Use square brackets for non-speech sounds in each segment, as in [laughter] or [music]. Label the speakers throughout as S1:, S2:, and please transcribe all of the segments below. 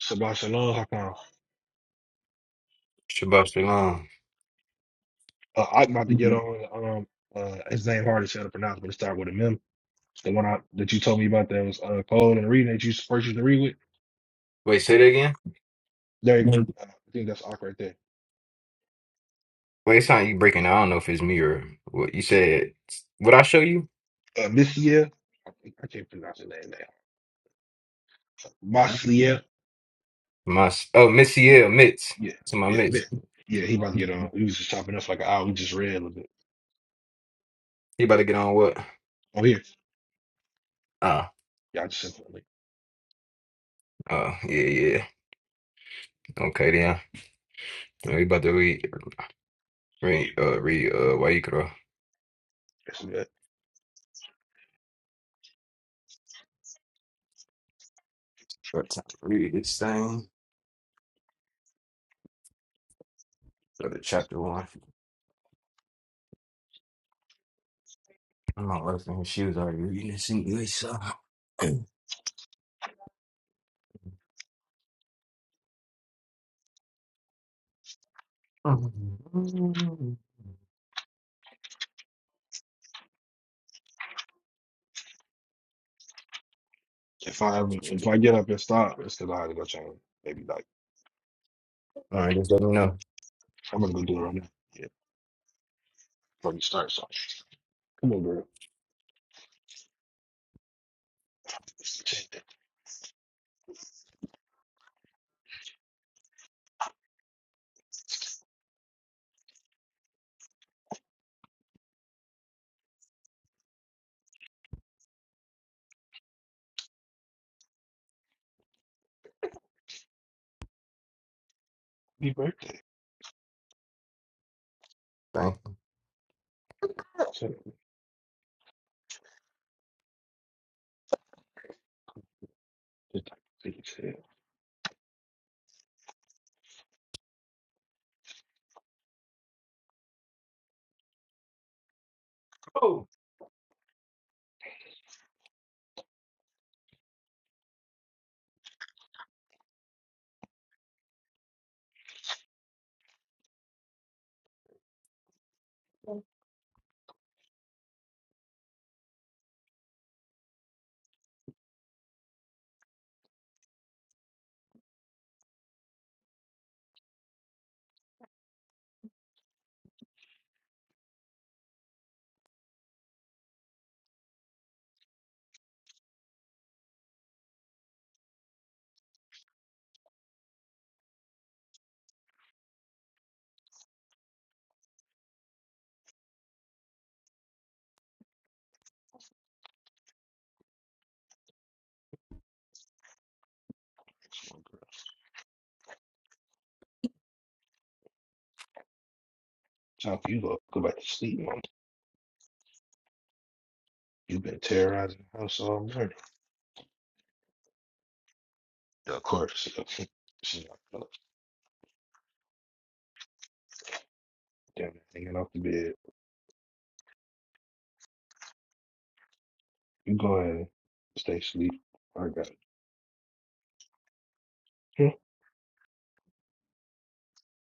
S1: Shabbat shalom, Hakon.
S2: Shabbat shalom.
S1: Uh, I'm about to get on. Um, uh, his name hard to say to pronounce, but it started with a mem. The one I, that you told me about that was uh, cold and reading that you first used to read with.
S2: Wait, say that again.
S1: There, you go. Uh, I think that's Ak right there.
S2: Wait, it sound you breaking. down. I don't know if it's me or what you said. What I show you?
S1: Uh, Missia, I, think, I can't pronounce his name now. Maslia,
S2: My s- oh, Missy L Mitts.
S1: yeah,
S2: To my
S1: yeah, Mi-
S2: Mitts.
S1: yeah. He about to get on. We was just chopping up like an hour. We just read a little bit.
S2: You about to get on what?
S1: Oh here,
S2: Ah,
S1: yeah, I just sent him the
S2: uh, uh, yeah, yeah. Okay, then. Yeah, We about to read, read, uh, read, uh, Wayikra.
S1: good.
S2: What time? Read this thing. Go to chapter one. I'm not listening. She was already reading this anyway, so. All
S1: If I ever, if I get up and stop, it's because I had to go change. Maybe like
S2: right, just let me know.
S1: I'm gonna go do it right now. Yeah, before you start. So come on, girl. Happy birthday.
S2: Thank.
S1: So, just like take it serious,
S2: Oh,
S1: my girl. So if you go go back to sleep, mom, you've been terrorizing the house all morning. Of course. [laughs] She's not gonna [laughs] damn it, hanging off the bed. You go ahead and stay asleep. I got it. Hmm.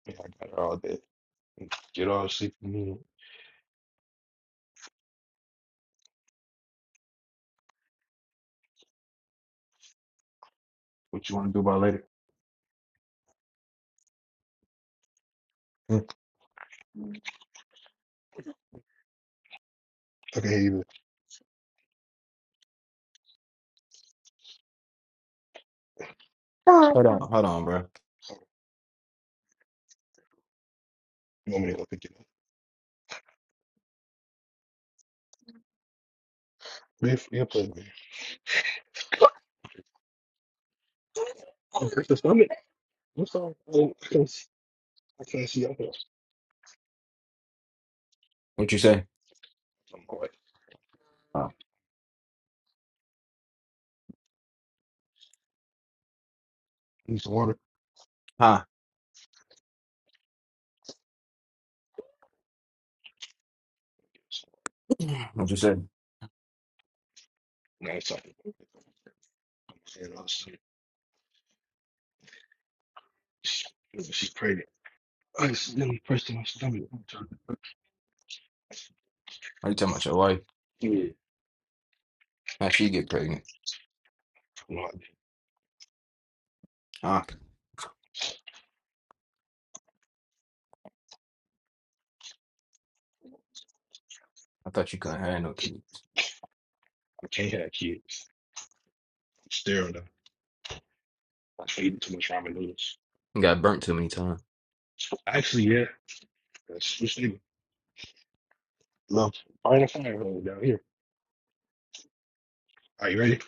S1: Yeah, I got it all day. Get all the sleep you need. What you wanna do about later? Hmm. Okay, here you go.
S2: hold on, hold on, bro.
S1: You want me to go pick it up? Biff, you'll play with me. Oh, it's the stomach. What's all? Oh, I can't see. I can't see. I can't see.
S2: What you say?
S1: I'm all right. Need some water.
S2: Huh? What you say?
S1: No, it's all right. And I was like, she pregnant. I just really pressed in my stomach.
S2: Are you talking about your wife?
S1: Yeah.
S2: How she get pregnant?
S1: Well, I
S2: Ah, I thought you couldn't have no kids.
S1: I can't have kids. I'm sterile now. I was eating too much ramen noodles.
S2: You got burnt too many times.
S1: Actually, yeah. That's just it. Love. Find a fire hole down here. Are you ready?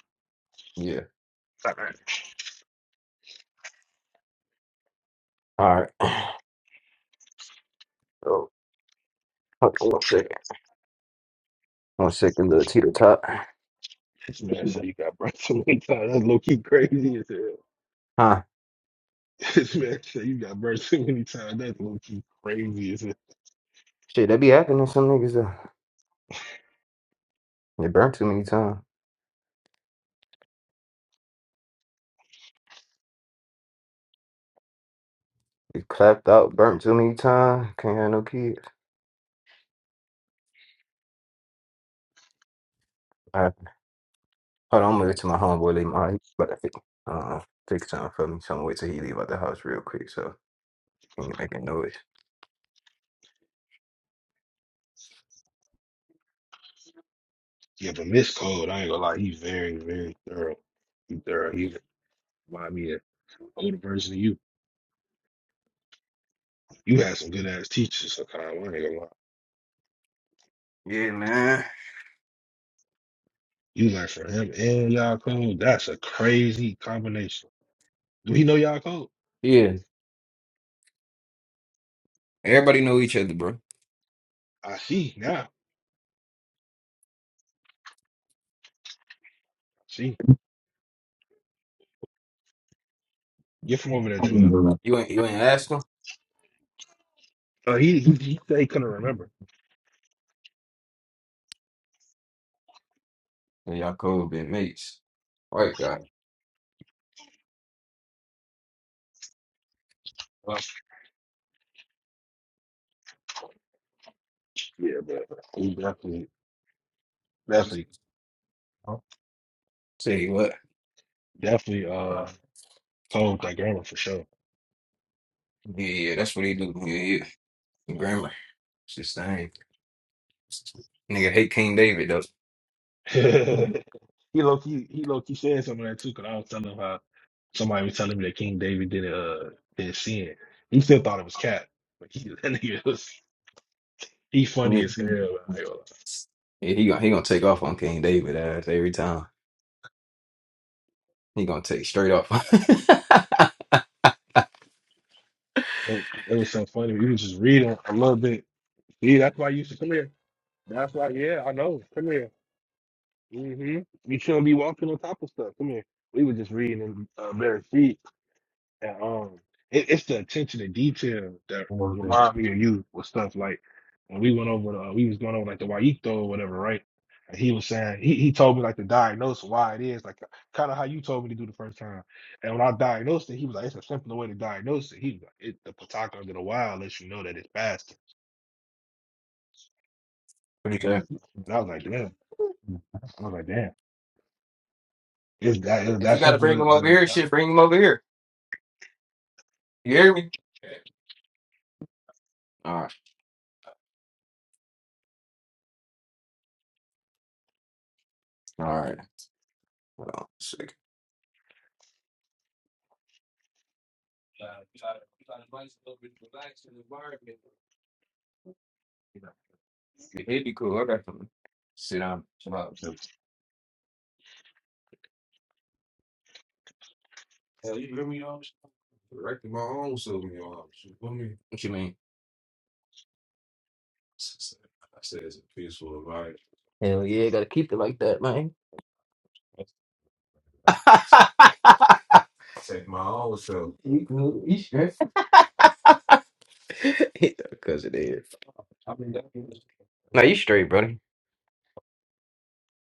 S2: Yeah.
S1: All right.
S2: All right. [sighs] Oh, hold on one second. One second, little teeter top.
S1: This man said you got burnt so many times. That's low key crazy as hell.
S2: Huh?
S1: This man said you got burnt so many times. That's low key crazy as hell.
S2: Shit, that be happening to some niggas though. They burnt too many times. They clapped out, burnt too many times. Can't have no kids. All right. Hold on, I'm gonna to my homeboy leave my he about to fix, uh, fix something for me. So I'm gonna wait till he leave out the house real quick so he ain't making noise.
S1: Yeah, but Miss Cold, I ain't gonna lie, he's very, very thorough. He's thorough. He remind me of an older version of you. You had some good ass teachers, Sakai. I ain't gonna lie.
S2: Yeah, man.
S1: You learned from him and y'all code. That's a crazy combination. Do he know y'all code?
S2: Yeah. Everybody know each other, bro.
S1: I see now. I see. Get from over there, Juno.
S2: You ain't you ain't ask him?
S1: Uh, he, he he said he couldn't remember.
S2: Yeah, y'all cool been mates. white guy. Well,
S1: Yeah, but he definitely, definitely,
S2: Tell you what.
S1: definitely uh
S2: Yeah,
S1: code that grammar for sure.
S2: yeah, that's what he do. Yeah, yeah. Grammar. It's his thing. Nigga hate King David
S1: [laughs] he
S2: though.
S1: low key, he low key said some of that too. Cause I was telling him how somebody was telling me that King David didn't uh didn't sin. He still thought it was cat, but he [laughs] that nigga was he funny
S2: Yeah,
S1: as hell.
S2: Yeah, he gonna he gonna take off on King David ass every time. He gonna take straight off. [laughs]
S1: it, it was so funny. You was just reading a little bit. See, that's why you used to come here. That's why, yeah, I know. Come here. hmm You shouldn't be walking on top of stuff. Come here. We were just reading in uh, Bear that um it, it's the attention to detail that remind me of you with stuff like when we went over the, we was going over like the Waito or whatever, right? And he was saying he, he told me like the diagnose why it is like kind of how you told me to do the first time. And when I diagnosed it, he was like, it's a simpler way to diagnose it. He was like, it, the Pataka under the wild lets you know that it's fasting.
S2: Pretty good.
S1: And I was like, damn. I was like, damn. It's that it's
S2: If
S1: that
S2: you gotta
S1: simple
S2: bring
S1: to,
S2: him over
S1: to
S2: here,
S1: die.
S2: shit, bring him over here. You hear me? All right, all right. Hold on. uh, try, try to nice little bit relaxed environment. You know, it'd be cool. I got to sit down. chill out. Hell, you hear me, y'all? Directing my own self, y'all. You feel me? What you mean? I said it's a peaceful environment. Hell yeah, gotta keep it like that, man. [laughs] Take my own self. you cool, you straight. [laughs] Because it is. I mean, that is. No, you straight, buddy.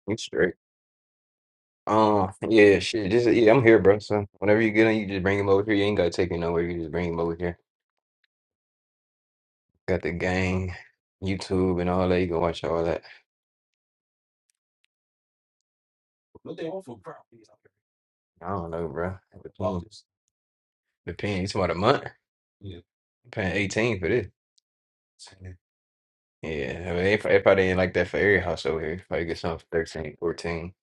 S2: You straight. Uh, yeah, shit. Just yeah, I'm here, bro. So whenever you get on, you just bring him over here. You ain't gotta take me nowhere. You just bring him over here. Got the gang, YouTube, and all that. You can watch all that. I don't know, bro. Depends. Depends. You talking about a month? I'm Paying 18 for this. Yeah, I mean, if if I didn't like that for every house over here, if I get something for 13, 14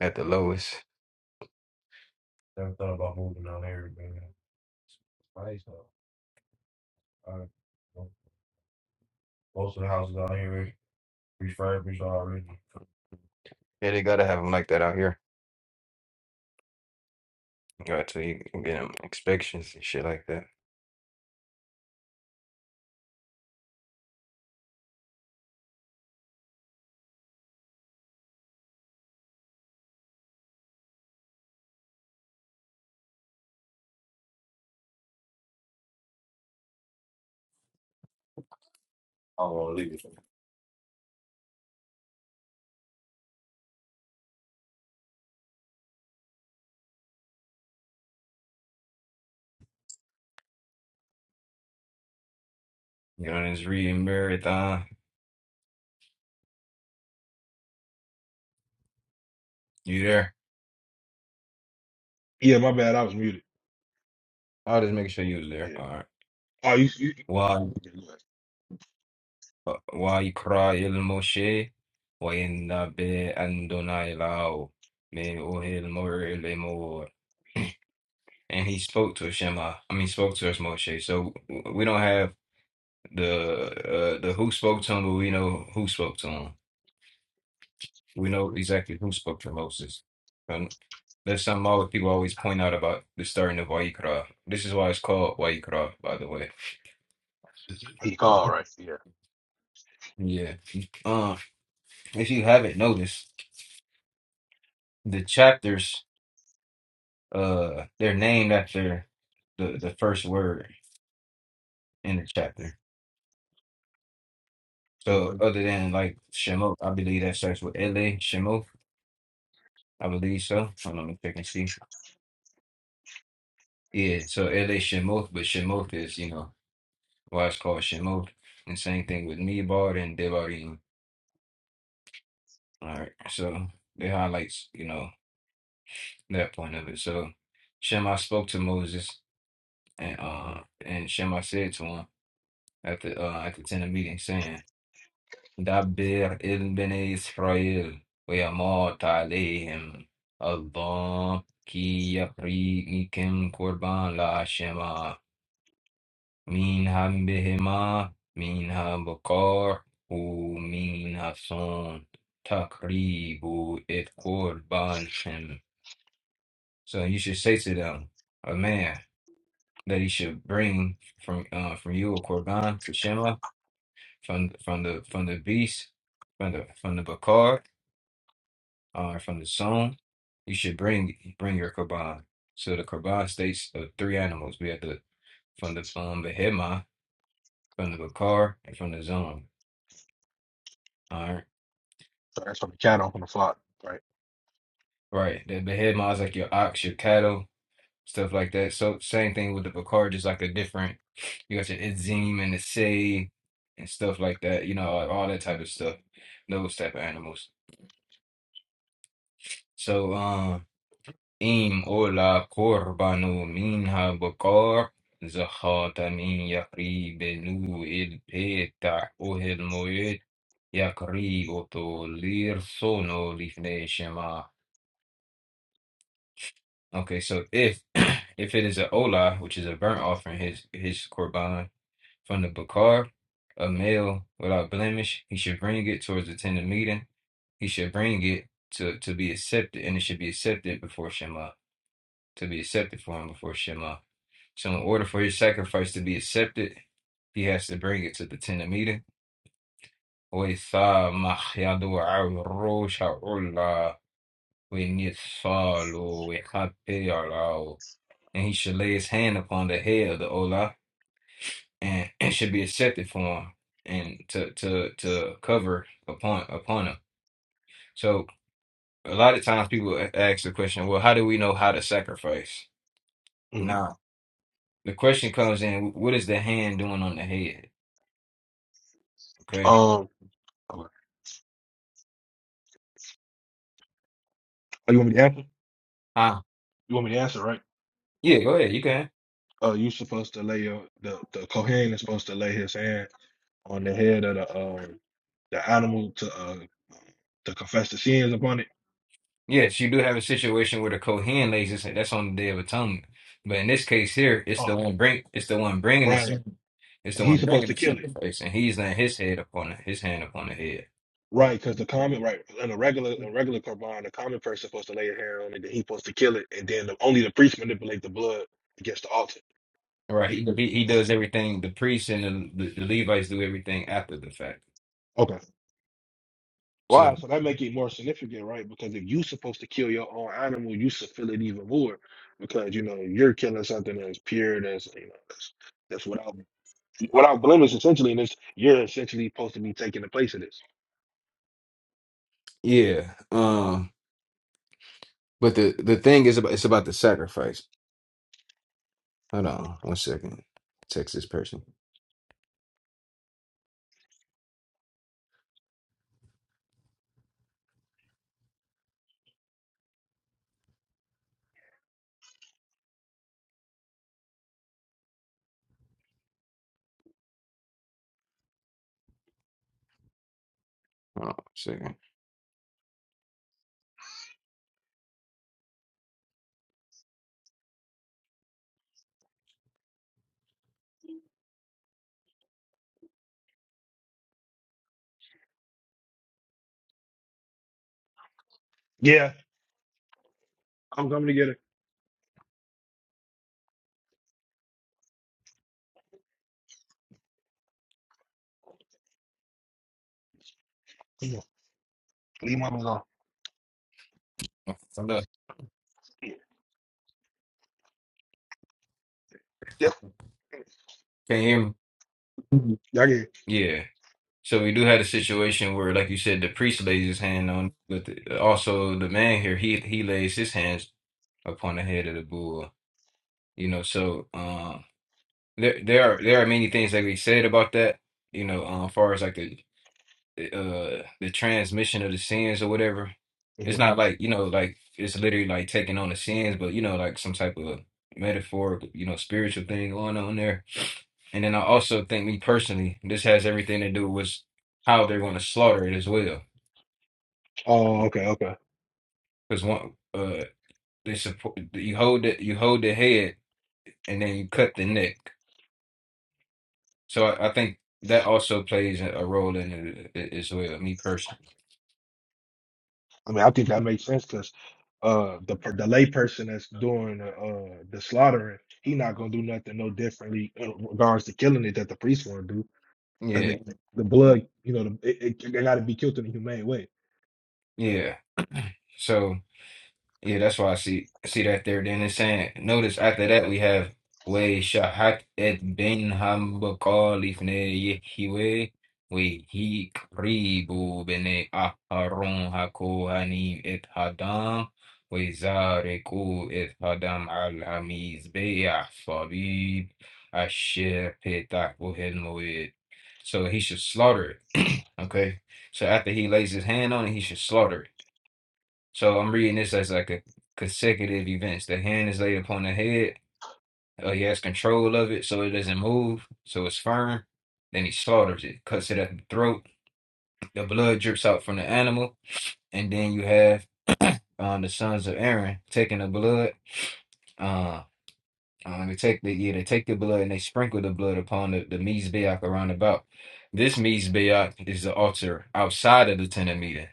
S2: at the lowest. refurbished already. Yeah, they gotta have them like that out here. You got to you can get them inspections and shit like that. I don't want to leave it. You know, this reading marathon. You there?
S1: Yeah, my bad. I was muted.
S2: I'll just make sure you was there.
S1: Yeah.
S2: All right.
S1: Oh, you, you,
S2: Why
S1: you okay, go ahead.
S2: uh, why you cry il Moshe? Why in the bed and donai lao me Oh, ohil more le more. And he spoke to Shema. I mean, spoke to us Moshe. So w- we don't have the uh, the who spoke to him, but we know who spoke to him. We know exactly who spoke to Moses. And there's something all the people always point out about the starting of Wayikra. This is why it's called Wayikra, by the way.
S1: He called right?
S2: Yeah. Uh, if you haven't noticed, the chapters uh they're named after the the first word in the chapter.
S1: Yeah.
S2: So other than like Shemot, I believe that starts with Ele Shemot. I believe so. Hold on, let me check and see. Yeah, so Ele Shemot, but Shemot is you know. Watch called Shemot. And same thing with Nebard and Devarim. All right. So it highlights, you know, that point of it. So Shema spoke to Moses and uh and Shema said to him at the uh at the tent of meeting saying, Dabir il bene Israel ويموت Allah, ki كي يبرئكم قربان لهشم منها بهما منها بقاع ومنها صون تقريب إذ شم So you should say to them, a man that he should bring from uh, from you a korban for Shema from from the from the beast from the from the bakar uh, from the sown you should bring bring your korban. So the korban states of three animals. We have the from the um, behema, from the bakar, and from the zone.
S1: Sorry, that's from the cat off on the flock, right?
S2: Right. The, the head mod is like your ox, your cattle, stuff like that. So same thing with the Bakar, just like a different, you got your Idzim and the Say and stuff like that, you know, all, all that type of stuff. Those type of animals. So um Im ola korbanu minha bakar zakhatamin yakri benu il peta ohel moed yakri oto lir sono lifne shema Okay, so if [clears throat] if it is a olah, which is a burnt offering, his his korban from the bakar, a male without blemish, he should bring it towards the tent of meeting. He should bring it to to be accepted, and it should be accepted before Shema, to be accepted for him before Shema. So, in order for his sacrifice to be accepted, he has to bring it to the tent of meeting. وَيَثَامَحْ يَدُعَ الرُّوشَ عُلَّا وَيَنِثَالُ وَيَحَبِّ يَرَاوْ and he should lay his hand upon the head of the Ola, and [clears throat] and should be accepted for him, and to to to cover upon upon him. So a lot of times people a- ask the question, well, how do we know how to sacrifice?
S1: hmm
S2: Now the question comes in, what is the hand doing on the head? Okay,
S1: Um, okay. Oh, you want me to answer?
S2: ah,
S1: You want me to answer, right?
S2: yeah, go ahead, you can.
S1: Uh, you supposed to lay your the the Kohen is supposed to lay his hand on the head of the um the animal to uh to confess the sins upon it.
S2: Yes, you do have a situation where the Kohen lays his hand. That's on the Day of Atonement. But in this case here, it's the
S1: Oh,
S2: one bring, it's the one bringing
S1: right.
S2: the, it's
S1: And
S2: the
S1: he's
S2: one
S1: supposed
S2: bringing
S1: to
S2: the
S1: kill it,
S2: sacrifice, and he's laying his head upon his hand upon the head.
S1: right? Because the common right in a regular a regular korban, the common person supposed to lay his hand on it, then he's supposed to kill it, and then the, only the priest manipulate the blood against the altar.
S2: Right.
S1: Right?
S2: He, he he
S1: Okay.
S2: does everything. The priests and the, the Levites do everything after the fact.
S1: okay. Wow,
S2: So
S1: so that make it more significant, right? Because if you supposed to kill your own animal, you should feel it even more because you know you're killing something that's pure, that's you know that's, that's without without blemish essentially, and it's you're essentially supposed to be taking the place of this.
S2: yeah. Um. But the the thing is about it's about the sacrifice. Hold on one second. Text this person. Hold on one second.
S1: Yeah, I'm coming to get it. Come on, Leave my man alone.
S2: I'm done.
S1: Yeah,
S2: Can you hear me? Mhm.
S1: y'all get it.
S2: Yeah. So we do have a situation where, like you said, the priest lays his hand on, but the, also the man here he he lays his hands upon the head of the bull. You know, so um, there there are there are many things that we said about that. You know, um, as far as like the uh the transmission of the sins or whatever. It's
S1: Mhm.
S2: not like you know, like it's literally like taking on the sins, but you know, like some type of metaphorical, you know, spiritual thing going on there. And then I also think, me personally, this has everything to do with how they're going to slaughter it as well.
S1: Oh, okay, okay.
S2: Because one, uh, they support you hold it, you hold the head, and then you cut the neck. So I, I think that also plays a a role in it a- as well, me personally.
S1: I mean, I think that makes sense because uh the per- the lay person that's doing the, uh the slaughtering, he not gonna do nothing no differently in regards to killing it that the priest want to do because
S2: Yeah,
S1: the blood, you know, the, it, it, it got to be killed in a humane way.
S2: yeah. So. Yeah, that's why I see see that there. Then it's saying, notice after that we have way shahat et bin hambakal ifne yehiwe we he kribu bene aharon hakohanim et hadam we zareku et hadam al hamiz be'ah fabib asher petach bohel moed. So he should slaughter it. [clears throat] Okay. So after he lays his hand on it, he should slaughter it. So I'm reading this as like a consecutive events. The hand is laid upon the head. Uh, he has control of it so it doesn't move, so it's firm. Then he slaughters it, cuts it at the throat. The blood drips out from the animal. And then you have um, the sons of Aaron taking the blood. [sniffs] Uh, uh, they take the yeah, they take the blood and they sprinkle the blood upon the, the mizbeach around about. This mizbeach is the altar outside of the tent of meeting.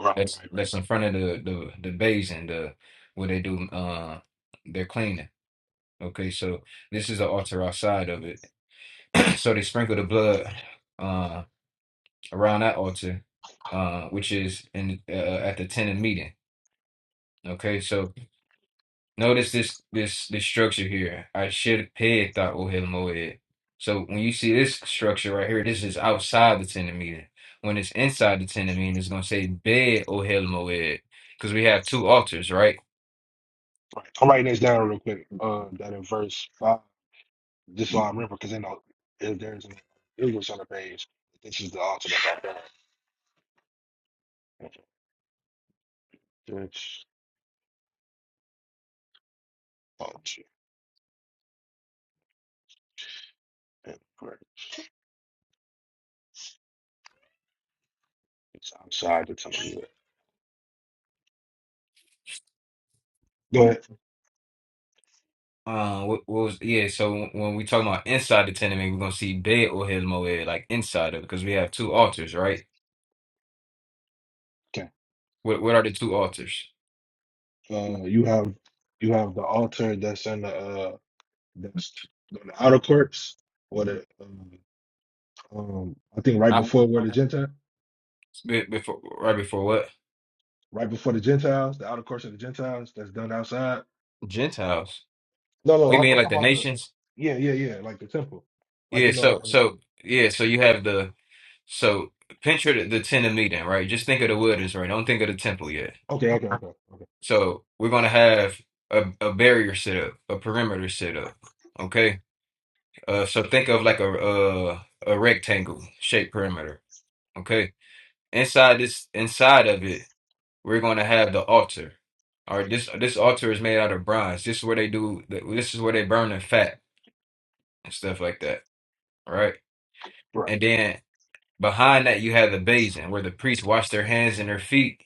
S1: Right, right,
S2: That's
S1: right,
S2: that's in front of the the the basin, the where they do uh their cleaning. Okay, so this is the altar outside of it. [clears throat] So they sprinkle the blood uh around that altar, uh which is in uh, at the tenant meeting. Okay, so notice this this this structure here. I should pay that ohel moed. So when you see this structure right here, this is outside the tenant meeting. When it's inside the tenant meeting, it's gonna say bed ohel moed because we have two altars, right?
S1: right. I'm writing this down real quick. Uh, that in verse five, just so I remember, because I know if there's an English on the page, this is the altar that I found. This altar and prayer. It's outside the temple. Go ahead.
S2: Uh, what, what was yeah? So when we talking about inside the tenement, we're gonna see Bed or Moed, like inside of, because we have two altars, right?
S1: Okay.
S2: What what are the two altars?
S1: Uh, you have you have the altar that's in the uh that's on the outer courts or the um, um I think right before where the Gentile.
S2: Be- Before right before what?
S1: right before the Gentiles, the outer course of the Gentiles that's done outside.
S2: Gentiles.
S1: No,
S2: Oh,
S1: no,
S2: you
S1: I'm,
S2: mean
S1: I'm talking
S2: like the
S1: about the,
S2: nations?
S1: yeah, yeah, yeah, like the temple, like
S2: Yeah.
S1: you know.
S2: So
S1: I
S2: so yeah. So you have the so picture the, the tent of meeting, right? Just think of the wilderness, right? Don't think of the temple yet.
S1: okay, okay, okay, okay,
S2: So we're gonna have a, a barrier set up, a perimeter set up. Okay. Uh, so think of like a uh a rectangle shaped perimeter. Okay. Inside this, inside of it, we're going to have the altar. All right, this this altar is made out of bronze. This is where they do. This is where they burn the fat and stuff like that. All right,
S1: right,
S2: and then behind that you have the basin where the priests wash their hands and their feet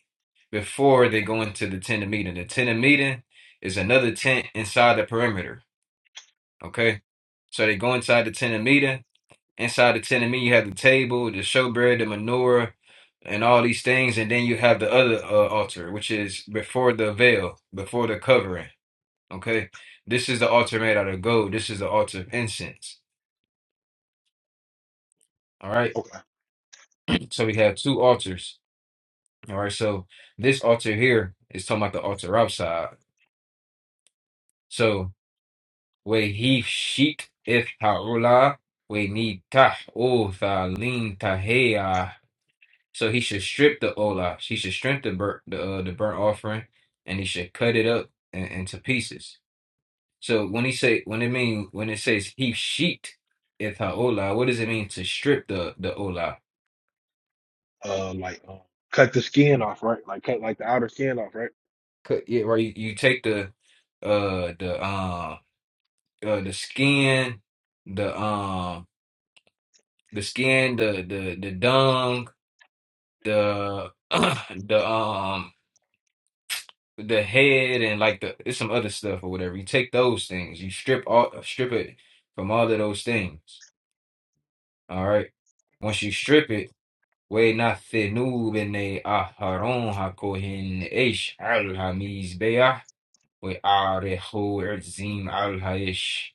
S2: before they go into the tent of meeting. The tent of meeting is another tent inside the perimeter. Okay, so they go inside the tent of meeting. Inside the tent of meeting, you have the table, the showbread, the menorah, and all these things. And then you have the other uh, altar, which is before the veil, before the covering. Okay. This is the altar made out of gold. This is the altar of incense. All right.
S1: okay.
S2: So we have two altars. All right. So this altar here is talking about the altar outside. So we he sheet if haula we need tah o So he should strip the olash. He should strip the burnt the uh, the burnt offering, and he should cut it up in, into pieces. So when he say when it mean when it says he sheet it haolah, what does it mean to strip the the olah?
S1: Uh, like uh, cut the skin off, right? Like cut like the outer skin off, right?
S2: Cut yeah, right. You, you take the uh the um uh, the skin, the um the skin, the the the dung, the [clears throat] the um the head and like the it's some other stuff or whatever. You take those things, you strip all strip it from all of those things. All right. Once you strip it, way not fenub in a aharon Hakohen ish al hamiz beah we arehu erzim al haish.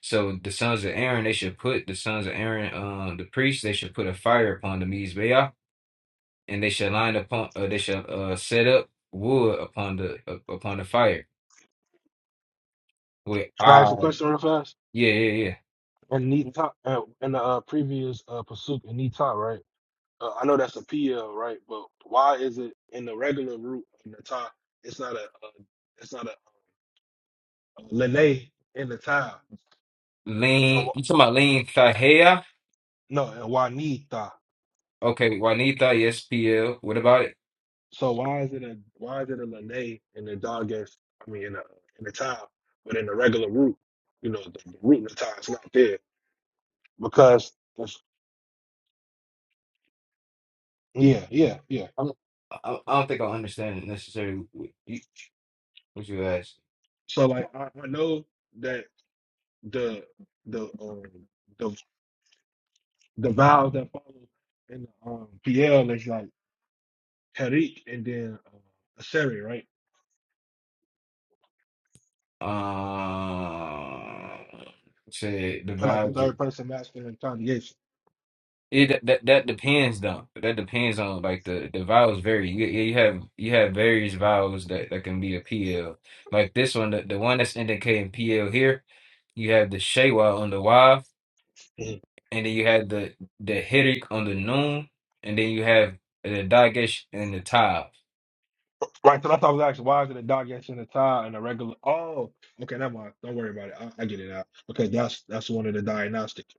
S2: So the sons of Aaron, they should put the sons of Aaron, um, the priests, they should put a fire upon the mizbeah, and they should line upon, uh, they should uh set up wood upon the up- upon the fire. With
S1: Can I ask a question real fast?
S2: Yeah, yeah, yeah.
S1: And knee uh, in the uh, previous uh, pursuit in knee right? Uh, I know that's a PL, right? But why is it in the regular root in the top? It's not a, uh it's not a, a Lene in the tile. So
S2: Lean, you
S1: wh-
S2: talking about Lean Thahea?
S1: no, and why knee
S2: Okay, Juanita, yes, PL. What about it?
S1: So why is it a why is it a Lene and the dog gets I mean in a in the tie, but in the regular root, you know, the, the root and the tie is not there because that's, yeah, yeah, yeah.
S2: I'm, I, I don't think I understand necessarily what you, what you asked.
S1: So like I, I know that the the um the the vowels that follow in the um PL is like Tariq and then uh, Aseri, right?
S2: Uh, say the
S1: They're like the
S2: vowels. that-
S1: third person masculine conjugation.
S2: It that that that depends though. That depends on like the the vowels vary. You, yeah, you have you have various vowels that that can be a PL. Like this one, the, the one that's indicating PL here. You have the shewa on the Y. and then you had the the headache on the noon, and then you have the dagesh and the tav.
S1: Right, so that's what I was asking. Why is it a dog catching the tie and a regular? Oh, okay, never mind. Don't worry about it. I, I get it now. Okay, that's that's one of the diagnostics.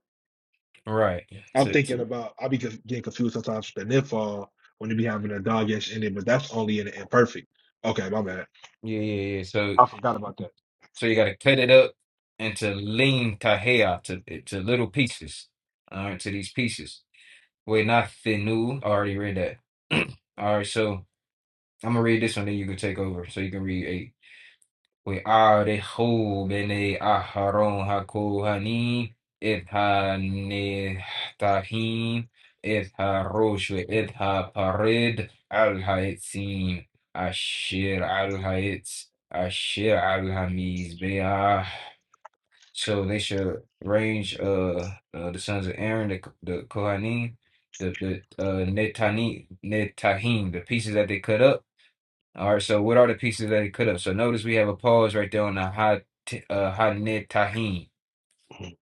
S2: Right.
S1: I'm
S2: So,
S1: thinking
S2: so-
S1: about. I be conf- getting confused sometimes with the nifal when you be having a dog catch in it, but that's only in the imperfect. Okay, my bad.
S2: yeah, yeah, yeah. So
S1: I forgot about that.
S2: so you got to cut it up into lean kahea to to little pieces. All right, to these pieces. Wait, not new. I already read that. [clears throat] All right, so I'm gonna read this one, then you can take over. So you can read eight. وأعرفوا بني أحرون هكوهني إذها نتحين إذها روش وإذها بريد الهيتسين أشير الهيت أشير الهميز بها So they should range uh, uh the sons of Aaron, the the Kohanim, the the uh Netani Netahim, the pieces that they cut up. All right, so what are the pieces that it could have? So notice we have a pause right there on the hot t- uh hot nib tahine.
S1: Mhm.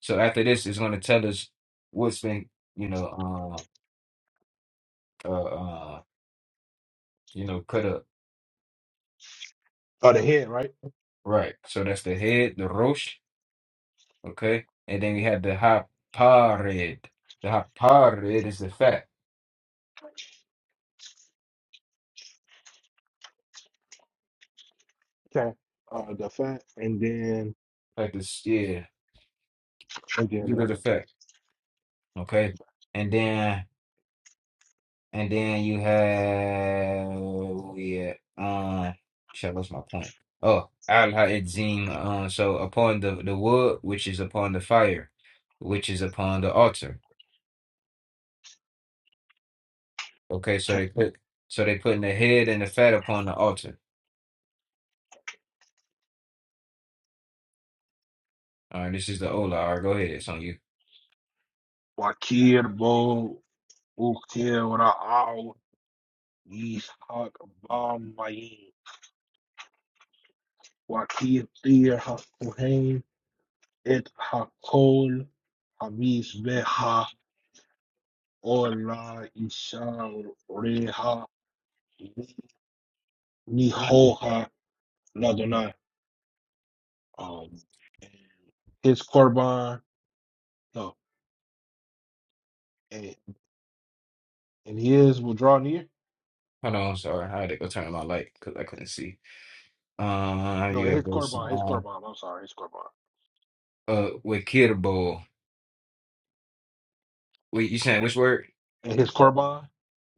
S2: So after this, it's going to tell us what's been, you know, uh, uh, uh, you know, cut up.
S1: Oh, the head, right?
S2: Right. So that's the head, the rosh, okay, and then we have the hapared. The hapared is the fat,
S1: Okay. Uh, the fat, and then
S2: like this, yeah,
S1: and
S2: due
S1: then uh,
S2: to the fat, okay, and then. And then you have yeah, um shit, I lost my point. Oh, al edzim, um, so upon the, the wood, which is upon the fire, which is upon the altar. Okay, so
S1: okay.
S2: they put so they putting the head and the fat upon the altar. All right, this is the Ola. All right, go ahead, it's on you.
S1: Wakir bo ukir wara aw ishak ba mayin wakir tir את הכל חמיס והעולה ישריה ניחוה לאדוני. Um, his korban, no, and, and his will draw near.
S2: Hold on, sorry. I had to go turn my light because I couldn't see. Uh,
S1: No,
S2: you
S1: his
S2: have this
S1: korban, his
S2: uh
S1: korban. I'm sorry, his korban,
S2: uh wikirbo. Wait, you saying which word?
S1: and his korban.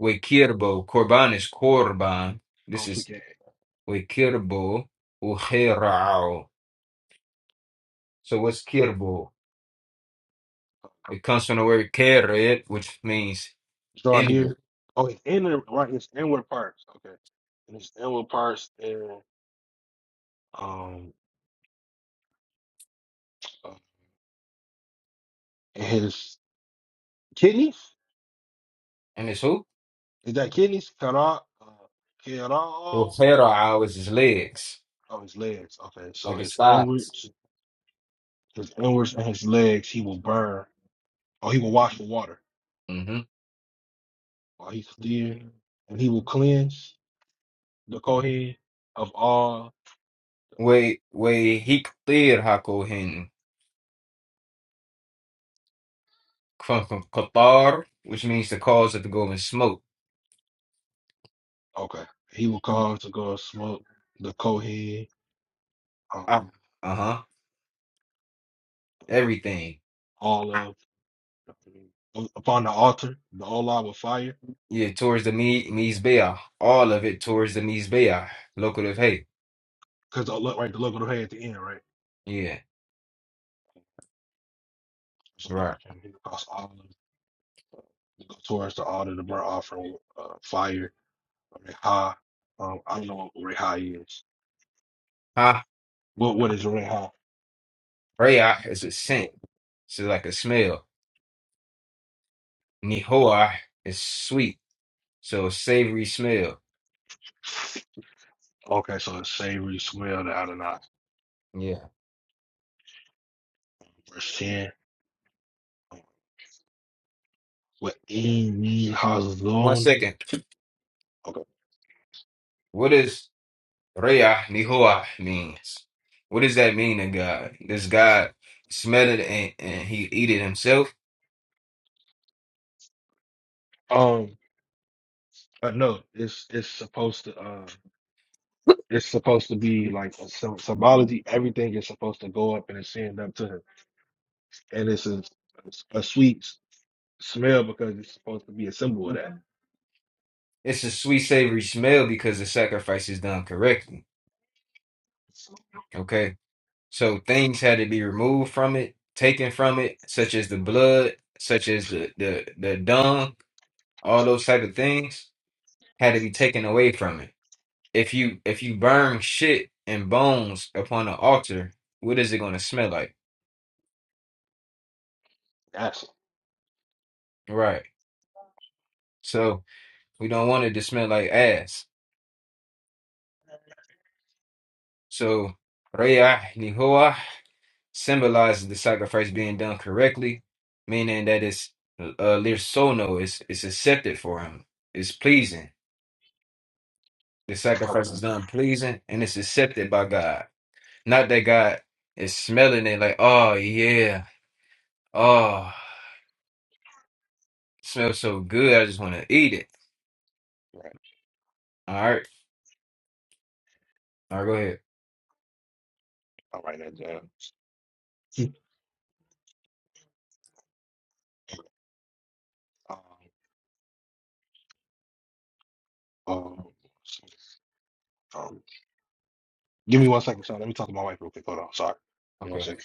S2: Wikirbo. Korban is korban. This
S1: Oh, she
S2: is
S1: can
S2: وكربو وخيرعو. So what's kirbo? It comes from the word keret, which means
S1: draw
S2: enemy.
S1: near. Oh, his inner right, his inward parts. Okay, and his inward parts and um uh, and his kidneys.
S2: And it's who?
S1: Is that kidneys? Kara, uh, Kara,
S2: Well,
S1: oh,
S2: is his legs,
S1: his legs. Okay, so
S2: like his
S1: his
S2: thighs.
S1: inwards, his inwards and his legs, he will burn, or he will wash with water
S2: hmm
S1: while he's still, and he will cleanse the Kohen of all.
S2: Way way hiktir hakohin from from Qatar, which means the cause of the golden smoke.
S1: Okay, he will cause to go smoke the Kohen, um,
S2: Uh huh. Everything.
S1: all of upon the altar, the olah with fire,
S2: Yeah, towards the Mi Mizbeah. All of it towards the Mizbeah. Locative hey.
S1: because look right, the look of the head at the end, right?
S2: Yeah.
S1: So the
S2: Right.
S1: Kohen, he will cause all of it to go towards the altar, the burnt offering, uh, fire Reha. Um, I don't know what Reha is. What what is Reha?
S2: Rayah is a scent, so like a smell. Nihoah is sweet, so a savory smell.
S1: Okay, so it's savory smell that I do not
S2: Yeah.
S1: verse ten. What Amy
S2: One
S1: Hazon.
S2: second.
S1: Okay.
S2: What does Rayah Nihoah means? What does that mean to God? Does God smell it and, and he eat it himself?
S1: Um uh, no, it's it's supposed to uh it's supposed to be like a sym- symbology. Everything is supposed to go up and ascend up to him. And it's a, a sweet s- smell because it's supposed to be a symbol of that.
S2: It's a sweet savory smell because the sacrifice is done correctly. Okay. So things had to be removed from it, taken from it, such as the blood, such as the the, the dung, all those type of things had to be taken away from it. If you if you burn shit and bones upon an altar, what is it going to smell like?
S1: That's
S2: Right. So we don't want it to smell like ass. So Rayah Nihoah symbolizes the sacrifice being done correctly, meaning that it's uh, lirsono it's it's accepted for him. It's pleasing. The sacrifice
S1: okay.
S2: is done pleasing and it's accepted by God. Not that God is smelling it like, oh yeah, oh. Smells so good. I just want to eat it.
S1: Right.
S2: All right. All right, go ahead.
S1: All right, that's uh, um, um, so, um, Give me one second, sorry. Let me talk to my wife real quick. Hold on, sorry. Give me One
S2: Okay.
S1: second.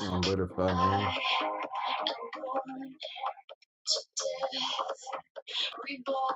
S2: I'm butterfly, man.
S3: I am born to death, reborn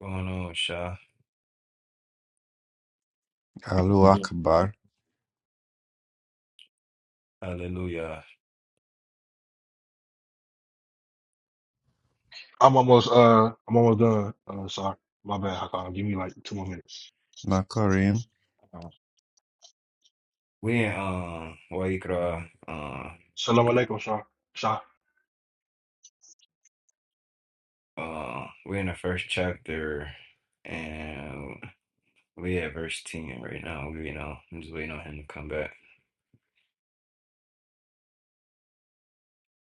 S2: Going on, Sha.
S4: Alu Akbar,
S2: Hallelujah.
S1: I'm almost uh I'm almost done. Uh sorry. My bad, Hakan. Give me like two more minutes.
S4: Makarim,
S2: We in um Waikra, uh
S1: Salam alaikum, Shah. Shah.
S2: uh we in the first chapter and we at verse ten right now. We you know I'm just waiting on him to come back.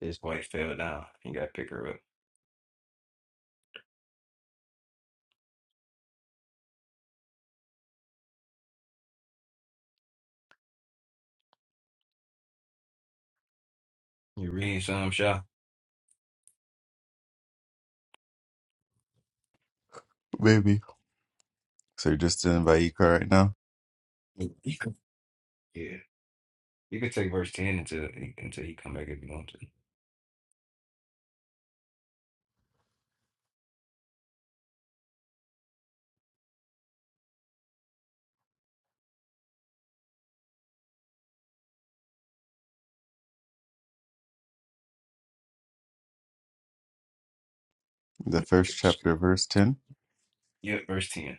S2: His wife fell down. You gotta pick her up. You You read? need some Sha?
S4: baby. So you're just in Vayikra right now.
S2: Yeah. You could take verse ten until until he come back if you want to.
S4: The first chapter, verse 10,
S2: Yep, verse ten.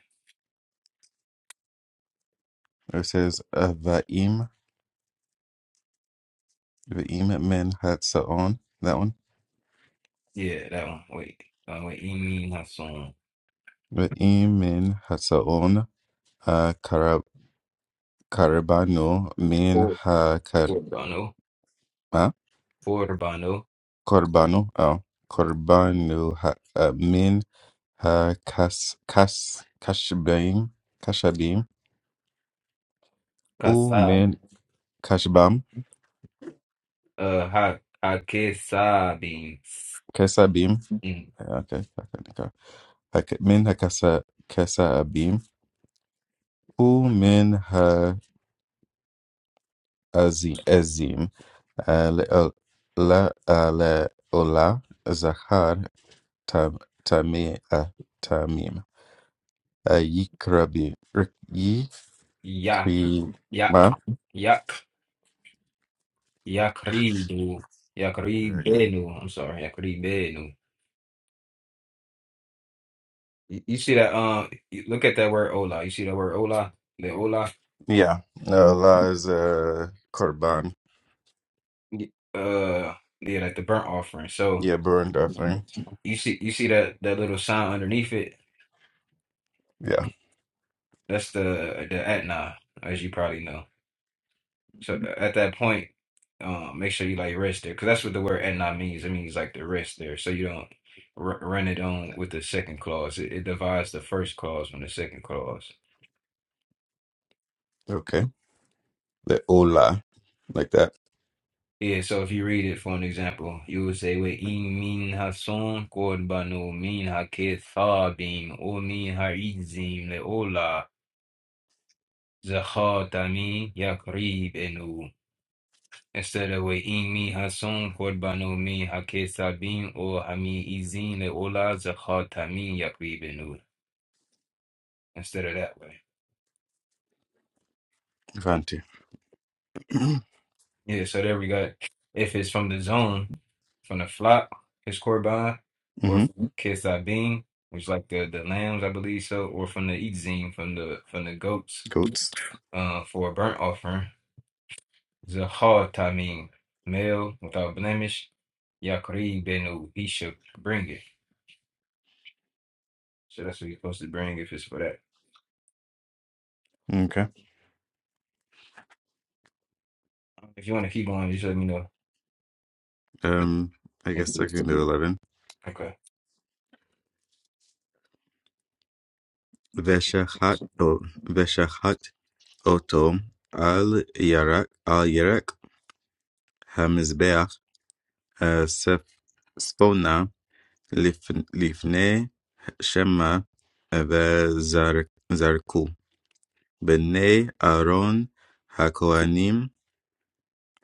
S4: where it says, uh, Va'im, Va'im min hatsaon. That one.
S2: Yeah, that one. Wait. Uh, wait. Emi Hasson.
S4: Va'im min hatsaon, uh, karab, karabanu min
S2: Oh,
S4: ha, kar,
S2: yeah. Corbano.
S4: huh?
S2: Corbano.
S4: korbanu, oh, korbanu ha, uh, min ha, kas, kas, kashbaim, kashabim, u min
S2: Kasab.
S4: kashbam,
S2: Uh, ha, Hakesabin.
S4: kesabim.
S2: Mm.
S4: Yeah, okay, okay, okay. هك- منها كسا كسأبيم ومنها أزي أزيم على لا على أولا زخار تم تمي أه تميم أه، يكربي رك-
S2: Yak.
S4: يكري
S2: Yak.
S4: ما
S2: Yak. Yakridu.
S4: There you
S2: Yakribenu. I'm sorry. Yakribenu. You, you see that? Um, you look at that word Ola. You see that word Ola? The Ola.
S4: yeah Allah is a korban
S2: y- Uh, yeah, like the burnt offering. So
S4: yeah burnt offering
S2: you see, you see that that little sign underneath it.
S4: yeah
S2: That's the the Atna, as you probably know. So th- at that point, um, make sure you like rest there, because that's what the word "etna" means. It means like the rest there, so you don't r run it on with the second clause. It, it divides the first clause from the second clause.
S4: okay the Ola like that
S2: Yeah, so if you read it for an example, you would say with in min hason korbanu min hakethabim o min haizim leola zachatamim yakribenu. Instead wa imi hason korbanumi hakesabim or hamizin leola zakhatamin yakribenur. Instead of that way.
S4: Vanti
S2: Yeah, so there we got if it's from the zone, from the flock, it's korban, or
S4: mm-hmm
S2: from kesabim, which is like the the lambs, I believe so, or from the izin, from the from the goats,
S4: goats
S2: uh, for a burnt offering, zakhatamin, male without blemish, yakribenur. He should bring it. So that's what you're supposed to bring if it's for that.
S4: okay
S2: If you want to keep going, just let me know.
S4: um I guess I can do eleven
S2: Okay.
S4: Veshachat oto al yarak al yarak hamizbeach spona liven livene shema vezarzku bnei Aaron haKoanim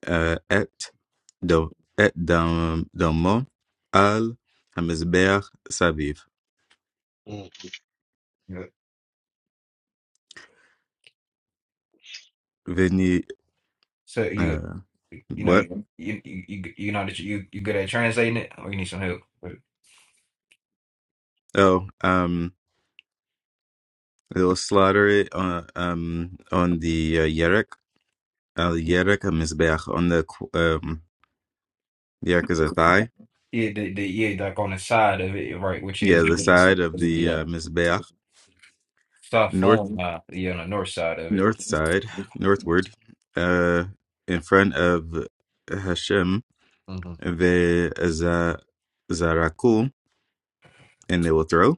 S4: et damo al hamizbeach sabiv
S1: Mm.
S2: Yeah.
S4: vni
S2: So you you know
S4: what
S2: that- you you you you know that you you good at translating it, or you need some help? But
S4: oh. um, They will slaughter it on um on the uh, yerek al yerek a mizbeach on the qu- um yerek is a thigh
S2: yeah, the, the yeah like on the side of it, right, which
S4: yeah the
S2: is
S4: side of the uh, mizbeach
S2: stuff
S4: north
S2: on uh, yeah on the north side of it.
S4: north side northward uh in front of Hashem
S2: Mm-hmm.
S4: ve za zaraku and they will throw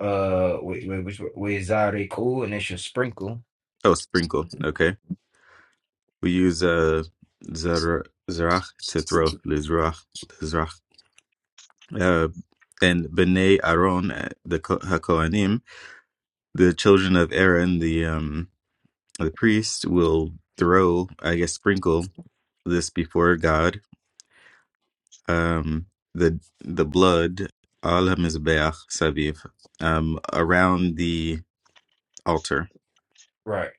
S2: Uh, with with which with zare cool and it should sprinkle.
S4: oh sprinkle okay we use uh zar zarach to throw lizrach lizrach uh and bnei Aaron uh, the Ko- hakohanim the children of Aaron, the um, the priest, will throw, I guess, sprinkle this before God, um, the the blood al hamizbeach saviv, um, around the altar.
S2: right?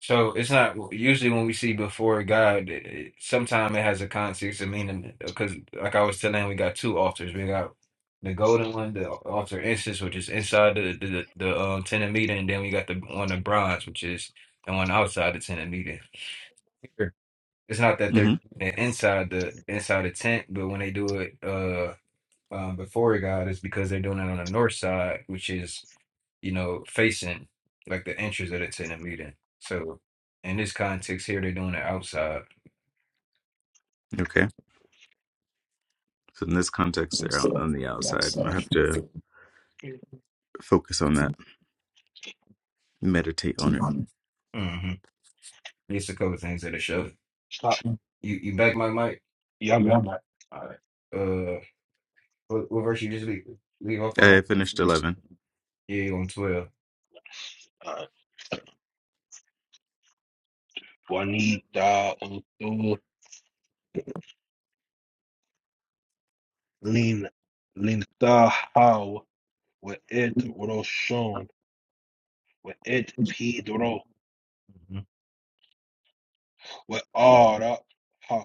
S2: So it's not usually when we see before God, it, it, sometimes it has a context and meaning because, like I was telling, we got two altars. We got the golden one, the altar incense, which is inside the the, the um, tent of meeting, and then we got the one of bronze, which is the one outside the tent of meeting. Here, It's not that they're
S4: hmm
S2: they're inside the inside the tent, but when they do it uh um, before God, it's because they're doing it on the north side, which is you know, facing like the entrance that it's in a meeting. So in this context here, they're doing it outside.
S4: Okay, so in this context, they're on on the outside. I have to focus on that, meditate on it.
S2: hmm It's a couple of things that it showed.
S1: Stop.
S2: You you back my mic?
S1: Yeah, I'm back.
S2: Uh, what, what verse you just leave, leave off
S4: I
S2: on?
S4: finished eleven.
S2: Yeah, on 12
S1: Uh Juanita Untu Lin Lintahaw with it Roshon with it Pedro
S2: Mm-hmm.
S1: with Ara Ha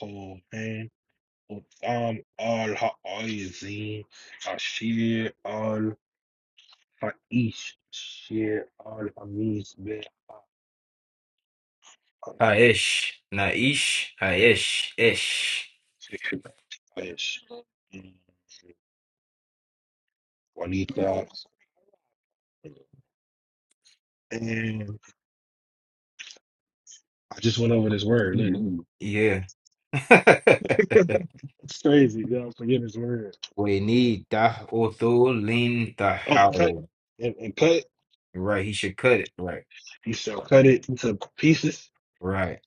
S1: Kohen Utam Al Ha'izin Ashir Aish, Shir, Al Amis, Be,
S2: Haish, naish, haish, ish.
S1: Aish, Juanita, and I just went over this word. Look,
S2: Yeah.
S1: it's crazy. Y'all forget this word.
S2: [laughs] we
S1: Like,
S2: need dah othul lin
S1: Oh, and cut
S2: tahao.
S1: and, and cut.
S2: Right, he should cut it. Right,
S1: You shall cut it to pieces,
S2: right.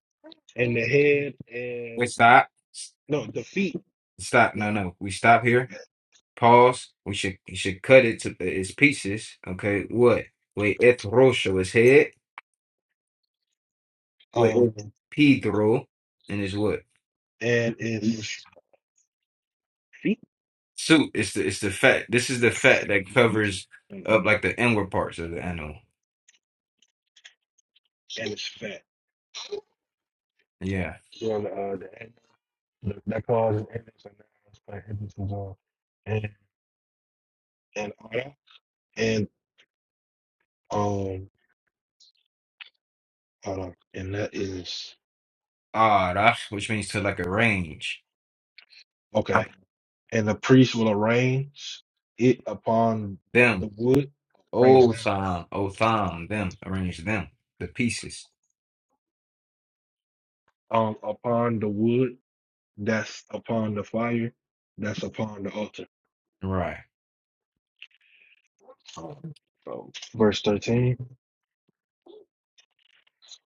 S1: and the head
S2: Wait,
S1: and
S2: stop. S-
S1: no, the feet.
S2: Stop.
S1: No,
S2: No, no. We stop here. Pause. We should you should cut it to its pieces. Okay, what? Wait, Etrosho is head. With
S1: um,
S2: Pedro and his what?
S1: and its feet
S2: Suit. It's the it's the fat. This is the fat that covers
S1: and
S2: up like the inward parts of the animal.
S1: its fat.
S2: Yeah.
S1: the uh. the That, that cause is ending, so now it's playing Henderson's And and Otto and um hold on. And that is
S2: Ara, which means to like arrange
S1: okay. And the priest will arrange it upon
S2: them.
S1: the wood, arrange down.
S2: Otham, Otham, them. Arrange them. The pieces.
S1: Um upon the wood that's upon the fire, that's upon the altar.
S2: Right.
S1: So, so verse thirteen.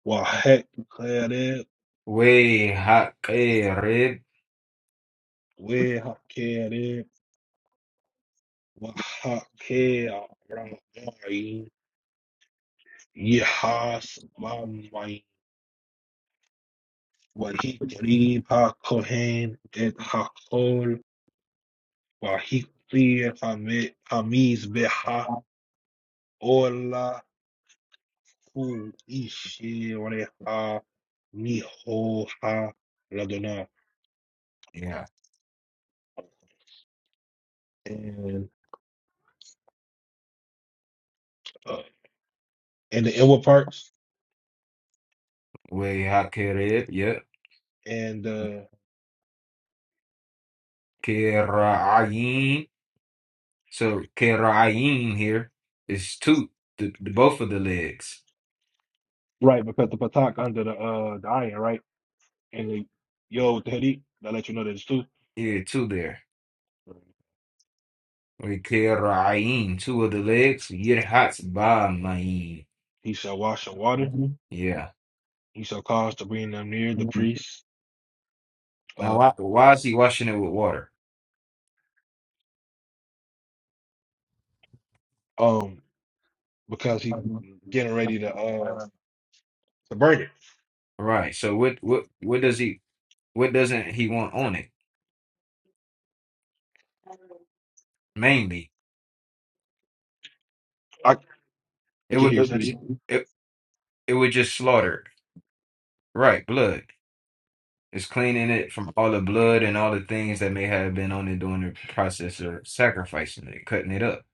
S1: Wahek
S2: Way hakerib.
S1: Wahak Yehas Mamayim Wahikri Kohen et Hakol Wahikri Hamiz Beha Ola Ku Ishireha Mihoha Ladona.
S2: Yeah.
S1: And uh, and the inward parts
S2: Way hakerib. Yeah.
S1: and uh
S2: Kirayin. So Kerayim here is two, the, the- both of the legs.
S1: right because the patak under the uh the iron, right? And the yo with the headache, that let you know that it's two.
S2: Yeah, two there. We Kerayim, two of the legs. Yirhatz ba'mayim.
S1: He shall wash in water,
S2: Yeah.
S1: he shall cause to bring them near the priest
S2: Now
S1: uh,
S2: why, why is he washing it with water?
S1: um, because he getting ready to uh to burn it.
S2: Right. So what what what does he what doesn't he want on it? Mainly,
S1: I, I
S2: it
S1: can
S2: would
S1: hear you
S2: it, was-
S1: study,
S2: it it would just slaughter. Right, blood. It's cleaning it from all the blood and all the things that may have been on it during the process of sacrificing it, cutting it up.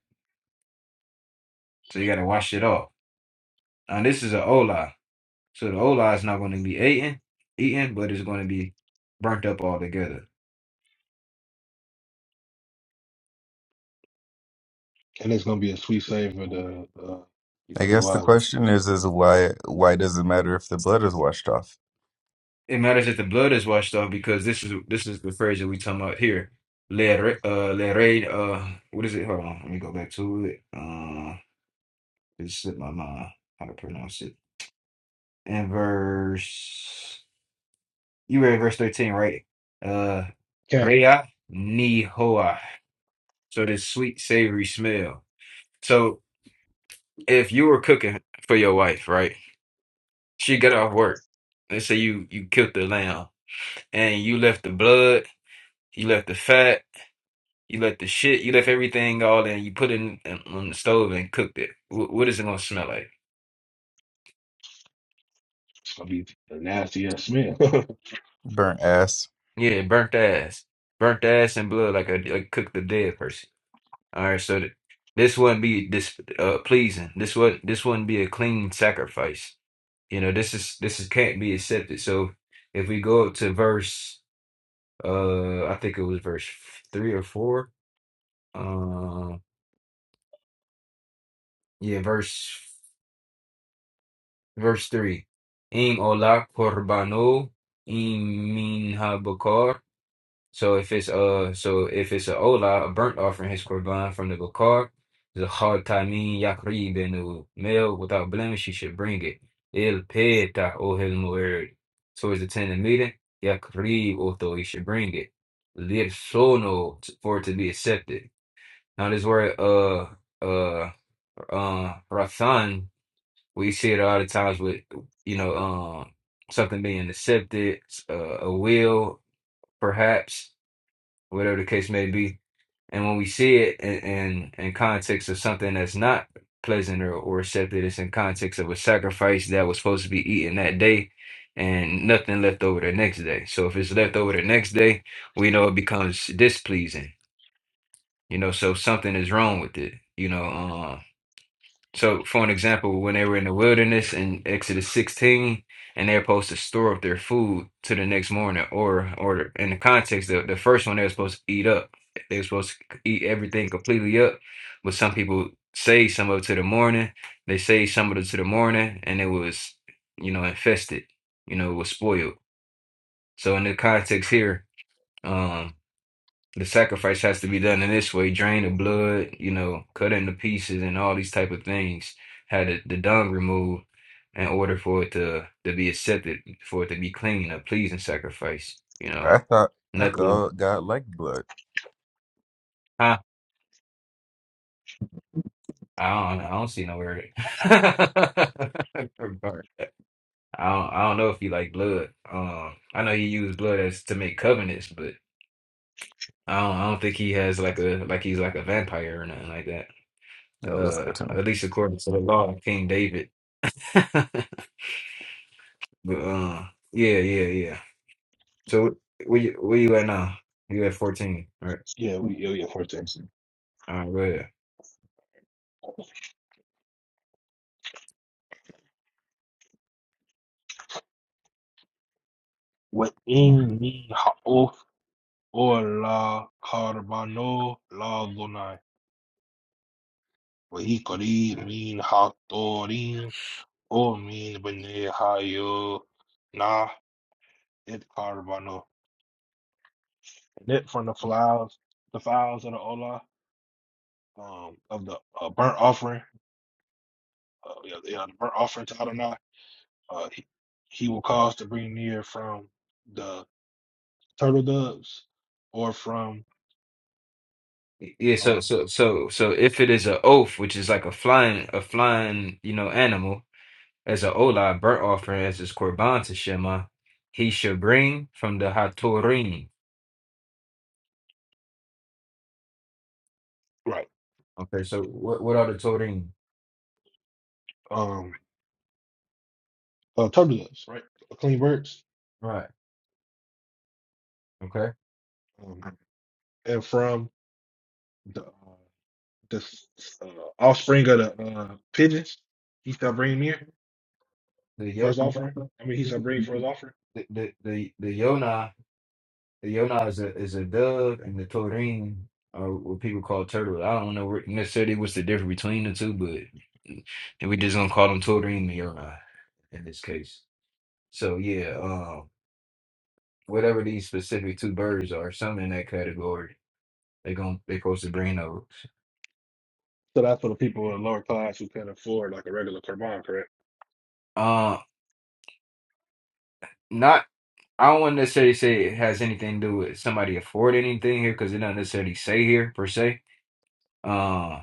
S2: So you got to wash it off. Now this is an ola, so the ola is not going to be eaten, eaten, but it's going to be burnt up altogether.
S1: and it's gonna be a sweet save for the uh, you know,
S4: I
S1: they
S4: guess the
S1: wild.
S4: question is is why why does it matter if the blood is washed off?
S2: It matters that the blood is washed off because this is this is the phrase that we talking about here. Le re- uh le re- uh what is it? Hold on, let me go back to it. Uh, it slipped my mind how to pronounce it. In verse, you read verse thirteen, right? Uh,
S1: Okay,
S2: rea nihoa. So this sweet savory smell. So if you were cooking for your wife, right? She got off work. They say you you killed the lamb and you left the blood, you left the fat, you left the shit, you left everything all in. You put it in, in- on the stove and cooked it. Wh- what is it gonna smell like?
S1: it's gonna be a nasty ass smell. [laughs]
S4: Burnt ass.
S2: Yeah, burnt ass, burnt ass and blood, like a like cooked the dead person. All right, so th- this wouldn't be this uh, pleasing. This would this wouldn't be a clean sacrifice. You know, this is this is can't be accepted. So if we go up to verse, uh, I think it was verse three or four. um, Yeah, verse verse three. Im ola korbano im minha bakar. So if it's uh so if it's a ola, a burnt offering, his korban from the bakar, the chal tamin yakrib and the male without blemish, He should bring it. Il peta ohel mu'erid. Towards the tent of meeting, yakrib otho, he should bring it. Lirsono for it to be accepted. Now this word uh uh uh, Rathan We see it all the times with, you know, um, something being accepted, uh, a will, perhaps, whatever the case may be. And when we see it in, in, in context of something that's not pleasant or, or accepted, it's in context of a sacrifice that was supposed to be eaten that day and nothing left over the next day. So if it's left over the next day, we know it becomes displeasing, you know, so something is wrong with it, you know, um, so, for an example, when they were in the wilderness in Exodus 16, and they're supposed to store up their food to the next morning, or or in the context, the, the first one they were supposed to eat up. They were supposed to eat everything completely up, but some people saved some of it to the morning. They saved some of it to the morning, and it was, you know, infested. You know, it was spoiled. So, in the context here, um, the sacrifice has to be done in this way drain the blood you know cut into pieces and all these type of things had the, the dung removed in order for it to to be accepted for it to be clean a pleasing sacrifice you know
S4: I thought I
S2: nothing
S4: thought God liked blood.
S2: huh? i don't i don't see no word [laughs] I don't, I don't know if he like blood. Um, I know he used blood as to make covenants, but I don't, I don't think he has like a like he's like a vampire or nothing like that.
S4: Oh, that's
S2: Uh,
S4: good to know.
S2: at least according to the law of King David. [laughs] But uh, yeah, yeah, yeah. So where you where you at now? You at fourteen, right?
S1: yeah, we yeah, yeah, first thing.
S2: All right, go ahead.
S1: Within me ha'of or la carbano la dunai. Wahikari mean hatorin or mean bene hayo na it carbano. And it from the flowers, the files of the Ola. um, of the uh, burnt offering, uh, yeah, yeah, the burnt offering to Adonai, uh, he, he will cause to bring near from the turtle doves or from
S2: Yeah, so
S1: um,
S2: so so so if it is a oath, which is like a flying a flying you know animal, as a olah burnt offering as his korban to Shema, he should bring from the hatorim.
S1: right
S2: Okay, so what what are the torim?
S1: um, uh, turtle doves, right, clean birds,
S2: Right. Okay.
S1: um, and from the uh, the s- uh, offspring of the uh, pigeons, he shall bring near
S2: The
S1: for
S2: yo
S1: his offering. I mean, he shall bring for his offering.
S2: the the the, the yonah The Yonah is a is a dove, and the Torin are what people call turtles. I don't know where- necessarily what's the difference between the two, but we just gonna call them Torin and Yonah in this case. So yeah, um, whatever these specific two birds are, some in that category, they gonna they supposed to bring over.
S1: So that's for the people in the lower class who can afford like a regular Kurban, correct?
S2: Uh, not I don't want to necessarily say it has anything to do with somebody afford anything here because it doesn't necessarily say here per se. Uh,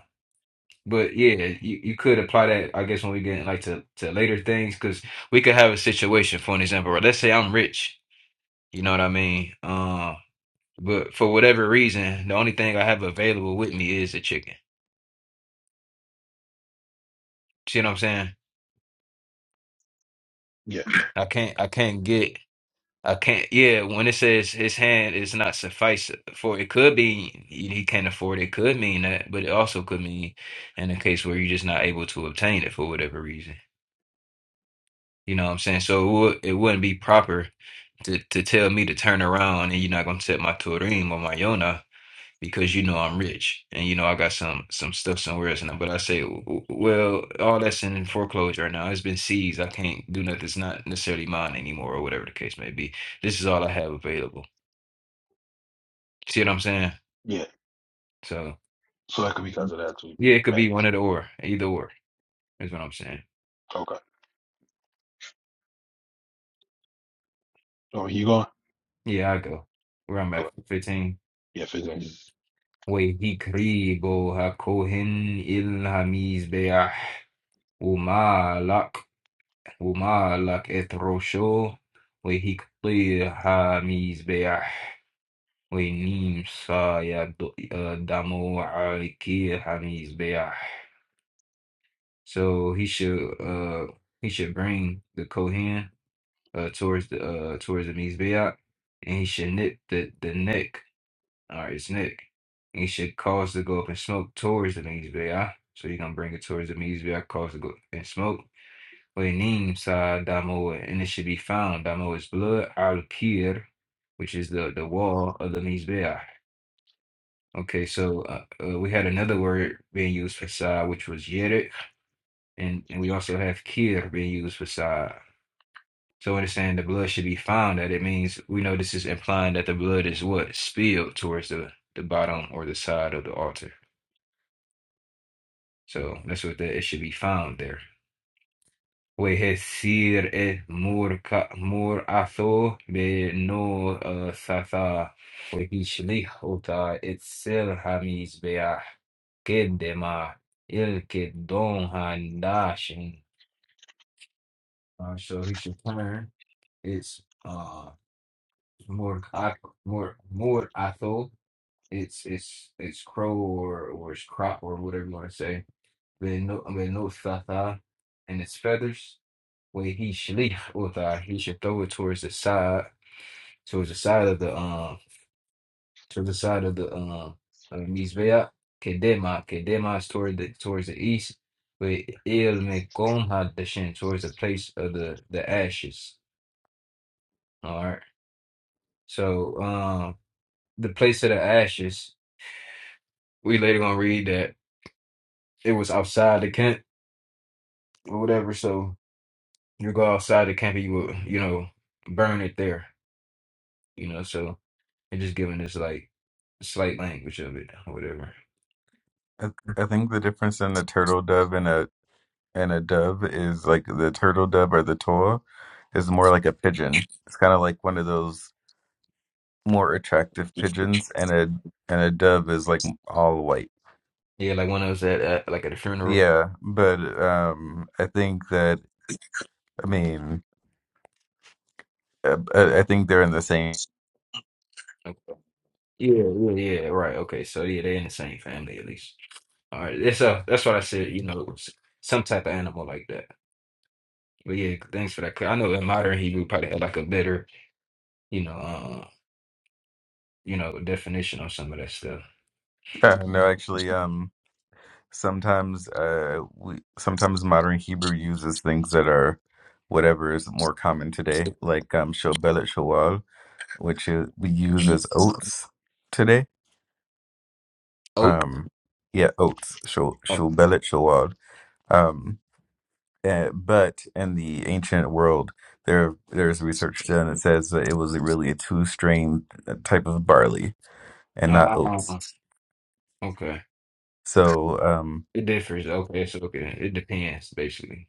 S2: But yeah, you, you could apply that, I guess, when we get like to, to later things, because we could have a situation, for an example, right? Let's say I'm rich, you know what I mean? Um, but for whatever reason, the only thing I have available with me is a chicken. See what I'm saying?
S1: Yeah,
S2: I can't, I can't get, I can't, yeah, when it says his hand is not suffice for it could be he he can't afford it, it could mean that, but it also could mean in a case where you're just not able to obtain it for whatever reason. You know what I'm saying? So it, would, it wouldn't be proper to, to tell me to turn around and you're not going to set my Turim or my Yona because you know I'm rich and you know I got some some stuff somewhere else. And I- but I say, "W- w- well, all that's in foreclosure right now. It's been seized. I can't do nothing. It's not necessarily mine anymore or whatever the case may be. This is all I have available. See what I'm saying?
S1: yeah.
S2: So
S1: So that could be because of that too,
S2: yeah, it could
S1: man.
S2: be one of the or either or is what I'm saying.
S1: Okay. Oh, you going?
S2: Yeah, I go where I'm at
S1: Okay.
S2: 15.
S1: Yeah, fitness.
S2: وَيَهِكْرِبُ هَكُهِنْ إِلْ هَمِيزْ بَيَعْ وما اتروشو وهيكطي حميز بيع ونيم سايا دامو عالكي حميز بيع So he should uh he should bring the Kohen uh towards the uh towards the Mizbeach and he should nip the the neck or his neck. And he should cause to go up in smoke towards the Mizbeach. So you're gonna bring it towards the Mizbeach, cause to go up in smoke. Or name sa damo, and it should be found. Damo is blood al kir, which is the the wall of the mizbeah. Okay, so uh, uh, we had another word being used for sa, which was yerit, and, and we also have kir being used for sa. So when it's saying the blood should be found, that it means we know this is implying that the blood is what spilled towards the the bottom or the side of the altar. So that's what that it should be found there. ويسير مرأته بنوثها ويشلحها السلحميز بأحكدما الكدونها داشن Uh, so he should turn its uh more more more atho it's it's it's crow or or it's crop or whatever you want to say. They no I mean no thata and its feathers where he shlif [laughs] with her, he should throw it towards the side, towards the side of the um, towards the side of the um, uh, mizbeah. Kedema, kedema is toward the towards the east, but il mekom hadashin towards the place of the the ashes. All right, so um, the place of the ashes, we later gonna read that it was outside the camp or whatever. So you go outside the camp, and you will, you know, burn it there. You know, so and just giving this like slight language of it or whatever.
S4: I, I think the difference in a turtle dove and a and a dove is like the turtle dove or the toa is more like a pigeon. It's kind of like one of those more attractive pigeons, and a and a dove is like all white.
S2: Yeah, like when I was at uh, like at a funeral.
S4: Yeah, but um, I think that I mean, uh, I, I think they're in the same. [laughs]
S2: Like, yeah, yeah, right. Okay, so yeah, they're in the same family at least. All right, that's uh, that's what I said. You know, it was some type of animal like that. But yeah, thanks for that. 'Cause I know in modern Hebrew probably had like a better, you know, uh, you know, definition on some of that stuff.
S4: Uh, no, actually, um. sometimes uh we sometimes modern Hebrew uses things that are whatever is more common today, like um shobelet shawal, which is, we use as oats today.
S2: Oak.
S4: Um yeah, oats, sho-
S2: Oh,
S4: shobelet shawal. Um uh, but in the ancient world there there's research done that says that it was really a two strain type of barley and not oats.
S2: ah, okay.
S4: So um
S2: It differs. Okay, so okay, it depends basically.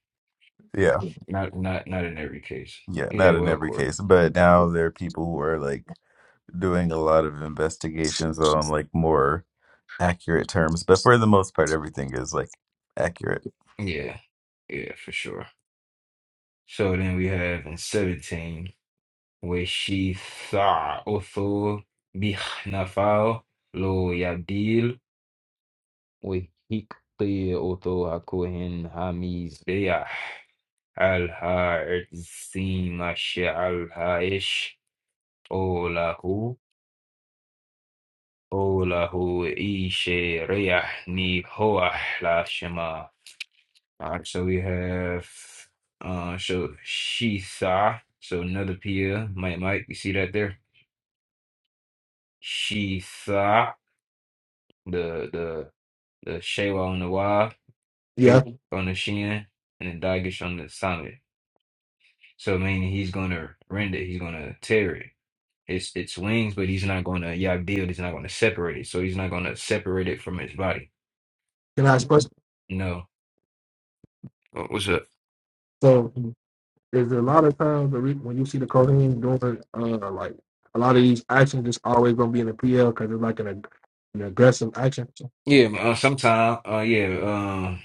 S4: yeah,
S2: Not not not in every case.
S4: yeah,
S2: Yeah,
S4: not in
S2: well,
S4: every
S2: court.
S4: case, but now there are people who are like doing a lot of investigations on like more accurate terms, but for the most part, everything is like accurate.
S2: Yeah, yeah, for sure. So then we have in 17, where she thought bihnafal lo yadil wa hikti oto hakohen hamiz beyah al ha'etzim ashe al ha'ish olahu olahu ishe reyah ni hoah la shema. All right, so we have uh, so she saw So another Pia, might might you see that there? Shisa, the the the Shewa on the Y,
S1: Yeah,
S2: Hiru on the Shin, and the Dagish on the Summit. So meaning he's gonna rend it, he's gonna tear it. It's its wings, but he's not gonna yeah build. He's not gonna separate it. So he's not gonna separate it from his body.
S1: can I explain?
S2: No. Uh, What's up?
S1: So there's a lot of times the re- when you see the Kohen doing uh like a lot of these actions, it's always gonna be in the PL because it's like an, ag- an aggressive action.
S2: Yeah, uh, sometime. Uh, yeah. Um,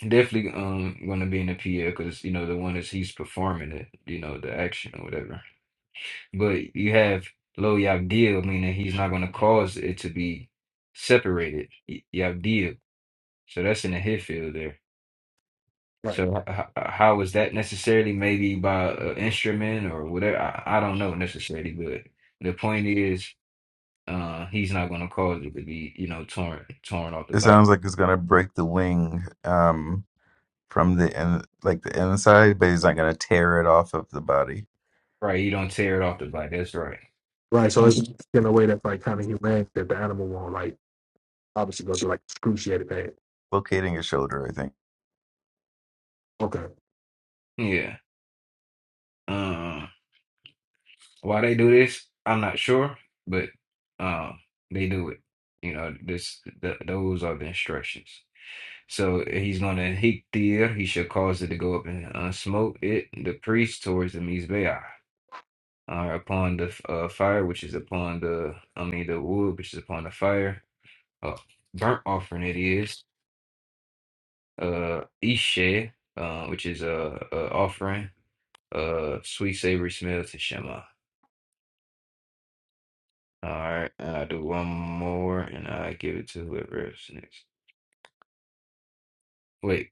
S2: definitely. Um, gonna be in the PL because you know the one is he's performing it. You know the action or whatever. But you have Lo Yagdil, meaning he's not going to cause it to be separated. Y- Yagdil. So that's in the hit field there.
S1: Right.
S2: So h- h- how is that necessarily? Maybe by an instrument or whatever. I, I don't know necessarily, but the point is, uh, he's not going to cause it to be, you know, torn torn off the
S4: It
S2: body.
S4: sounds like it's gonna break the wing um, from the in, like the inside, but he's not gonna tear it off of the body,
S2: Right? He don't tear it off the body. That's right.
S1: Right. So it's in a way that's like kind of humane that the animal won't like obviously go through like excruciating pain.
S4: locating his shoulder. I think.
S1: Okay.
S2: Yeah. um, Why they do this, I'm not sure, but um, they do it. You know, this th those are the instructions. So he's gonna heat the air. He shall cause it to go up and uh, smoke it, the priest, towards the mizbeah, uh, upon the uh, fire, which is upon the, I mean, the wood, which is upon the fire. Uh, burnt offering it is. Uh, isheh, uh, which is a, a offering. Uh, sweet savory smell to Shema. All right, and I do one more, and I give it to whoever's next. Wait,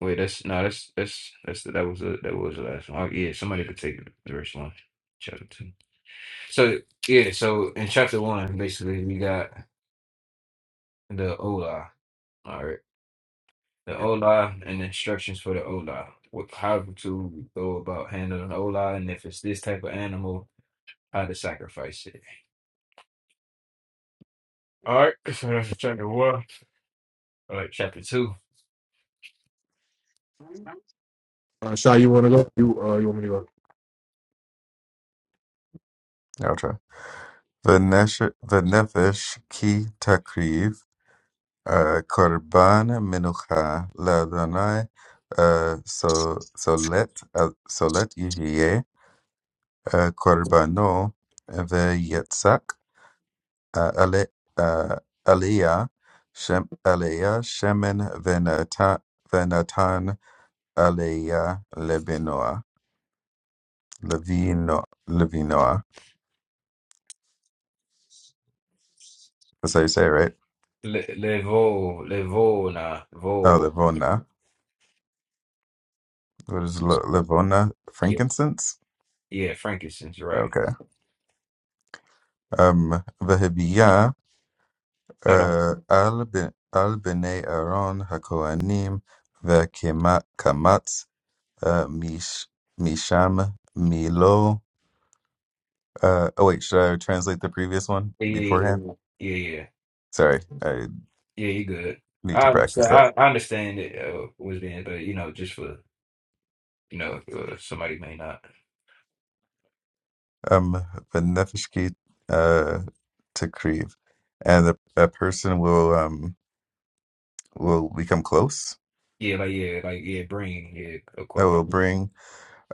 S2: wait, that's no, that's that's that's that was the that was the last one. Oh, yeah, somebody could take the first one. Chapter two. So yeah, so in chapter one, basically we got the Ola. All right, the Ola and the instructions for the Ola. What, how to go about handling the Ola, and if it's this type of animal, how to sacrifice it. All right, so that's chapter one. All right, chapter two.
S1: Uh, Shy, you want to go? You uh, you want me to go?
S4: I'll try. V'nesh- V'nefesh ki takriv uh, korban menucha l'Adonai uh, so so let uh, so let Korbano veYitzak Ale Aleia Shem Aleia Shemen veNatan veNatan Aleia Levenoa Levino Levenoa So you say it
S2: Le, Levo, Levo, nah, Vo.
S4: Levona What is Levona Frankincense
S2: Yeah, Frankincense, right.
S4: Okay VeHibya
S2: Hold on.
S4: Al Ben Al Benay Aaron Hakovanim VeKema Kamatz uh, Mish, Misham, Milo. Uh, oh wait, should I translate the previous one
S2: Yeah, yeah,
S4: beforehand?
S2: yeah, yeah, yeah.
S4: Sorry, I
S2: Yeah, you good.
S4: need to
S2: I
S4: practice
S2: understand.
S4: that.
S2: I, I understand it uh, was being, but you know, just for you know, uh, somebody may not.
S4: Um, benefishki uh, takriv, and the, a person will um will become close.
S2: Yeah, like yeah, like yeah, bring yeah, a
S4: I will
S2: korban
S4: bring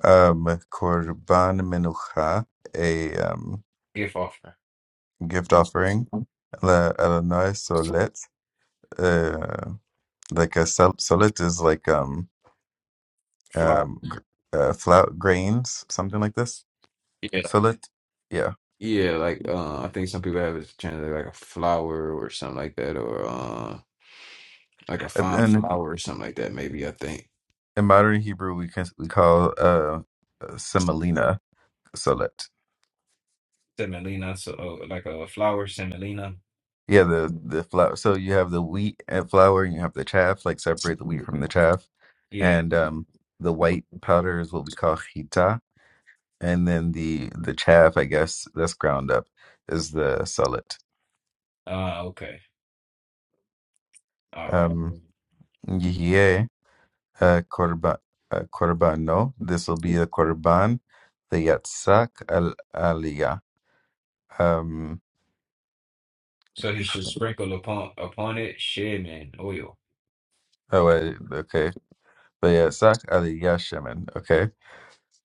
S4: um korban menucha, a um
S2: gift offering,
S4: gift offering. La Elanoy solet, uh, like a sol- solet is like um
S2: flower.
S4: um, gr- uh, flour, grains, something like this.
S2: Yeah, like,
S4: Millet, yeah.
S2: yeah, like uh, I think some people have it translated like a flower or something like that, or uh, like a
S4: And
S2: fine
S4: in
S2: flower or something like that. Maybe I think.
S4: in modern Hebrew, we can we call uh, semolina millet.
S2: Semolina, so oh, like a flour semolina.
S4: Yeah, the the flour. So you have the wheat and flour, and you have the chaff. Like separate the wheat from the chaff,
S2: Yeah.
S4: and um, the white powder is what we call chita, and then the the chaff, I guess, that's ground up, is the millet.
S2: Uh, okay. All right.
S4: Um, yeah, uh, korba, uh, korbano. This will be the korban, the yatsak al aliyah. Um,
S2: So he should
S4: something-
S2: sprinkle upon upon it shemen oil.
S4: oh wait, okay, the yatsak aliyah shemen. Okay,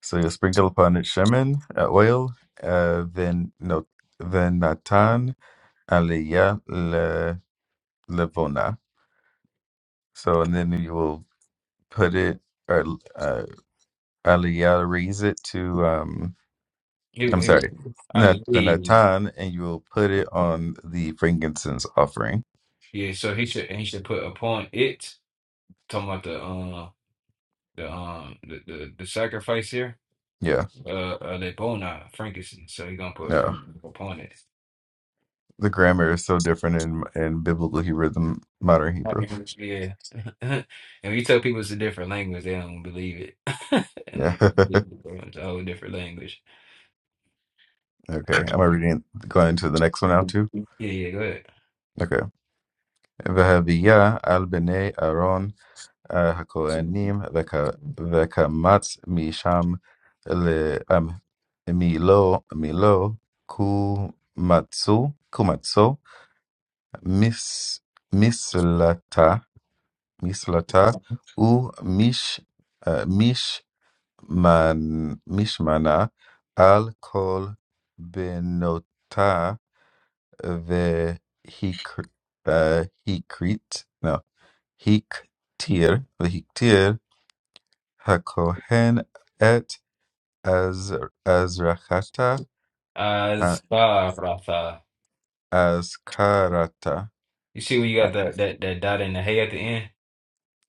S4: so you sprinkle upon it shemen uh, oil, uh, then no, then natan aliyah le levona. So and then you will put it or uh, aliyah raise it to um.
S2: He,
S4: I'm
S2: he
S4: sorry,
S2: I
S4: not the
S2: leave.
S4: natan, and you will put it on the frankincense offering.
S2: Yeah. So he should and he should put upon it. Talking about the um the um the the, the sacrifice here.
S4: Yeah,
S2: Uh, uh lebona frankincense. So he gonna put
S4: no,
S2: frank upon it.
S4: the grammar is so different in in biblical Hebrew than modern Hebrew.
S2: Yeah. [laughs] and when you tell people it's a different language, they don't believe it. [laughs] And
S4: Yeah. [laughs]
S2: like it's a whole different language.
S4: okay, Am i reading? going to the next one now too.
S2: Yeah. Yeah. Go ahead.
S4: Okay, v'haviyah al bnei Aaron uh, hakohanim v'ka v'kamatz misham le um milo milo kumatsu kumatsu mis mislata Mislata ou Mish, euh, Mishman, Mishmana al-Kol benota ve hikr- euh, Hikrit, no, Hiktir, ve Hiktir, Hakohen et az, Azrachata,
S2: Uh, it's
S4: ha-
S2: Bob Rafa.
S4: Azkarata.
S2: You see where you
S4: Uh,
S2: got that that that dot in the hay at the end?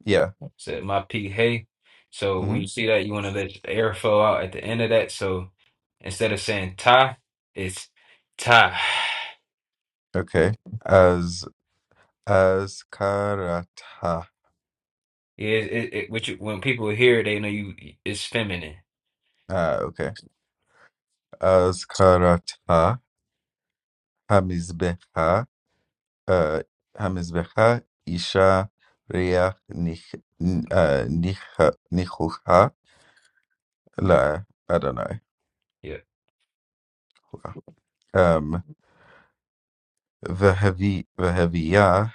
S4: yeah.
S2: Said my peak hay. So when
S4: hmm
S2: you see that, you want to let the air flow out at the end of that. So instead of saying ta, it's ta.
S4: Okay. As Azkarata.
S2: Yeah, it, it, it which when people hear it, they know you it's feminine.
S4: Ah, okay. أذكرتها همزبها آه، همزبها إيشا ريح نخ ن- آه، نخ نخوها لا I don't know
S2: Yeah,
S4: um ذهبي ذهبية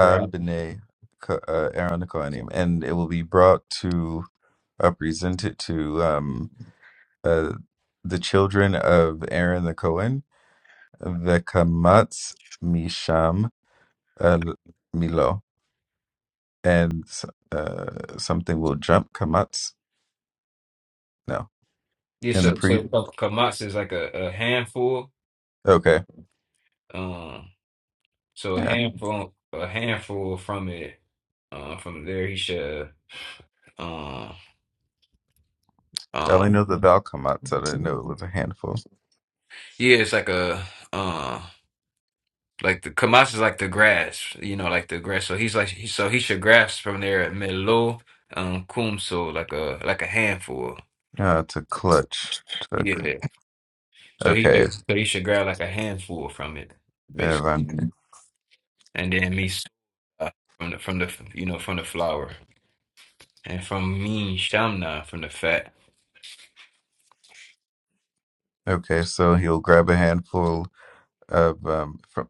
S4: al bnei ك- uh, Aaron the Kohanim, and it will be brought to uh, presented to um uh, the children of Aaron the Cohen, the Misham El Milo and uh, something will jump Kamatz. No,
S2: Yeah,
S4: and the
S2: so so
S4: priest.
S2: kamatsu is like a, a handful.
S4: Okay,
S2: Um, so a
S4: yeah.
S2: handful a handful from it. Uh, from there he should. uh,
S4: I only
S2: Um,
S4: know the vowel Kamatz. I didn't know it was a handful.
S2: Yeah, it's like a uh like the Kamas is like the grass, you know, like the grass. So he's like he, so he should grasp from there at Melo um Kumso like a like a handful.
S4: Uh, to clutch. To, c-
S2: Yeah. So he
S4: okay,
S2: should so he should grab like a handful from it, basically.
S4: Avante.
S2: And then me uh, from the from the you know, from the flower. And from me Shamna from the fat.
S4: Okay, so he'll grab a handful of um from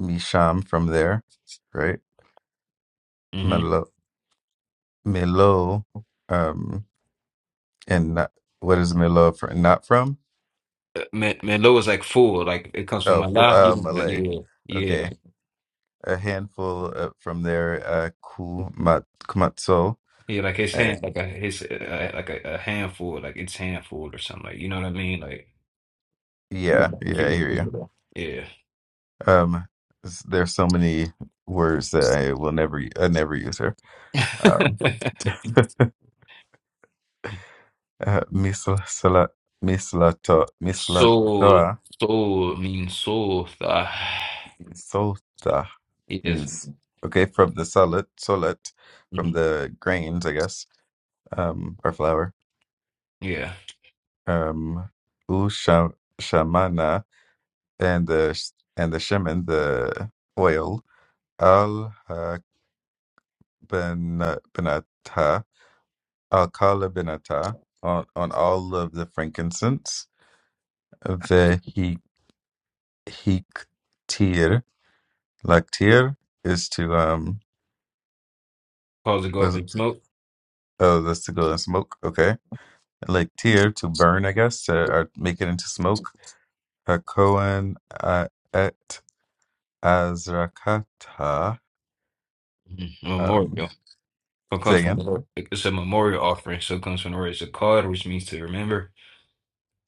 S4: Misham from there, right?
S2: Mm-hmm.
S4: Melo, Melo, um, and not, what is Melo from? Not from?
S2: Melo is like full, like it comes from
S4: Oh, for,
S2: Allah. You
S4: uh,
S2: know,
S4: Malay.
S2: yeah. Yeah.
S4: Okay, a handful uh, from there. Uh, Kumat Kumatso.
S2: Yeah, like his
S4: Uh,
S2: hand, like a his uh, uh, like a, a handful, like it's handful or something. Like you know what I mean? Like
S4: yeah,
S2: if
S4: yeah, I
S2: you-
S4: hear you.
S2: yeah.
S4: Um, s- there's so many words that I will never, u- I never use her. Um,
S2: [laughs]
S4: uh, misla sala mislato
S2: Soul,
S4: mislatoa
S2: soul means soul. so, Uh,
S4: means solta
S2: yes,
S4: means okay from the solid solet from
S2: mhm,
S4: the grains, I guess, um, or flour.
S2: yeah.
S4: Um, usha shamana and the sh- and the shaman the oil Al-Haq bin bin Atta, Al-Khala bin Atta, on, on all of the frankincense. The he hiktir, laktir is to um
S2: Cause to go up
S4: was
S2: in smoke.
S4: oh that's to go and smoke. Okay, laktir to burn, I guess, to, or make it into smoke. A kohen uh, et azrakata.
S2: mhm,
S4: Um,
S2: Memorial. So it
S4: say
S2: comes from the
S4: again.
S2: Lord. It's a memorial offering. So it comes from the word. It's a card, which means to remember.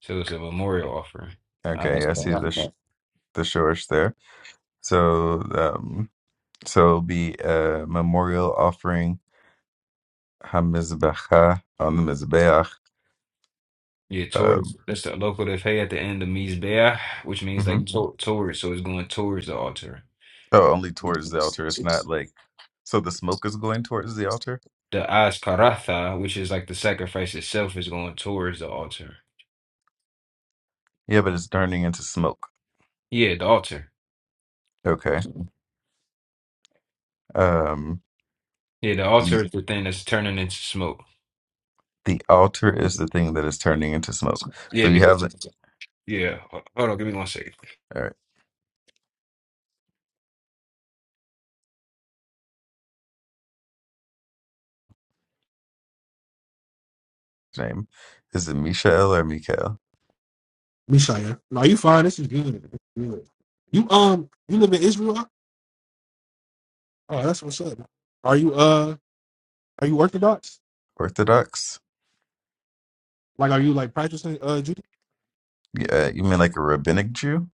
S2: So it's a memorial offering. Uh,
S4: Okay,
S2: That's
S4: I
S2: about-
S4: see
S2: that's
S4: the sh-
S2: about-
S4: the shorish there. So, um. So it'll be a memorial offering, Hamizbecha, on the Mizbeach.
S2: yeah, towards
S4: Um,
S2: that's the local they at the end of Mizbeah, which means
S4: mhm.
S2: like to towards. So it's going towards the altar.
S4: Oh, only towards the altar. It's not like, so the smoke is going towards the altar?
S2: the Ashkaratha, which is like the sacrifice itself, is going towards the altar.
S4: Yeah, but it's turning into smoke.
S2: Yeah, the altar.
S4: Okay. Um,
S2: Yeah, the
S4: y-
S2: altar is the thing that's turning into smoke.
S4: the altar is the thing that is turning into smoke. So
S2: Yeah,
S4: you have
S2: because
S4: the,
S2: yeah. ho- Hold on, give me one second.
S4: all right, name. Is it Mishael or Mikhail?
S1: Me, Shy. yeah? No, you fine. This is good. This is good. You um you live in Israel? Oh, that's what's up. Are you uh are you orthodox?
S4: Orthodox?
S1: Like are you like practicing uh Judaism?
S4: Yeah, you mean like a rabbinic Jew?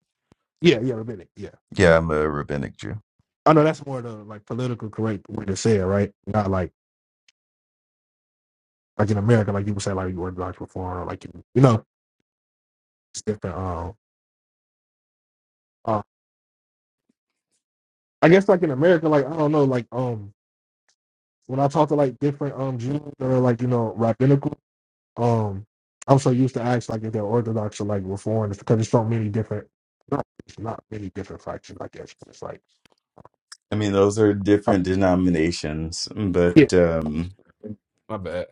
S1: Yeah, yeah, rabbinic. Yeah.
S4: Yeah, I'm a rabbinic Jew.
S1: I know that's more the like political correct way to say it, right? Not like like in America, like people say like you orthodox reform or like you you know, it's different um uh, I guess like in America, like I don't know, like um when I talk to like different um Jews that are like, you know, rabbinical, um I'm so used to ask like if they're orthodox or like reform because there's so many different not, it's not many different factions, I guess. But it's like
S4: I mean, those are different denominations, but
S1: Yeah.
S4: um,
S2: My bad.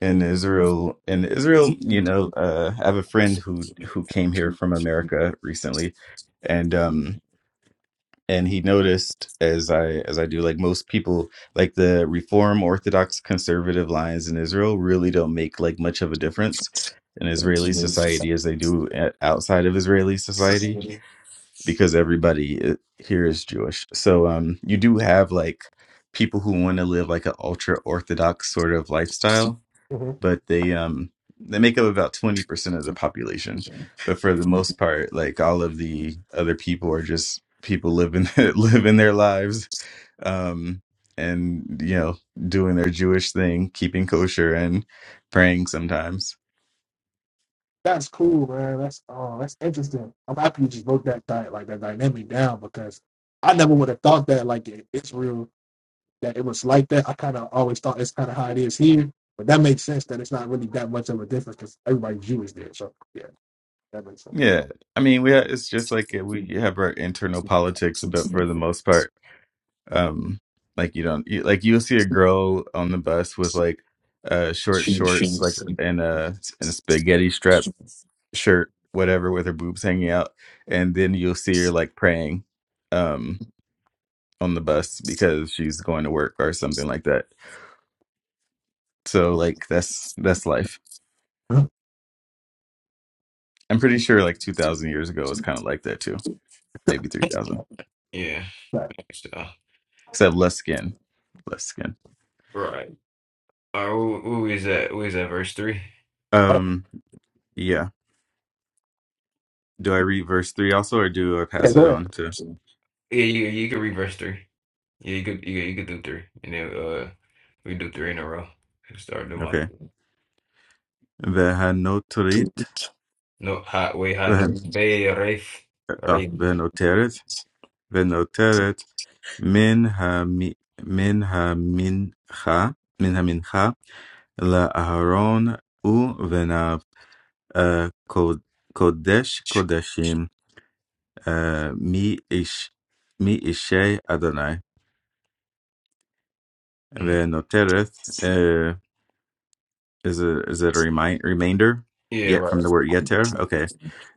S4: in Israel in Israel, you know, uh, I have a friend who who came here from America recently, and um and he noticed as I as I do like most people like the Reform Orthodox conservative lines in Israel really don't make like much of a difference in Israeli society as they do a- outside of Israeli society because everybody i- here is Jewish. So um you do have like people who want to live like an ultra orthodox sort of lifestyle
S1: hmm
S4: but they um they make up about 20% of the population but for the most part like all of the other people are just people living [laughs] living their lives um and you know doing their jewish thing keeping kosher and praying sometimes
S1: That's cool, man. That's uh, that's interesting. I'm happy you just broke that di- like that dynamic down because I never would have thought that like in Israel that it was like that. I kind of always thought it's kind of how it is here, but that makes sense that it's not really that much of a difference because everybody's Jewish there. So yeah, that makes sense.
S4: yeah i mean we ha- it's just like uh, we have our internal politics but for the most part um like you don't you, like you'll see a girl on the bus with like uh short shorts like and a and a spaghetti strap shirt, whatever, with her boobs hanging out, and then you'll see her like praying um on the bus because she's going to work or something like that. So like that's that's life.
S1: Huh?
S4: I'm pretty sure like 2000 years ago it was kind of like that too. Maybe 3000.
S2: Yeah.
S1: But,
S2: So,
S4: Except less skin. Less skin.
S2: right. All right. Who, who is that? Who is that? Verse three.
S1: all right,
S4: Um yeah. Do I read verse 3 also or do I
S1: yeah,
S4: pass it
S1: go ahead.
S4: on to
S2: Yeah, you you can read verse three. Yeah, you could you, could- you could do three, and then uh we do three in a row. Start doing my
S4: Okay. Vehanotrit.
S2: no hot way hot no
S4: Vehan
S2: bay rafe.
S4: oh,
S2: Right.
S4: vehanoteret. ונותרת מן המ- מן המנחה מן המנחה לאהרון ובניו אה, קוד- קודש קודשים אה, מאיש- מאישי אדוני
S2: Mhm.
S4: ונותרת אה, is a is it a remind remainder
S2: Yeah,
S4: yet from
S2: right.
S4: the word yeter okay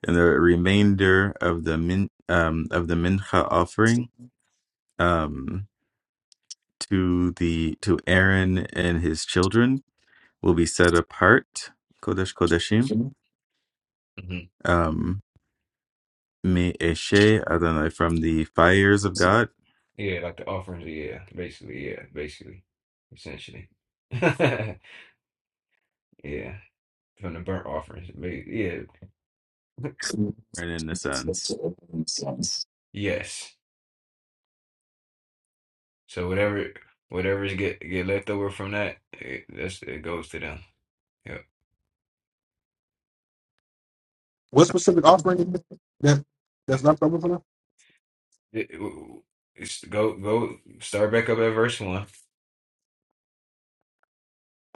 S4: and the remainder of the min um of the mincha offering Um, to the to Aaron and his children will be set apart, Kodesh Kodeshim,
S2: Mm-hmm.
S4: um, Me Eshe Adonai from the fires of God,
S2: Yeah, like the offerings, yeah, basically, yeah, basically, essentially. [laughs] Yeah, from the burnt offerings, ba- yeah, [laughs]
S4: Aaron and the sons.
S2: yes. So whatever, whatever's get get left over from that, it, that's it goes to them. Yeah,
S1: What specific offering is this that that's
S2: Th-
S1: left over for them?
S2: th- w- it's, go go start back up at verse one.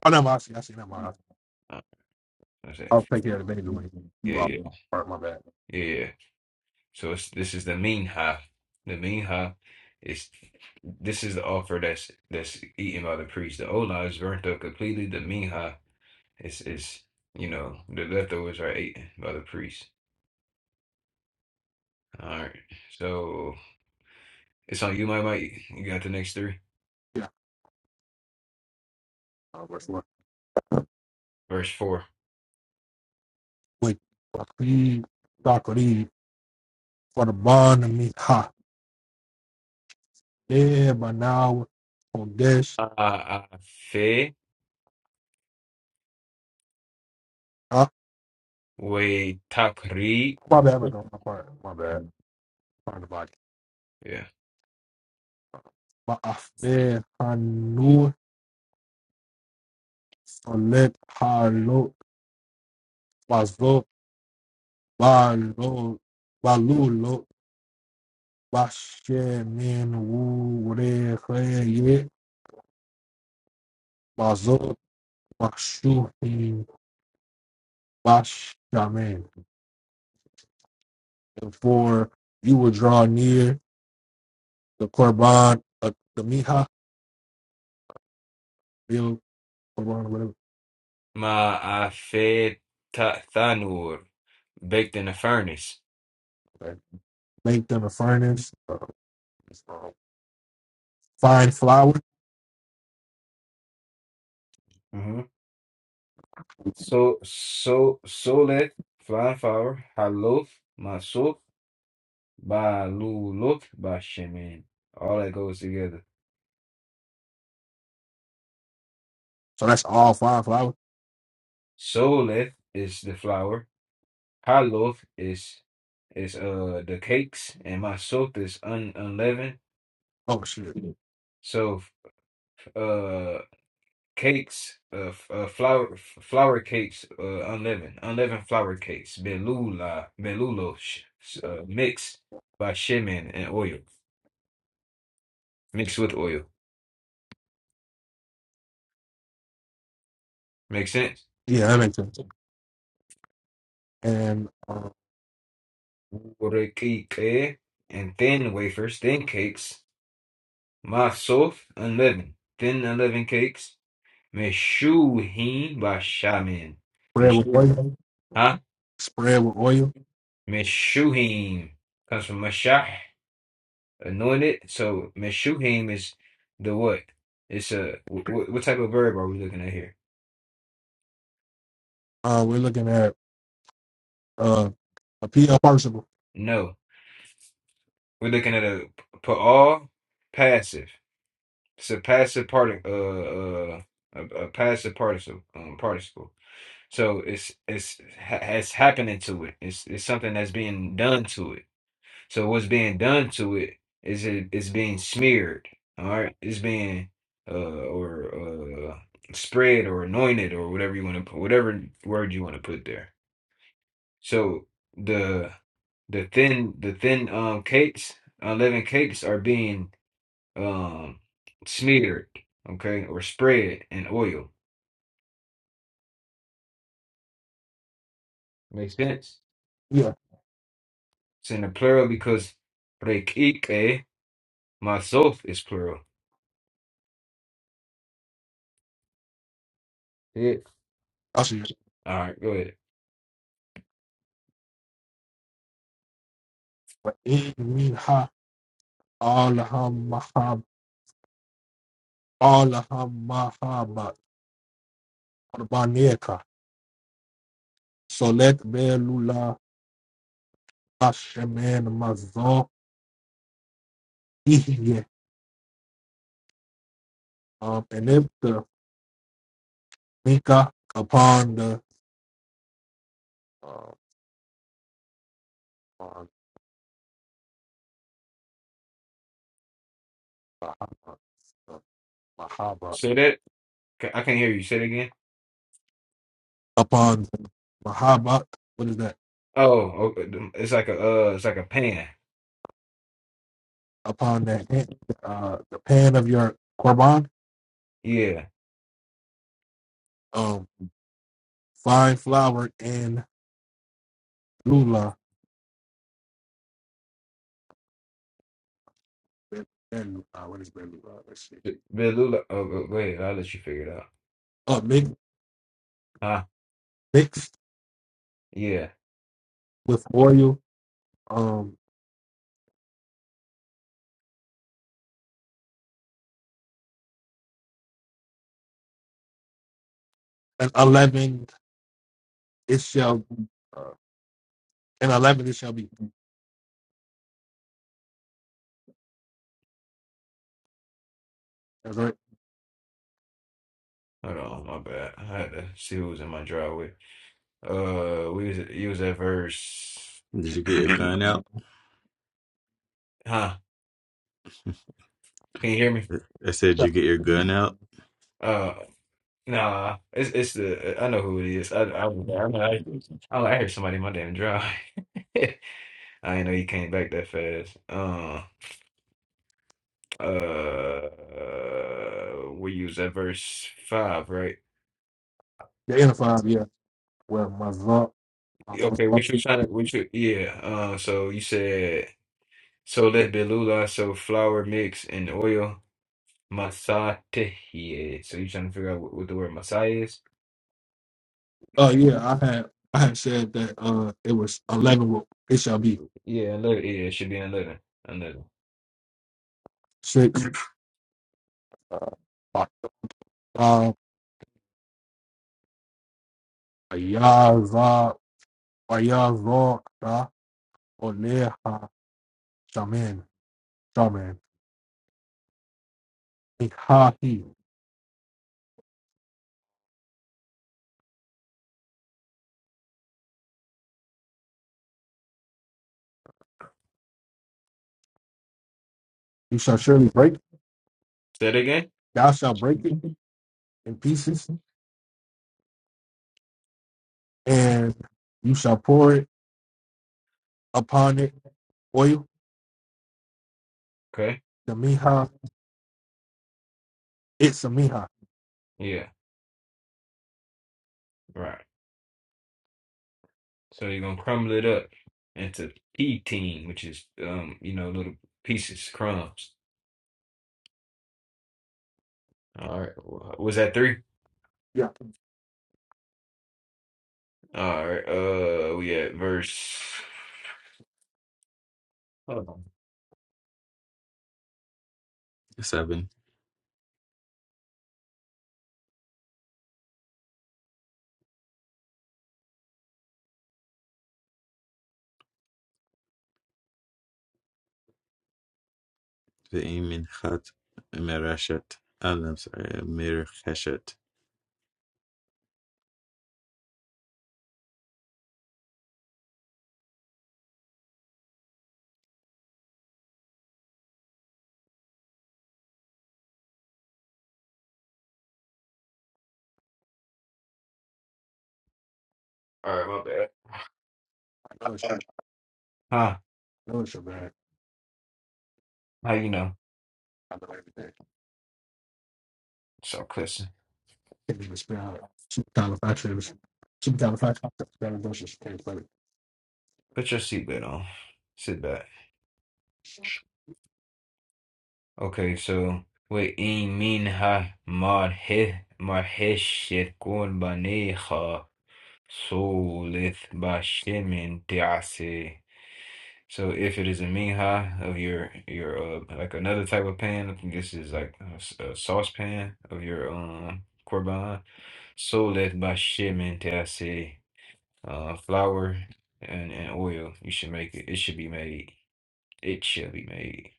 S1: Oh no, I see. I see. Never mind.
S2: Uh, That's it.
S1: I'll take care of the baby when you
S2: Yeah,
S1: are.
S2: yeah,
S1: All right, my bad.
S2: yeah. yeah. So it's, this is the minha. The minha is this is the offer that's that's eaten by the priest. The olah is burnt up completely. The minha It's it's you know the leftovers are eaten by the priest. All right, so it's on you, my mate. You got the next three.
S1: Yeah. Uh, verse one.
S2: Verse four.
S1: Wait. for the bond of me. Ha. Yeah, by now on this.
S2: Ma'afe
S1: Uh,
S2: we takri.
S1: my bad, my bad, my bad, my bad. Find the body.
S2: Yeah.
S1: But I feel I knew select hello was low by low by low low by share man woo whatever yeah by zo by shooting by shaman. And for you will draw near the korban uh, the miha bill korban whatever
S2: Ma'afe ta thanur baked in a furnace.
S1: okay. make them a furnace, uh, uh, fine flour.
S2: hmm So so solet flying flour halof masuf baluluf bashemin. All that goes together.
S1: So that's all fine flour.
S2: Solet is the flour. High loaf is is uh the cakes, and my soup is un unleavened.
S1: Oh,
S2: So f- uh cakes, uh, f- uh flour f- flour cakes, uh unleavened, unleavened flour cakes, belula belulo sh s- uh, mixed by shemen and oil, mixed with oil. Make sense?
S1: yeah, that makes sense. And
S2: Urekike, And thin wafers, thin cakes, my soup unleavened, thin unleavened cakes. Meshuhim Bashamin.
S1: spread with
S2: Meshu,
S1: oil,
S2: huh?
S1: spread oil.
S2: Meshuhim comes from Mashah, anointed. So Meshuhim is the what? It's a wh- wh- what type of verb are we looking at here?
S1: Um, that, uh, a P L,
S2: No, we're looking at a pa'al passive. It's a passive part, uh, uh, a, a passive participle, um, participle. So it's it's ha- it's happening to it. It's it's something that's being done to it. So what's being done to it is it it's being smeared, all right? It's being uh or uh spread or anointed or whatever you want to put whatever word you want to put there. So the the thin the thin um cakes, unleavened cakes are being um smeared, okay, or spread in oil. Makes sense?
S1: yeah,
S2: It's in the plural because rekike, myself is plural. Yeah.
S1: I'll see it.
S2: All right, go ahead.
S1: But in me ha, all the ham, mahab, all the ham, mahab, baneka. So let belula, hashemen, mazor, ihye. Um, and if the mika upon the, uh, on the Mahaba,
S2: So that. Ca- I can't hear you. Say it again.
S1: upon the Mahaba, what is that?
S2: Oh, okay. the- It's like a uh, it's like a pan.
S1: upon the hand, uh, the pan of your korban,
S2: Yeah.
S1: um, fine flour and lula, and uh, what is it? Uh, let's see.
S2: Belula. Oh, go, go ahead. I'll let you figure it out.
S1: Uh, mix,
S2: Huh?
S1: mixed
S2: Yeah.
S1: with oil, um, and eleven it shall, uh, and eleven it shall be. That's right.
S2: Hold on. My bad. I had to see who was in my driveway. Uh, we was you was at verse.
S4: Did you get your gun out?
S2: Huh? Can you hear me?
S4: I said
S1: Yeah,
S4: you get your gun out.
S2: Uh, nah. It's it's the uh, I know who it is. I I I know I, oh, I heard somebody in my damn drive. [laughs] I didn't know he came back that fast. Uh, Uh, we use that verse five, right?
S1: the inner five, yeah. Well, uh, uh,
S2: Okay,
S1: uh,
S2: we should try to, we should, yeah. Uh, so you said so let Belula, so flour mix and oil, masate. Yeah. So you trying to figure out what, what the word masai is?
S1: uh, yeah, I had that. Uh, it was eleven. with- It shall be
S2: Yeah, another. Yeah, it should be another, another.
S1: six. Uh, uh, Yaza, Yaza, Oneha, Shaman, Shaman. and ha he. You shall surely break,
S2: Say it again.
S1: thou shalt break it in pieces, and you shall pour it upon it oil,
S2: Okay.
S1: the miha, it's a miha.
S2: Yeah. Right. So you're gonna crumble it up into team, which is um, you know, little pieces, crumbs. All right. Wha- Was that three?
S1: Yeah,
S2: All right. Uh, we at verse. Hold on.
S4: Seven. Ve'im minchat merashet. And I'm sorry, mercheshet.
S2: All right, my bad.
S1: I know it's,
S2: Huh?
S1: I know it's your bad.
S2: How you know?
S1: I know everything.
S2: So close.
S1: Can't even spell it. Supercalifragilistic. Supercalifragilistic. Can't spell it.
S2: Put your seatbelt on. Sit back. Okay, so we with iminha marhe marheshekun baneha solith bashemin tease. So if it is a minha of your your uh like another type of pan, I think this is like a, s- a saucepan of your um korban solith bashemin tease. Uh, flour and and oil. You should make it. It should be made. It should be made.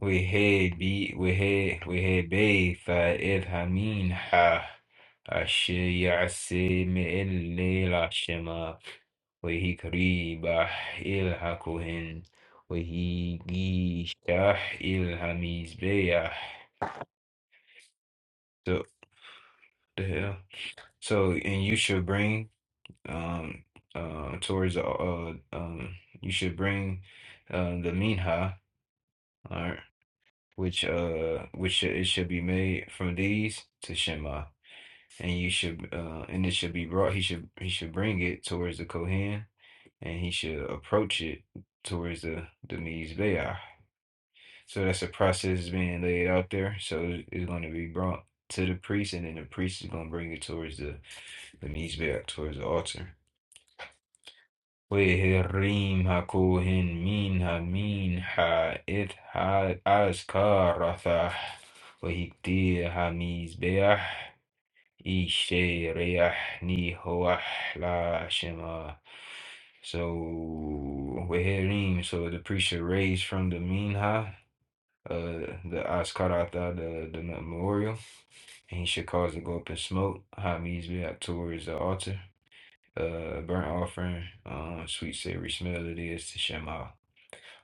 S2: وهبي وه وهبي فإذا منها أشياء سيم الليلة شما وهي قريبة إلها كهن وهي جيشة إلها مزبيح So the hell? So and you should bring um uh towards the uh um you should bring uh the minha all right which uh which should, it should be made from these to Shema and you should uh and it should be brought he should he should bring it towards the Kohen and he should approach it towards the the Mizbeah. So that's a process being laid out there. So it- it's going to be brought to the priest and then the priest is going to bring it towards the the Mizbeah towards the altar. وَيَهْرِمْ هَكُوهِنْ مِنْهَا مِنْهَا إِذْ هَا أَزْكَى رَثَاهْ وَيَكْدِيهَا مِزْبَاحًا Ishe Reah Niho Ahla Shema. So Weherim, so the priest should raise from the Minha, uh the Askarata, the the memorial, and he should cause to go up in smoke. Hamis be up towards the altar. Uh burnt offering, um sweet savory smell it is to Shema.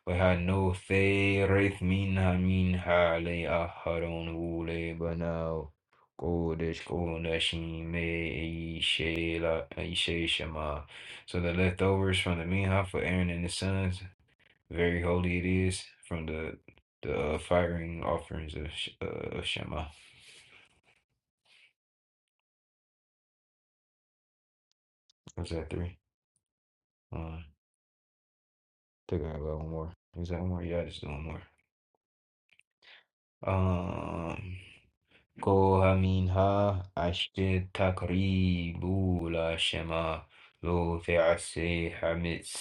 S2: وهنؤثر منها منها لآخرون أولي بناو قودش قودش شما. So the leftovers from the Minha for Aaron and his sons, very holy it is from the the uh, firing offerings of, Sh- uh, of Shema. Was that three? Uh, I think I got one more. Is that one more? Yeah, I just do one more. Um. كوها منها عشت تقريب لا شما لو في عسي حمس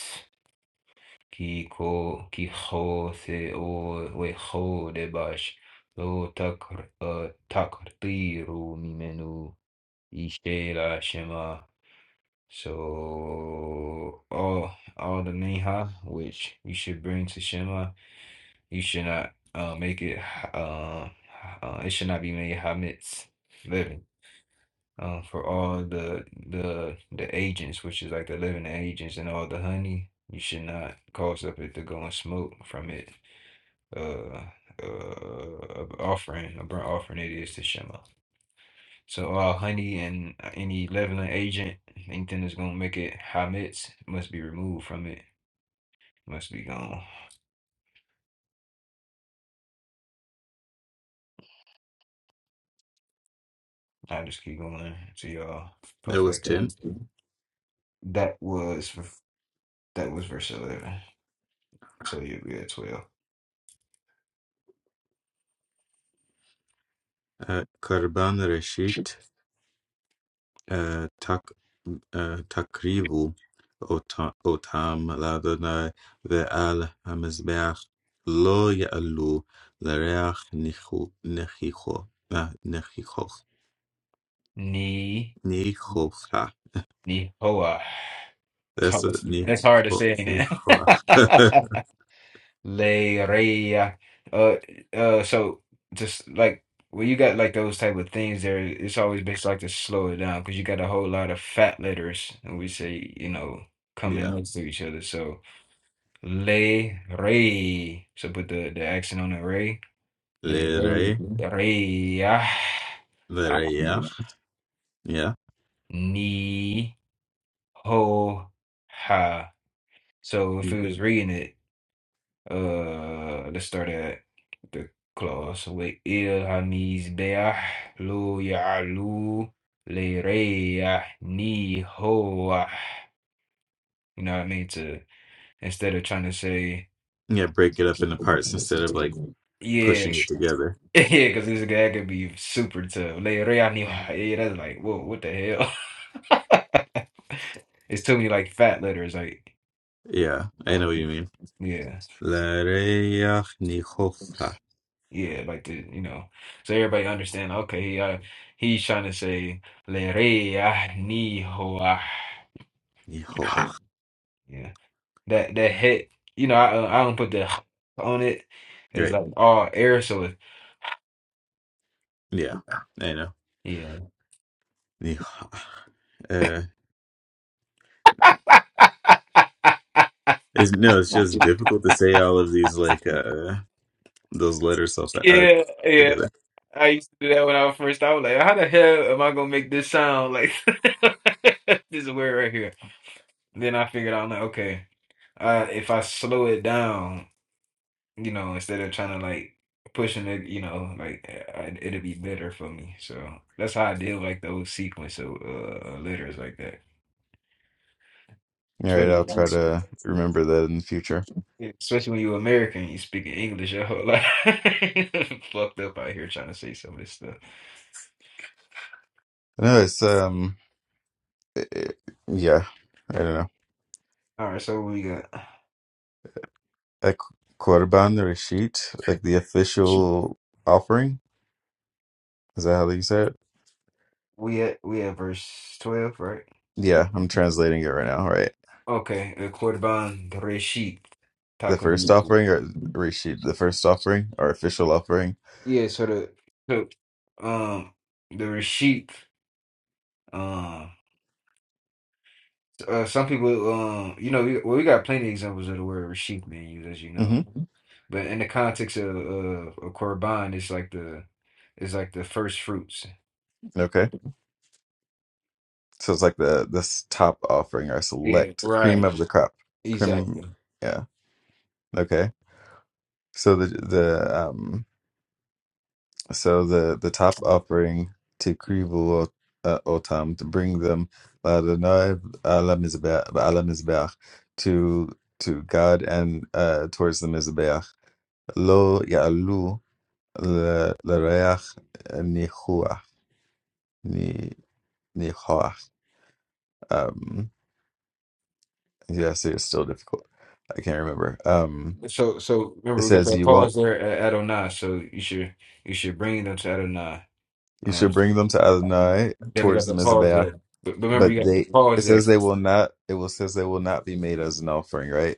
S2: كي كو كي خوث او وخود باش لو تقر آه، تقدير منو إشتي لا شما So all all the minha which you should bring to Shema, you should not uh, make it uh, uh, it should not be made hametz um, for all the the the agents, which is like the living agents and all the honey. You should not cause up it to go and smoke from it. Uh, uh, offering, a burnt offering it is to Shema. So all honey and any leveling agent, anything that's gonna make it hametz must be removed from it. Must be gone. I just keep going to y'all
S4: That
S2: pop
S4: was
S2: back up.
S4: ten.
S2: That was that was verse eleven. So you'll be at twelve.
S4: Uh, Karban Reshit, تقريب أوتا- أوتام لدن ועל המזבח לא יעלו לריח ניחו- ניחוח. אה, ניחוח. ניחוח.
S2: Nihoa. It's
S4: That's a
S2: hard, it's hard to
S4: ניחוח.
S2: say, ain't
S4: ניחוח. [laughs]
S2: it? [laughs] Le Rey. Uh, uh, so just like when you got like those type of things there, it's always best like to slow it down because you got a whole lot of fat letters, and we say, you know,
S4: Yeah.
S2: coming next to each other. So Le Rey. So put the, the accent on the Rey. Le Rey.
S4: Lere,
S2: Rey. ah, ah,
S4: lereach. Yeah.
S2: Ni ho ha. So if
S4: Mm,
S2: it was reading it, Uh, let's start at the clause. وَإِلْهَمِزْبَحْ لُو يَعْلُو لِرَيَّ نِهُوَ You know what I mean? To instead of trying to say,
S4: Yeah, break it up into parts instead of like
S2: yeah,
S4: pushing it together.
S2: [laughs] yeah, because this guy could be super tough. لِرَيَّ نِهُوَ. Yeah, that's like, whoa, what the hell? [laughs] It's too many like fat letters, like,
S4: Yeah, I
S2: oh,
S4: know what you mean.
S2: yeah.
S4: Lereach nihocha.
S2: Yeah, like the you know, so everybody understand. Okay, uh, he's trying to say le re ah ni ho ah.
S4: Nihoach.
S2: Yeah, that that hit. You know, I uh, I don't put the [laughs] on it. It's
S4: Right.
S2: like all air, so it,
S4: Yeah, I know.
S2: yeah,
S4: Yeah. [sighs] Uh, it's, no, it's just difficult to say all of these like uh those letters so fa- uh,
S2: yeah, yeah.
S4: together.
S2: I used to do that when I was first. I was like, how the hell am I gonna make this sound like [laughs] this is weird right here? Then I figured out like, okay, uh, if I slow it down. you know, instead of trying to like pushing it, you know, like uh, I, it'll be better for me. So that's how I deal like those sequence of uh, letters like that.
S4: All right,
S2: Especially,
S4: I'll try
S2: Mhm.
S4: to remember that in the future.
S2: yeah, especially when you're American, you speaking English your whole life. [laughs] Fucked up out here trying to say some of this stuff.
S4: No, it's um, eh, eh, yeah, I don't know.
S2: All right, so what we got
S4: A qu- Qurban Rashid, like the official offering. Is that how you say it?
S2: we at we at verse twelve, right?
S4: Yeah, I'm translating it right now. Right,
S2: Okay, the Korban reshit
S4: the first
S2: Takun.
S4: offering or Rashid, the first offering or official offering.
S2: Yeah, so the so um the Reshit. um, Uh, some people, um, you know, we, well, we got plenty of examples of the word Rashid being used, as you know.
S4: hmm
S2: But in the context of, of, of Korban, it's like the it's like the first fruits.
S4: Okay. So it's like the this top offering or
S2: Yeah,
S4: select cream
S2: right.
S4: of the crop. Cream.
S2: Exactly.
S4: Yeah. Okay. So the the um So the the top offering to Krivul uh, Otam to bring them Ladonai ala Mizbeach ala Mizbeach to to God and uh, towards the Mizbeach. Lo ya'alu le- l'reach nichuach ni nichuach. Um, yeah, see, it's still difficult. I can't remember. Um,
S2: So so
S4: it
S2: remember we got
S4: says
S2: that
S4: you won't.
S2: pause there at Adonai, so you should you should bring them to Adonai.
S4: You
S2: Uh,
S4: should bring them to Adonai
S2: yeah, we got
S4: towards the
S2: the pause
S4: Mizbeach
S2: there. But, but remember you
S4: But
S2: got the
S4: they it
S2: pause there.
S4: says they will not it will says they will not be made as an offering, right?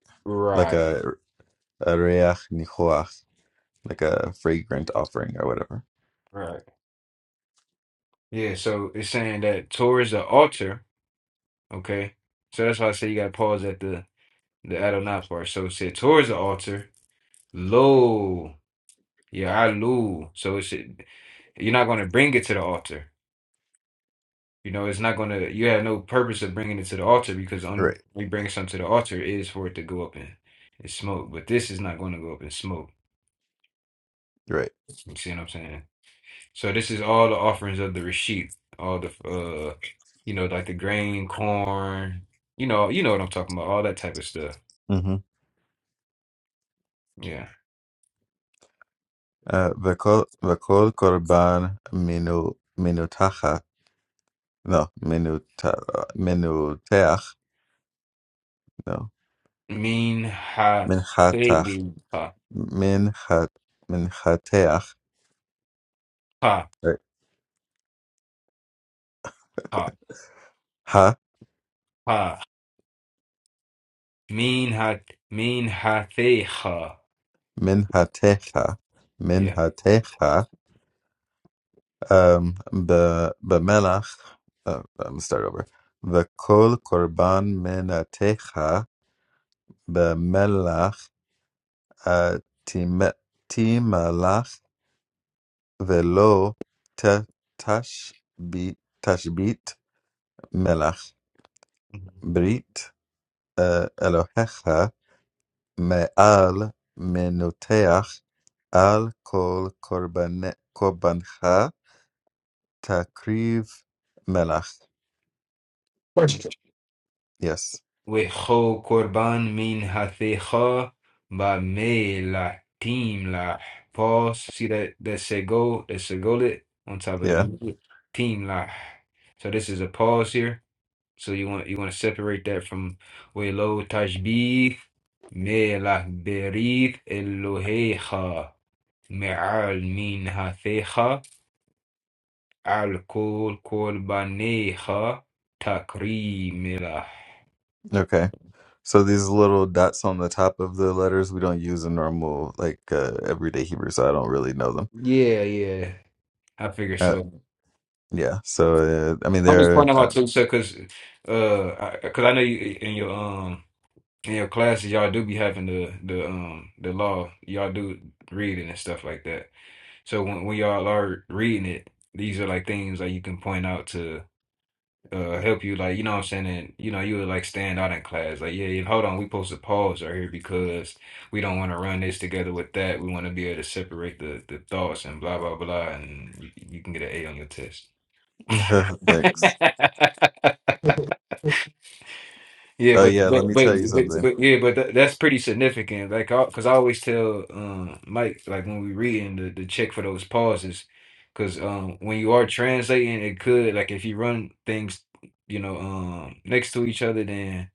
S4: Like
S2: Right,
S4: a a reach nichoach, like a fragrant offering or whatever.
S2: right. Yeah, so it's saying that Torah is the altar, okay? So that's why I say you gotta pause at the the Adonai part. So it said towards the altar. Lo, Ya'alu. So it should, you're not going to bring it to the altar. You know, it's not going to, you have no purpose of bringing it to the altar because the only
S4: Right,
S2: we bring something to the altar is for it to go up in, in smoke. But this is not going to go up in smoke.
S4: right.
S2: You see what I'm saying? So this is all the offerings of the Rashid, all the, uh, you know, like the grain, corn, you know, you know what I'm talking about, all that type of stuff.
S4: Mm-hmm.
S2: Yeah.
S4: Uh, v'kol v'kol korban minu minutacha no minuta minuteach no
S2: Mean ha,
S4: minchatach
S2: ha,
S4: minchat minchateach
S2: ha, ha.
S4: right.
S2: Ha. Min ha min hateha.
S4: Min ha techa, min
S2: Yeah.
S4: ha techa, um b b melach. I'm gonna start over. V'kol korban min ha techa b'melach atim atim melach v'lo tash b'tashbit melach brit elohicha me'al menoteach al kol korban korbancha. Takriv Melach.
S2: Mhm.
S1: Question.
S4: Yes.
S2: وخو قربان من حقیقا و me تیم la pause. See that that said goal, that said goal it on top of the
S4: Yeah.
S2: music. team la. So this is a pause here. So you want you want to separate that from Welo Tajbih me la berith Elohecha me'al min hathecha al kol korbanecha takrimelah.
S4: Okay. So these little dots on the top of the letters we don't use in normal like uh, everyday Hebrew, so I don't really know them.
S2: Yeah, yeah. I figure
S4: Uh,
S2: so.
S4: yeah. So uh, I mean,
S2: I'm just
S4: they're
S2: pointing them out
S4: um,
S2: too, sir, because uh, because I know you in your um in your classes y'all do be having the the um the law y'all do reading and stuff like that. So when when y'all are reading it, these are like things that you can point out to uh help you, like you know what I'm saying, and you know you would like stand out in class, like yeah, yeah, hold on, we supposed to pause right here because we don't want to run this together with that. We want to be able to separate the the thoughts and blah blah blah, and you, you can get an A on your test.
S4: [laughs] thanks.
S2: [laughs] Yeah,
S4: Oh
S2: but
S4: yeah. Let
S2: but
S4: me
S2: but
S4: tell you
S2: but,
S4: something.
S2: but yeah, but tha- that's pretty significant. Like, I, cause I always tell um Mike like when we reading to, to check for those pauses, cause um when you are translating, it could like if you run things, you know, um next to each other, then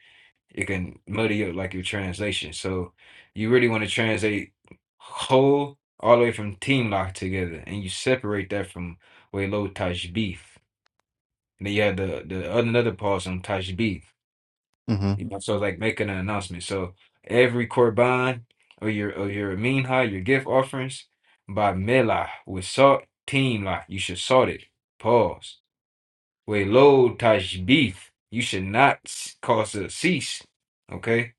S2: it can muddy up like your translation. So you really want to translate whole all the way from team lock together, and you separate that from way low tajbif. And then you have the the another pause on tajbif.
S4: Mm-hmm.
S2: You know, so like making an announcement. So every Korban or your or your minha, your gift offerings by melah with salt team lah. You should salt it. Pause. With lo tashbith. You should not s- cause a cease. Okay?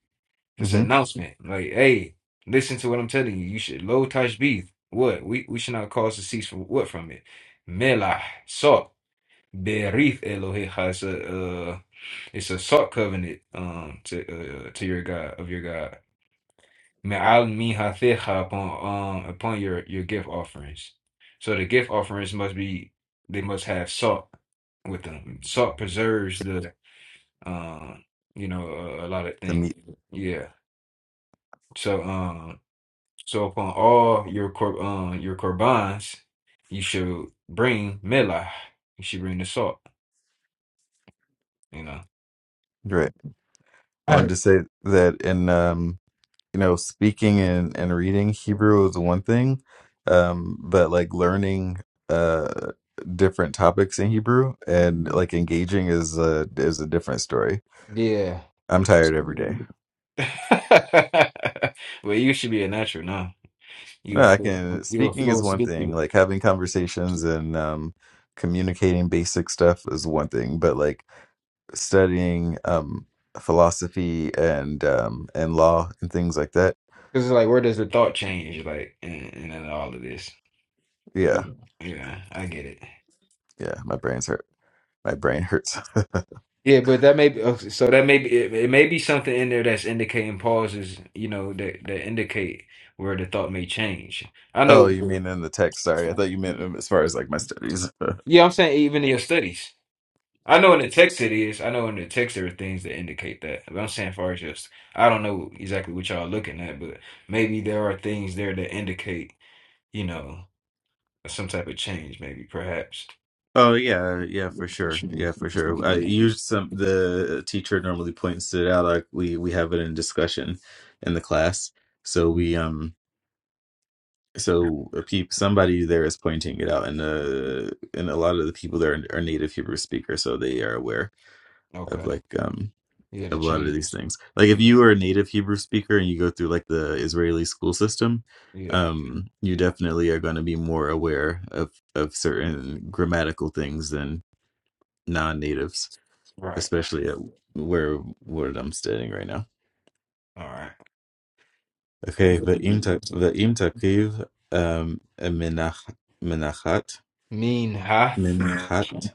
S2: It's an
S4: Mm-hmm.
S2: announcement. Like, hey, listen to what I'm telling you. You should lo tashbith. What? We we should not cause a cease from what from it? Melah, salt. Berith Elohecha it's a salt covenant um to uh, to your God of your God. Ma'al mihatecha upon um upon your your gift offerings. So the gift offerings must be they must have salt with them. Salt preserves the um you know a, a lot of
S4: The
S2: things.
S4: meat.
S2: Yeah. So um so upon all your cor um your korbans, you should bring melah. You should bring the salt. You know.
S4: Right. I
S1: I had
S4: wanted
S1: a
S4: to say that in um you know, speaking and, and reading Hebrew is one thing, um, but like learning uh different topics in Hebrew and like engaging is a is a different story.
S2: Yeah.
S4: I'm tired every day.
S2: [laughs] well, you should be a natural now. You
S4: No,
S2: a
S4: I
S2: flow,
S4: can
S2: you a
S4: speaking is
S2: flow
S4: one thing,
S2: speaker.
S4: like having conversations and um communicating basic stuff is one thing, but like studying um philosophy and um and law and things like that.
S2: Cause it's like, where does the thought change? Like, and, and then all of this.
S4: Yeah.
S2: Yeah, I get it.
S4: Yeah, my brain's hurt. My brain hurts.
S2: Yeah, but that may be uh, so. So that may be it, it may be something in there that's indicating pauses, you know, that that indicate where the thought may change. I
S4: Oh,
S2: know.
S4: you mean in the text? Sorry, I thought you meant um, as far as like my studies.
S2: Yeah, I'm saying even in your studies. I know in the text it is. I know in the text there are things that indicate that. But I'm saying far as just I don't know exactly what y'all looking at, but maybe there are things there that indicate, you know, some type of change, maybe, perhaps.
S4: [laughs] oh yeah, yeah, for sure, yeah, for sure. I use some. The teacher normally points it out. Like we we have it in discussion in the class. So we um so a peop, somebody there is pointing it out, and uh and a lot of the people there are, are native Hebrew speakers, so they are aware of
S2: Okay.
S4: like um
S2: Yeah, the
S4: of a lot of these
S2: changes.
S4: things. Like if
S2: Yeah.
S4: you are a native Hebrew speaker and you go through like the Israeli school system,
S2: Yeah.
S4: um, you definitely are going to be more aware of of certain grammatical things than non-natives,
S2: Right.
S4: especially at where where I'm standing right now.
S2: All right.
S4: Okay, va'im ta- va'im takiv um, menach menachat
S2: Mean hath.
S4: minchat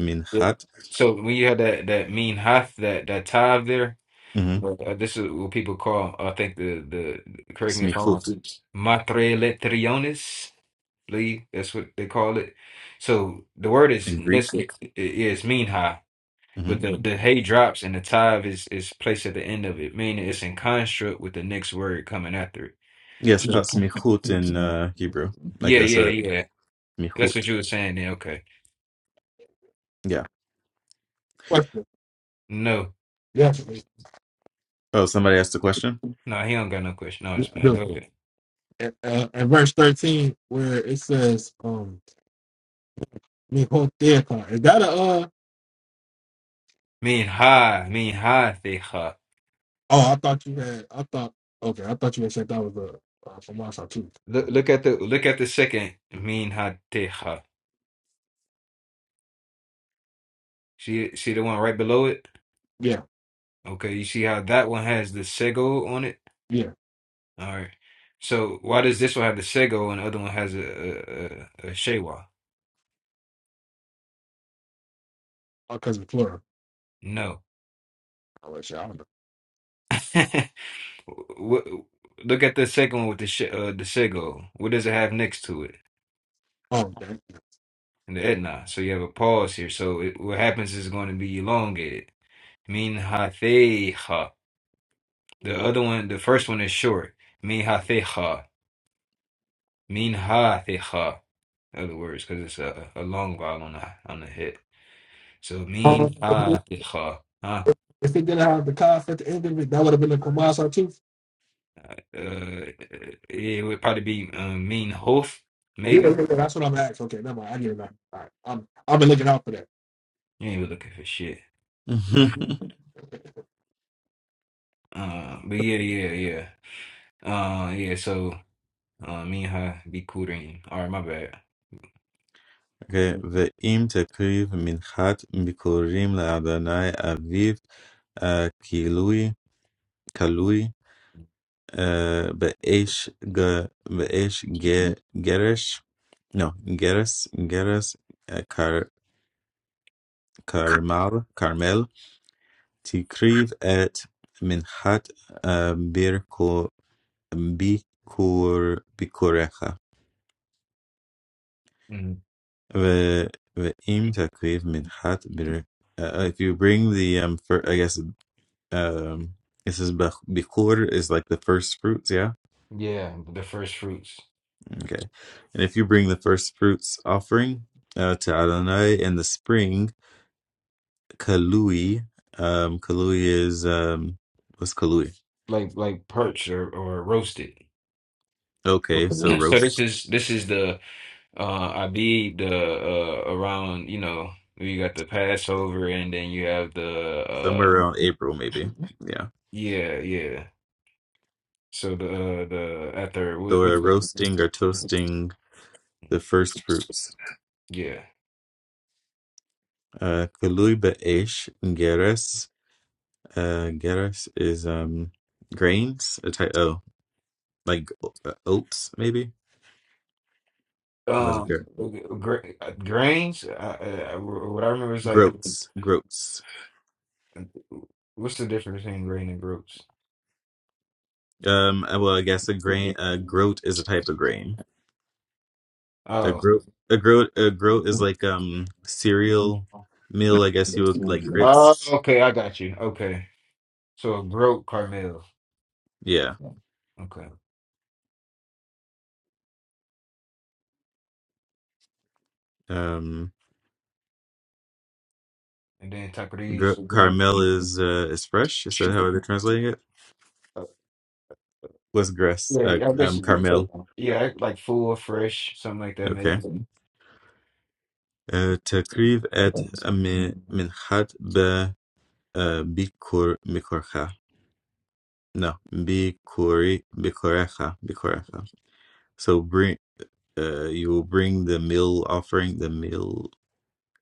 S4: minchat
S2: So when you have that that mean hath, that that tav there,
S4: hmm
S2: like, uh, this is what people call I think the the
S4: [laughs]
S2: correct me if I'm wrong.
S4: smichut
S2: Matre letriones. Lee, that's what they call it. So the word is
S4: in Greek.
S2: listen is mean high,
S4: hmm
S2: but the, the hay drops and the tithe is is placed at the end of it, meaning it's in construct with the next word coming after it.
S4: Yes, called
S2: So
S4: smichut in uh, Hebrew. Like
S2: yeah,
S4: that's
S2: yeah,
S4: a
S2: yeah. That's
S4: smichut.
S2: what you were saying then. Okay.
S4: Yeah.
S1: question.
S2: No,
S1: Yes, please.
S4: Oh, somebody asked a question?
S2: no, he don't got no question. No,
S1: Yeah,
S2: it's
S1: I
S2: fine.
S1: do.
S2: Go ahead.
S1: And, uh, and verse 13, where it says, um, mihoteca. Is that a, uh,
S2: Mean high, mean high teha.
S1: Oh, I thought you had. I thought. Okay, I thought you had said that was a uh, from Wausau too.
S2: Look
S1: So,
S2: look at the look at the second mean high teha. See see the one right below it?
S1: yeah,
S2: Okay, you see how that one has the sego on it?
S1: yeah.
S2: All right. So why does this one have the Sego and the other one has a a, a, a Shewa?
S1: Because cousin Flora.
S2: No.
S1: I wish I don't know.
S2: [laughs] What, look at the second one with the sh uh, the Sego. What does it have next to it?
S1: Oh, okay. [laughs]
S2: And the Etna. So you have a pause here. So it, what happens is going to be elongated. Min hatheha. The other one, the first one is short. Min hatheha. Min hatheha. In other words, because it's a, a long vowel on the on the hip. So
S1: Um,
S2: min
S1: if
S2: hatheha.
S1: it didn't have the cough at the end of it, that would have been a Kumasa too.
S2: Uh, yeah, it would probably be uh, Mean Hof,
S1: Yeah, yeah,
S2: maybe.
S1: yeah, that's what I'm asking. Okay, never mind. I get it now. All right, I'm. I've been looking out for that.
S2: You ain't looking for shit.
S4: [laughs] okay.
S2: Uh, but yeah, yeah, yeah. Uh, yeah. So, uh, me and her be cooting. All right, my bad.
S4: Ve'im tekriv minchat mikorim le'adonai aviv uh, kilui, kalui, uh, be'esh, ge, be'esh ge, geresh, no, geres, geres, uh, kar, karmar, karmel, tikriv et minchat uh, birko, bikur, bikurecha.
S2: Mhm.
S4: The the aim to crave minhat bir uh, uh, if you bring the um for I guess um this is bak- bikur is like the first fruits yeah
S2: Yeah, the first fruits,
S4: okay and if you bring the first fruits offering uh, to Adonai in the spring kalui um kalui is um what's kalui
S2: like like perched or or roasted. [clears throat]
S4: okay so
S2: Mhm. So
S4: roast
S2: this is this is the uh I be the uh around you know you got the Passover and then you have the uh
S4: somewhere around April maybe yeah
S2: yeah yeah so the uh, the after what
S4: so we're
S2: wh-
S4: roasting or toasting the first fruits
S2: yeah
S4: uh kalui be'esh Uh, gerres is um grains, a type oh like uh, oats maybe. What is it? Ger-
S2: Um, gra- uh, grains. I, I, what I remember is like,
S4: groats, groats.
S2: what's the difference between grain and groats?
S4: Um, uh, well, I guess a grain, a groat is a type of grain. A
S2: Oh,
S4: groat, a groat, a groat is like um cereal meal. I guess you would like
S2: oh,
S4: grits.
S2: okay, I got you. Okay, so a groat carmel.
S4: Yeah.
S2: Okay,
S4: Um,
S2: and then Taqueries,
S4: gr-
S2: so green.
S4: Carmel is
S2: Yeah,
S4: uh is fresh. Is that how they're translating it? What's grass? Uh,
S2: I guess
S4: um,
S2: you could say.
S4: Carmel.
S2: Yeah, like full, fresh, something like that, maybe.
S4: Okay. Uh, تقريب at uh, min minhat uh, Bikur Mikorcha. No, Bikuri Bikorecha Bikorecha. So bring uh, you will bring the meal offering, the meal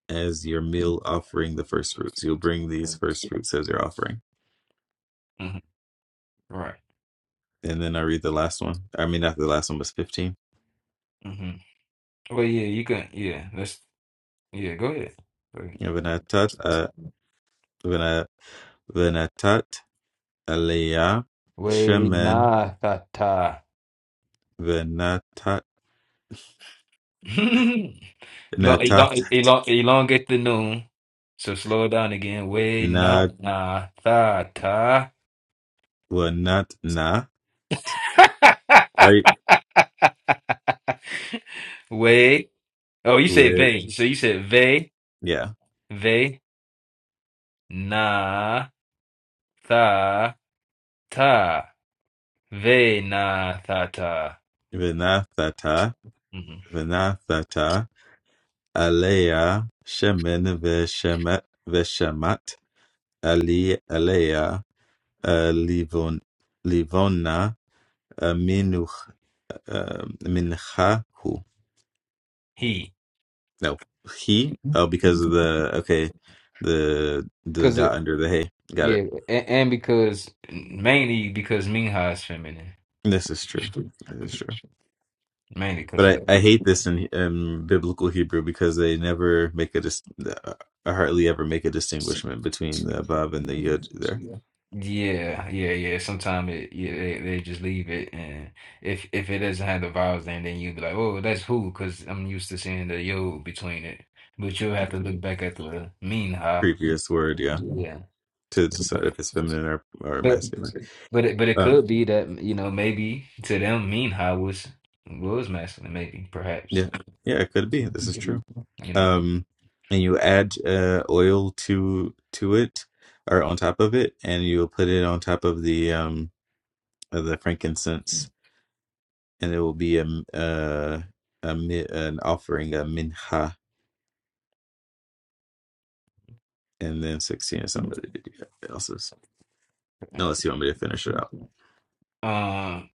S4: as your meal offering, the first fruits. You'll bring these first fruits as your offering.
S2: hmm Right.
S4: And then I read the last one. I mean, not the last one, but 15.
S2: hmm Well, yeah, you can. Yeah, let's. Yeah, go ahead. Go ahead.
S4: Venatat, uh, vena- venatat aliyah shemen
S2: Weinakata.
S4: venatat
S2: [laughs] Elo- elo-
S4: natat
S2: elo- Elongate the noon. So slow it down again. Way na
S4: nat
S2: na tha ta.
S4: venat nat.
S2: [laughs]
S4: I
S2: Way. Oh, you said
S4: wait.
S2: ve. So you said ve
S4: Yeah.
S2: ve na tha ta. Ve na tha ta.
S4: Vinathata,
S2: hmm
S4: Vinathata, Aleya, Shemin Veshemet, Veshemat, Ali, Aleya, uh, Livon, Livona, uh, Minuch, uh, Minchahu.
S2: He.
S4: No, he. Oh, because of the okay, the the
S2: Cause
S4: dot
S2: it.
S4: under the hey. Got it.
S2: Yeah, and, and because mainly because Minha is feminine.
S4: This is true. This is true.
S2: Mainly because of that.
S4: But I, I hate this in, in biblical Hebrew because they never make a dis- uh, hardly ever make a distinguishment between the vav and the yud there.
S2: Yeah, yeah, yeah. Sometimes it, yeah, they, they just leave it, and if if it doesn't have the vowels, then then you'd be like, oh, that's who, because I'm used to seeing the yo between it. But you'll have to look back at the mean ha.
S4: Previous word, yeah,
S2: Yeah,
S4: to decide if it's feminine or or
S2: but
S4: masculine.
S2: but it but it
S4: Um,
S2: could be that you know maybe to them mean ha was was masculine, maybe perhaps
S4: yeah, yeah, it could be. This is true.
S2: you know.
S4: um and you add uh oil to to it or on top of it and you'll put it on top of the um of the frankincense and it will be a m- uh a mi- an offering a minha and then 16 is somebody else's no let's see want me to finish it out
S2: Um,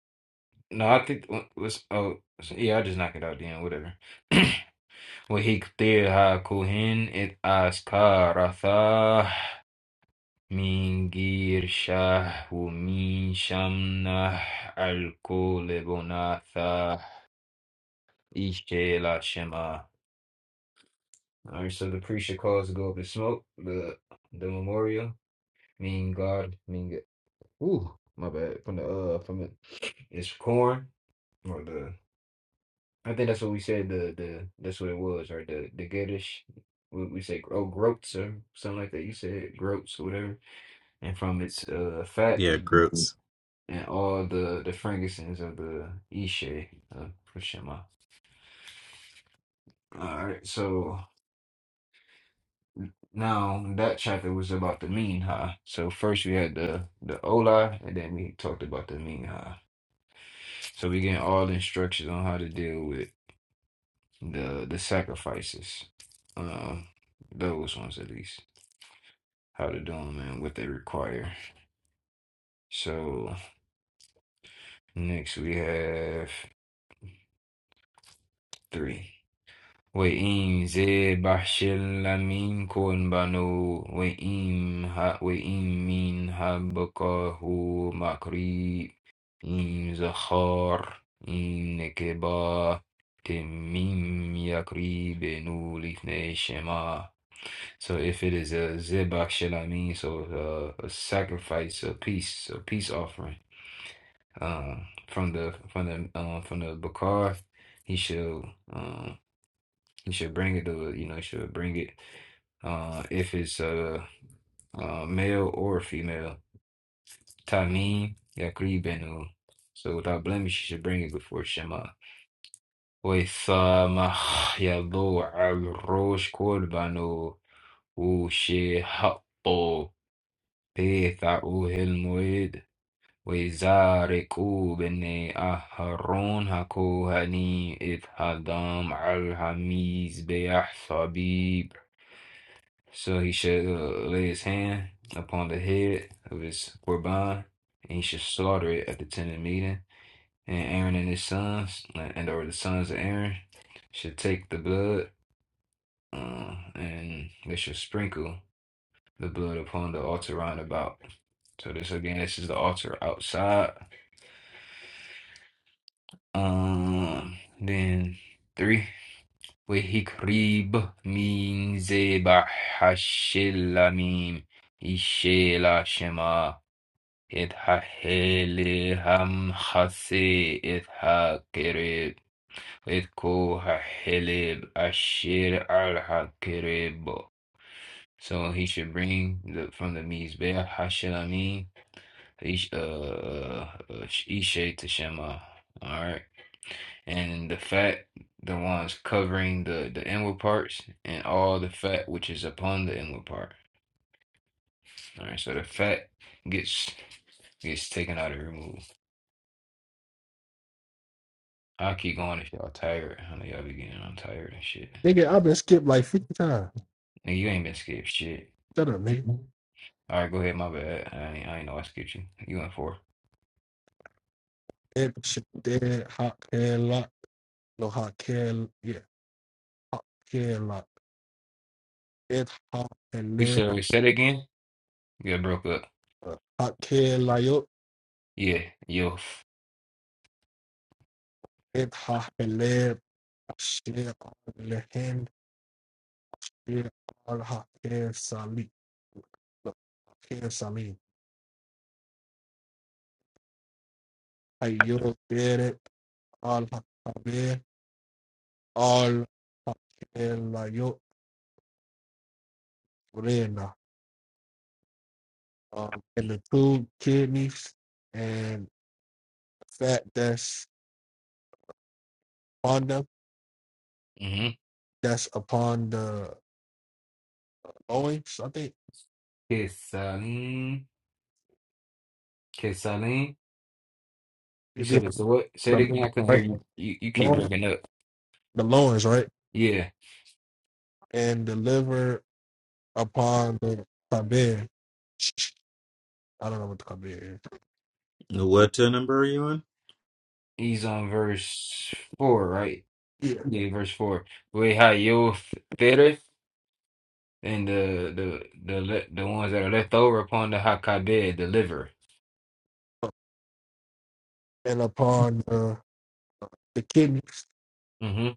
S2: no, I think w- was oh so, yeah, I just knock it out then, whatever. [clears throat] وهيكطيها كهن إذ أسكارثاه من غير شه ومن شمنه الكل بناثاه إشكيلا شما Alright, so the preacher calls to go up and smoke the the memorial. Mean God, mean Ooh, my bad. From the uh, from the it's corn or the I think that's what we said. The the that's what it was, right? The the Gedish. We, we say oh groats or something like that. You said groats or whatever. And from its uh fat
S4: yeah gross
S2: and all the the frankincense of the Ishe uh, for Shema. All right, so now that chapter was about the Minha. So first we had the the Ola, and then we talked about the Minha. So we getting all instructions on how to deal with the the sacrifices, um, those ones at least. how to do them and what they require. So next we have three. وإن زي بحشل لمين كون بنو وإن ها وإن مين هبقى هو مقريب إن زخار إن نكبا تميم يقريب نو لفني So if it is a zebach shel amin, so uh, a sacrifice, a peace, a peace offering. Um, from the from the um from the Bakar, he should um he should bring it to you know he should bring it uh if it's uh uh male or female. Tamim Yakrib Benu. So without blemish, you should bring it before Shema. وَإِثَامَ يَضُوعَ الرُّوشْ كُرْبَانُ وَشِهَطُّ بِثَعُهِ الْمُوِيدِ وزارق بن أهرون هكوهني إذ هدام al Hamiz Sabib. So he should uh, lay his hand upon the head of his Qurban, and he should slaughter it at the tent of meeting. And Aaron and his sons, and or the sons of Aaron, should take the blood, uh, and they should sprinkle the blood upon the altar round about. So this again, this is the altar outside. Um, then three. Wehikrib min zeba hashilamim ishela shema it hahele ham hase it hakerib it ko hahelib ashir al hakerib. So he should bring the from the mizbeh hashilamim ish uh uh, ish- ishe to shema. All right. and the fat, the ones covering the the inward parts, and all the fat which is upon the inward part. All right, so the fat gets gets taken out and removed. I'll keep going if y'all tired. I know y'all be getting I'm tired and shit.
S1: Nigga, I've been skipped like 50 times.
S2: Nigga, you ain't been skipped shit.
S1: Shut up, nigga.
S2: All right, go ahead. My bad. I ain't, I ain't know I skipped you. You went for. it.
S1: Hip, shit, dead, hot, hair, lock. No, hot, hair, yeah. Hot, hair, lock. It's hot, and
S2: We
S1: then,
S2: said we said it again. We got broke up.
S1: uh, hot, hair, lock.
S2: Yeah, yo.
S1: إبحى حليب الشيء لهند في قالها كيف سالي كيف سالي أيو بيرت قالها كبير قال لا يو رينا um, and the two kidneys and fat that's on them
S2: Mm-hmm.
S1: that's upon the loins I think
S2: Kissaline, Kissaline. You
S1: It is
S2: said it's the what? Say
S1: the
S2: it again. I couldn't hear
S1: right
S2: you. You, you keep
S1: loins,
S2: breaking up.
S1: the loins right
S2: Yeah.
S1: and the liver upon the tabir I don't know what to call it.
S4: what uh, number are you on
S2: He's on verse four, right?
S1: Yeah.
S2: Yeah, verse four. We had you theater and the the the le the ones that are left over upon the Hakabed, the liver.
S1: And upon uh, the kidneys,
S2: hmm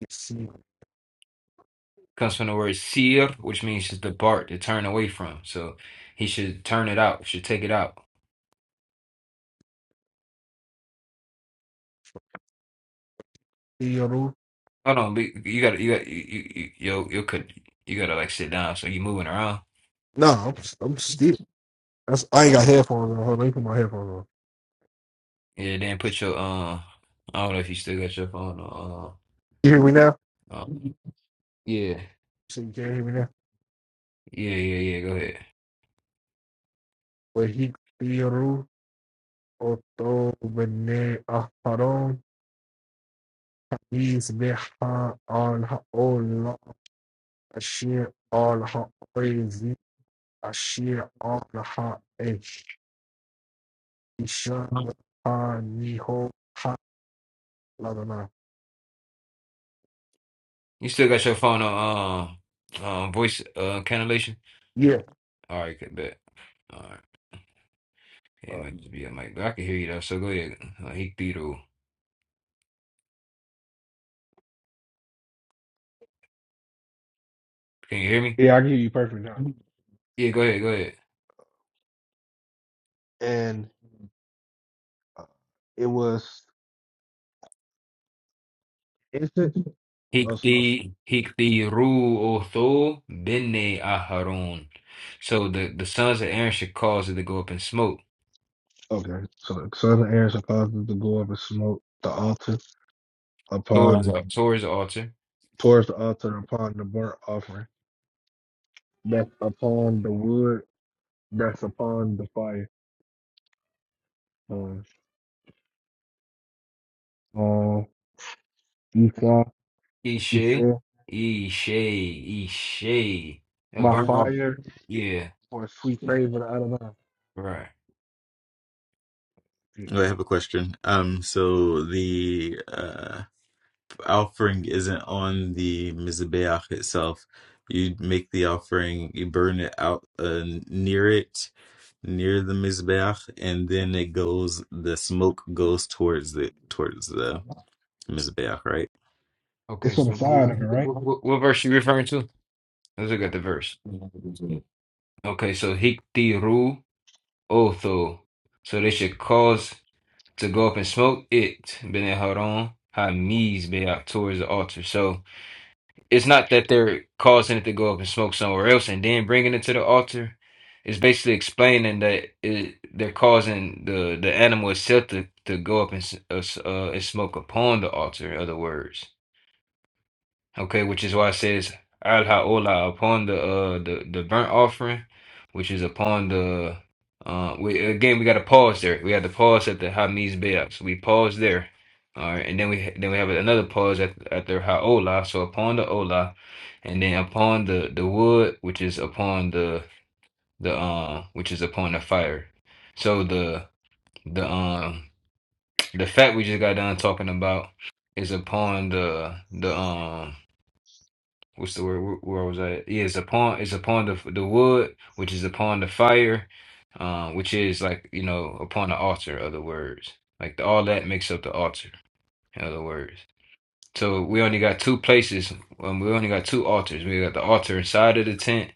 S1: you see,
S2: Comes from the word seer, which means to depart, to turn away from. So he should turn it out, should take it out.
S1: see your roof.
S2: Hold on, be- you gotta you got you you you you could you gotta like sit down. So you moving around.
S1: No, I'm, I'm still. That's, I ain't got headphones on. Hold on, let me put my headphones on.
S2: Yeah, then put your uh. I don't know if you still got your phone on.
S1: You hear me now?
S2: Uh, uh, yeah,
S1: So you can't hear me now.
S2: yeah, yeah, yeah. Go ahead.
S1: But he theoru oto bene aharon is leha al haola ashir al haoizi ashir al haesh isha ha niho ladana.
S2: You still got your phone on um um voice uh cancellation?
S1: Yeah,
S2: All right, good bet. All right. Yeah, It might just be a mic, but I can hear you though. So go ahead. Uh, Hikdiru. Can you hear me?
S1: yeah, I can hear you perfect now.
S2: Yeah, go ahead, go ahead.
S1: And Uh, It was incense. uh, uh,
S2: Hikdi Hikdiru Otho Bene Aharon. So the the sons of Aaron should cause it to go up in smoke.
S1: Okay, so the son and Aaron are cause it to go up and smoke the altar
S2: Towards
S1: upon
S2: the- towards the altar.
S1: towards the altar upon the burnt offering. That's upon the wood. That's upon the fire. Um, um, Esau,
S2: Ishe,
S1: Esau,
S2: Ishe, Ishe. Uh,
S1: my
S2: burn up.
S1: fire
S2: Yeah,
S1: for a sweet favor. I don't know.
S2: right.
S4: oh, i have a question um so the uh offering isn't on the mizbeach itself. You make the offering, you burn it out uh, near it, near the mizbeach, and then it goes. The smoke goes towards the towards the mizbeach, right?
S1: It's
S2: Okay,
S1: on the
S2: so
S1: side of it, right?
S2: what, what, what verse you referring to? Let's look at the verse. Okay, so Hiktiru Otho. So they should cause to go up and smoke it. Ben Haron Hamiz Beak towards the altar. So. It's not that they're causing it to go up and smoke somewhere else and then bringing it to the altar. It's basically explaining that it, they're causing the the animal itself to, to go up and s- uh, s- uh, and smoke upon the altar. In other words. Okay, which is why it says Al Haola upon the uh the, the burnt offering, which is upon the uh we again we gotta pause there. We had to pause at the Hamiz Bayat. So we pause there. All right, and then we then we have another pause at at the Haola, so upon the Ola, and then upon the the wood, which is upon the the um which is upon the fire. So the the um the fact we just got done talking about is upon the the um what's the word? Where, where was I? Yeah, it's upon it's upon the the wood, which is upon the fire, um, which is like you know upon the altar. Other words, like the, all that makes up the altar. In other words, so we only got two places. Um, we only got two altars. We got the altar inside of the tent.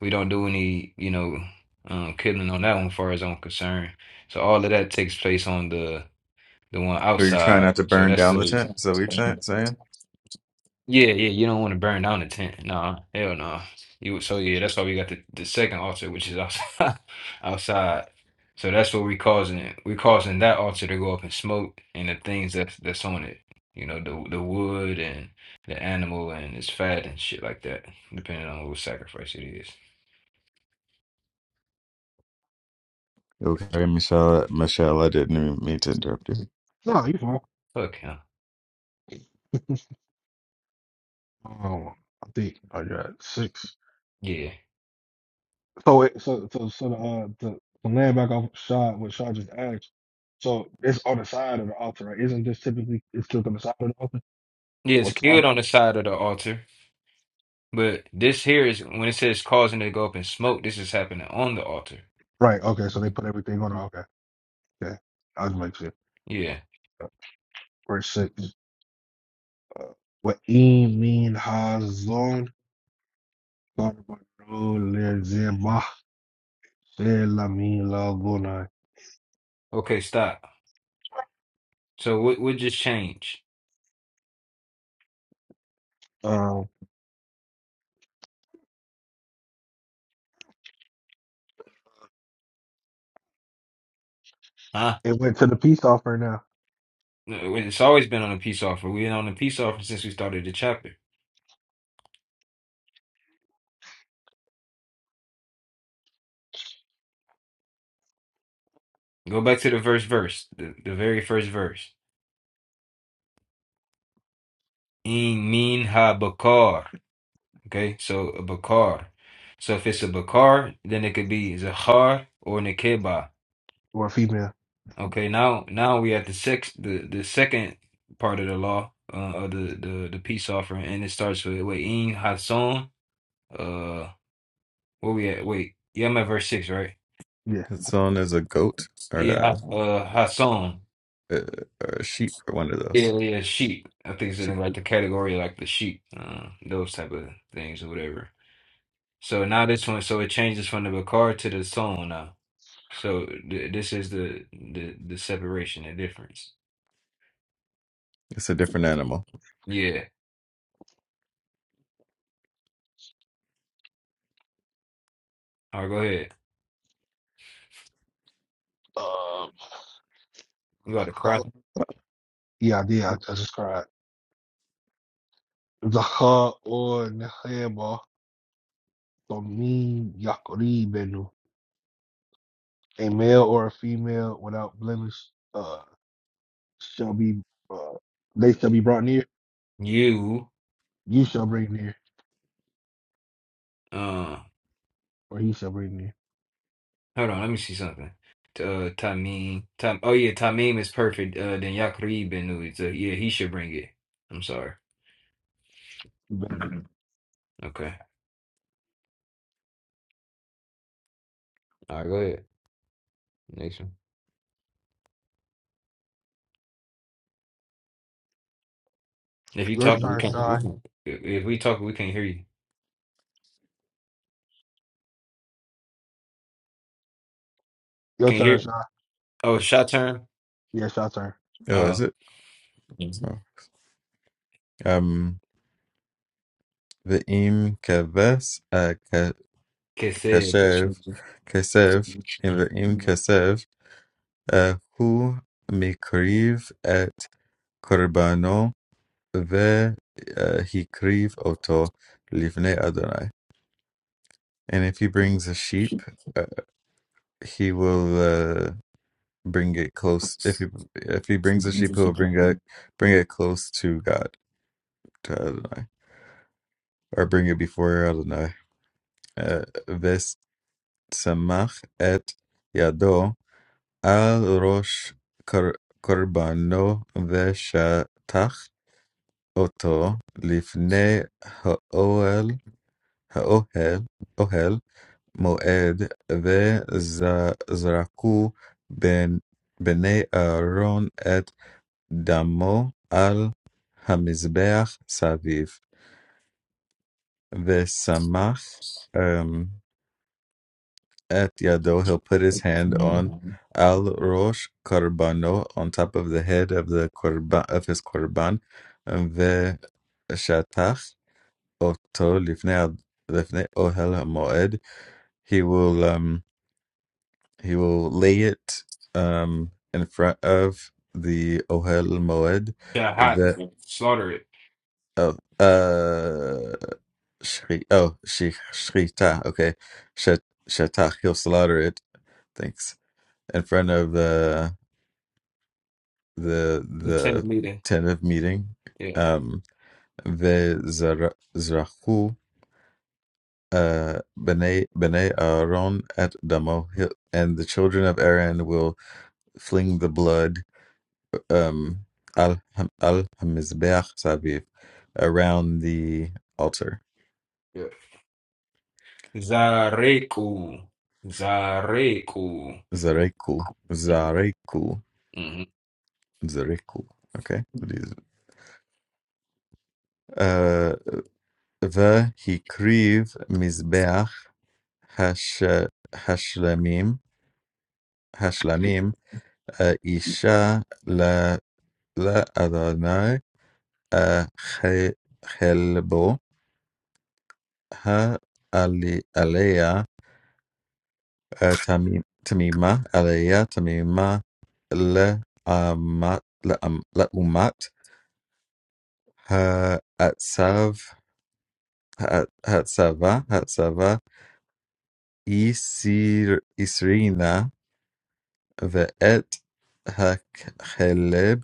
S2: We don't do any you know um, killing on that one, far as I'm concerned. So all of that takes place on the the one
S4: Are you trying
S2: outside.
S4: not to
S2: So
S4: burn
S2: that's
S4: down the tent? Is that what you're trying,
S2: the
S4: saying?
S2: yeah, yeah, you don't want to burn down the tent. No, hell no. You so yeah, that's why we got the, the second altar, which is outside [laughs] outside. So that's what we causing it. we causing that altar to go up in smoke and the things that's that's on it. You know, the the wood and the animal and its fat and shit like that, depending on what sacrifice it is.
S4: Okay, Michelle. Michelle, I didn't even mean to interrupt you.
S1: No, you fine.
S2: Fuck him.
S1: Um, I think I got six.
S2: Yeah.
S1: So it, so so so the uh the, the land back off shot what Shah just asked. So it's on the side of the altar, right? Isn't this typically it's still on the side of the altar?
S2: Yeah,
S1: Or
S2: it's
S1: side?
S2: killed on the side of the altar. But this here is when it says causing it to go up in smoke, this is happening on the altar.
S1: Right. Okay. So they put everything on. Okay. Okay. I was making sure.
S2: Yeah.
S1: Uh, Verse six. Uh, what min hazon
S2: Okay, stop. So what what just changed?
S1: Um.
S2: Huh?
S1: It went to the peace offering now,
S2: No, It's always been on a peace offer. We've been on a peace offer since we started the chapter. Go back to the first verse, the, the very first verse. In min ha bakar. Okay, so a bakar. So if it's a bakar, then it could be zahar or nikeba.
S1: or female.
S2: Okay, now now we at the six the, the second part of the law, uh, of the, the the peace offering, and it starts with wait in hason. Uh, where we at? Wait, yeah, I'm at verse six, right?
S1: Yeah.
S4: It's on as a goat or
S2: Yeah,
S4: a,
S2: uh, Hassan.
S4: a, or a sheep or one of those.
S2: Yeah, yeah, sheep. I think it's in
S4: Sheep.
S2: like the category like the sheep, uh, those type of things or whatever. So now this one, so it changes from the Bakar to the song now. So th this is the the the separation, the difference.
S4: It's a different animal.
S2: Yeah. All right, go ahead.
S1: Uh,
S2: You got to cry.
S1: yeah. Yeah. I just cried. Zahar or Neheba Tomim Yakoribenu. A male or a female without blemish uh, shall be uh, they shall be brought near.
S2: You,
S1: You shall bring near,
S2: uh,
S1: or he shall bring near.
S2: hold on, let me see something. Uh, Tamim, Tam, oh yeah, Tamim is perfect. Uh, then Yaqrib and uh, yeah, he should bring it. I'm sorry.
S1: You better be.
S2: Okay. All right, go ahead. Next one. If you
S1: Your
S2: talk, we
S1: turn,
S2: can't. We
S1: Shy.
S2: can't. If if we talk, we can't hear you.
S1: Your
S2: Can you hear?
S1: turn, Shy.
S2: Oh, shot turn.
S1: Yes, your turn.
S4: Oh, is
S2: Oh,
S4: it? Oh. Um. ואם כבש
S2: Kesed.
S4: הכשף, כסף, ואם כסף, אה, הוא מקריב את קורבנו והקריב אותו לפני אדוני. And if he brings a sheep, uh, he will uh, bring it close. If he if he brings a sheep, he will bring it bring it close to God, to Adonai, or bring it before Adonai. Uh, ושמח את ידו الروش קר- קורבנו ושטח אותו לפני האוהל, האוהל, אוהל מועד, וזרקו בן- בני אהרון את דמו על המזבח סביב, ושמח At Yado, he'll put his hand on Al Rosh Karbano on top of the head of the korban, of his Korban, ve shatach Oto Lifnei ad Lifnei Ohel Moed. He will um he will lay it um in front of the Ohel Moed.
S2: Yeah, hot.
S4: The
S2: Slaughter it.
S4: oh uh shri, oh shi, shrita okay Shat, shatach he'll slaughter it. Thanks in front of the the the
S2: Lieutenant leader.
S4: tentative meeting.
S2: Yeah.
S4: Um, ve zara- zrachu uh bnei bnei Aaron at Damo, Hi- and the children of Aaron will fling the blood um al ham- al hamizbeach saviv around the altar.
S2: Yeah. Zareku. Zareku.
S4: Zareku, zareku,
S2: Mm-hmm.
S4: zareku. Okay, please. Uh, ve hikriv mizbeach hash hashlamim Hashlamim, uh, Isha la la Adonai uh, Che- Chelbo ha ali Aleya uh, Tamim Tamima Aleya Tamima le amat le am le umat ha atsav ha hatsava hatsava isir isrina ve et ha heleb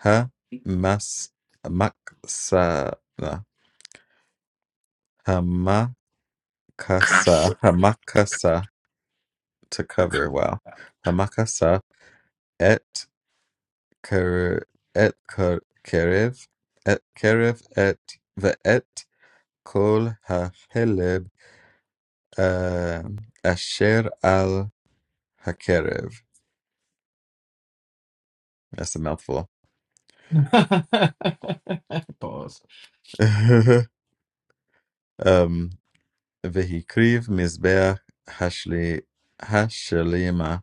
S4: Hamas Hamaksa Hamakasa Hamakasa to cover. Wow. Hamakasa et ker et ker kerev et kerev et ve'et kol ha'heleb uh, asher al hakerev. That's a mouthful. [laughs] um, vehikriv mizbeach hashli hashlema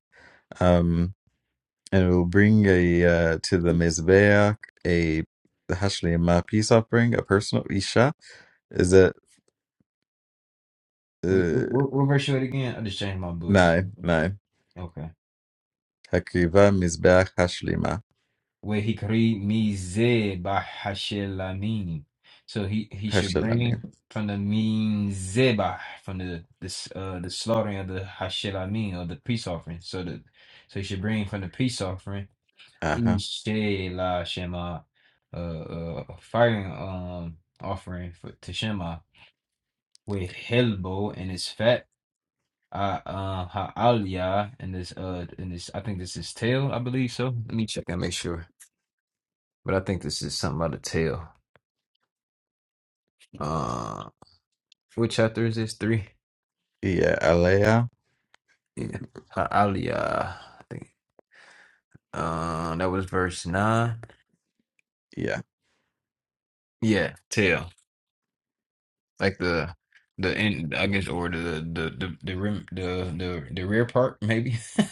S4: and we will bring a uh, to the mizbeach a the hashleima peace offering, a personal isha. Is it
S2: What,
S4: uh,
S2: what, what verse you at again? I just changed my books.
S4: no?
S2: Mm-hmm.
S4: nine
S2: Okay.
S4: hakriva mizbeach hashleima
S2: Wehikri bahashelamim. So he he should bring
S4: hashalamim?
S2: from the mizebah from the this uh the slaughtering of the hashelamim or the peace offering. So the so he should bring from the peace offering
S4: Uh-huh.
S2: la shema uh, uh a firing um offering for to Shema with helbo and his fat uh uh ha'alia and this uh and this I think this is tail I believe so. Let me check and make sure. but I think this is something out of tale. Uh, what chapter is this? Three.
S4: Yeah, alea. mm,
S2: Yeah, Ha- Aliyah. I think. Uh, that was verse nine.
S4: Yeah,
S2: Yeah, tail. Like the the end, I guess, or the the the the rim, the the the rear part, maybe. [laughs]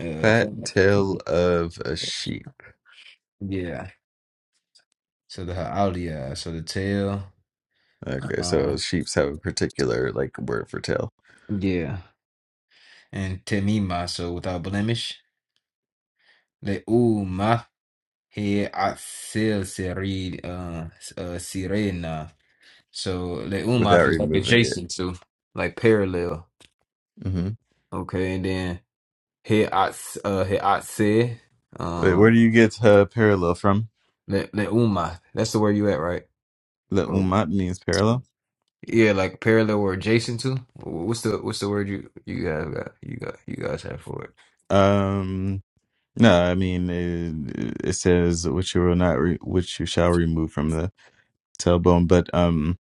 S2: uh,
S4: fat
S2: from-
S4: tail of a sheep.
S2: yeah. So the Ha'aliyah, so the tail.
S4: Okay,
S2: Uh,
S4: so sheeps have a particular like word for tail
S2: yeah. And Temima, so without blemish. Le'uma. He Asil Serid uh, s- uh Sirena. So
S4: without
S2: Leumaf is like
S4: removing it.
S2: adjacent to, like parallel.
S4: hmm
S2: Okay, and then He Ats uh He Atse
S4: Wait, where do
S2: um
S4: you get uh, parallel from?
S2: Le Leumath. That's the word you at, right?
S4: The
S2: Oh.
S4: umat means parallel.
S2: Yeah, like parallel or adjacent to. Wh- What's the what's the word you you guys got you got you guys have for it?
S4: Um. No, I mean it, it says which you will not re- which you shall remove from the tailbone, but um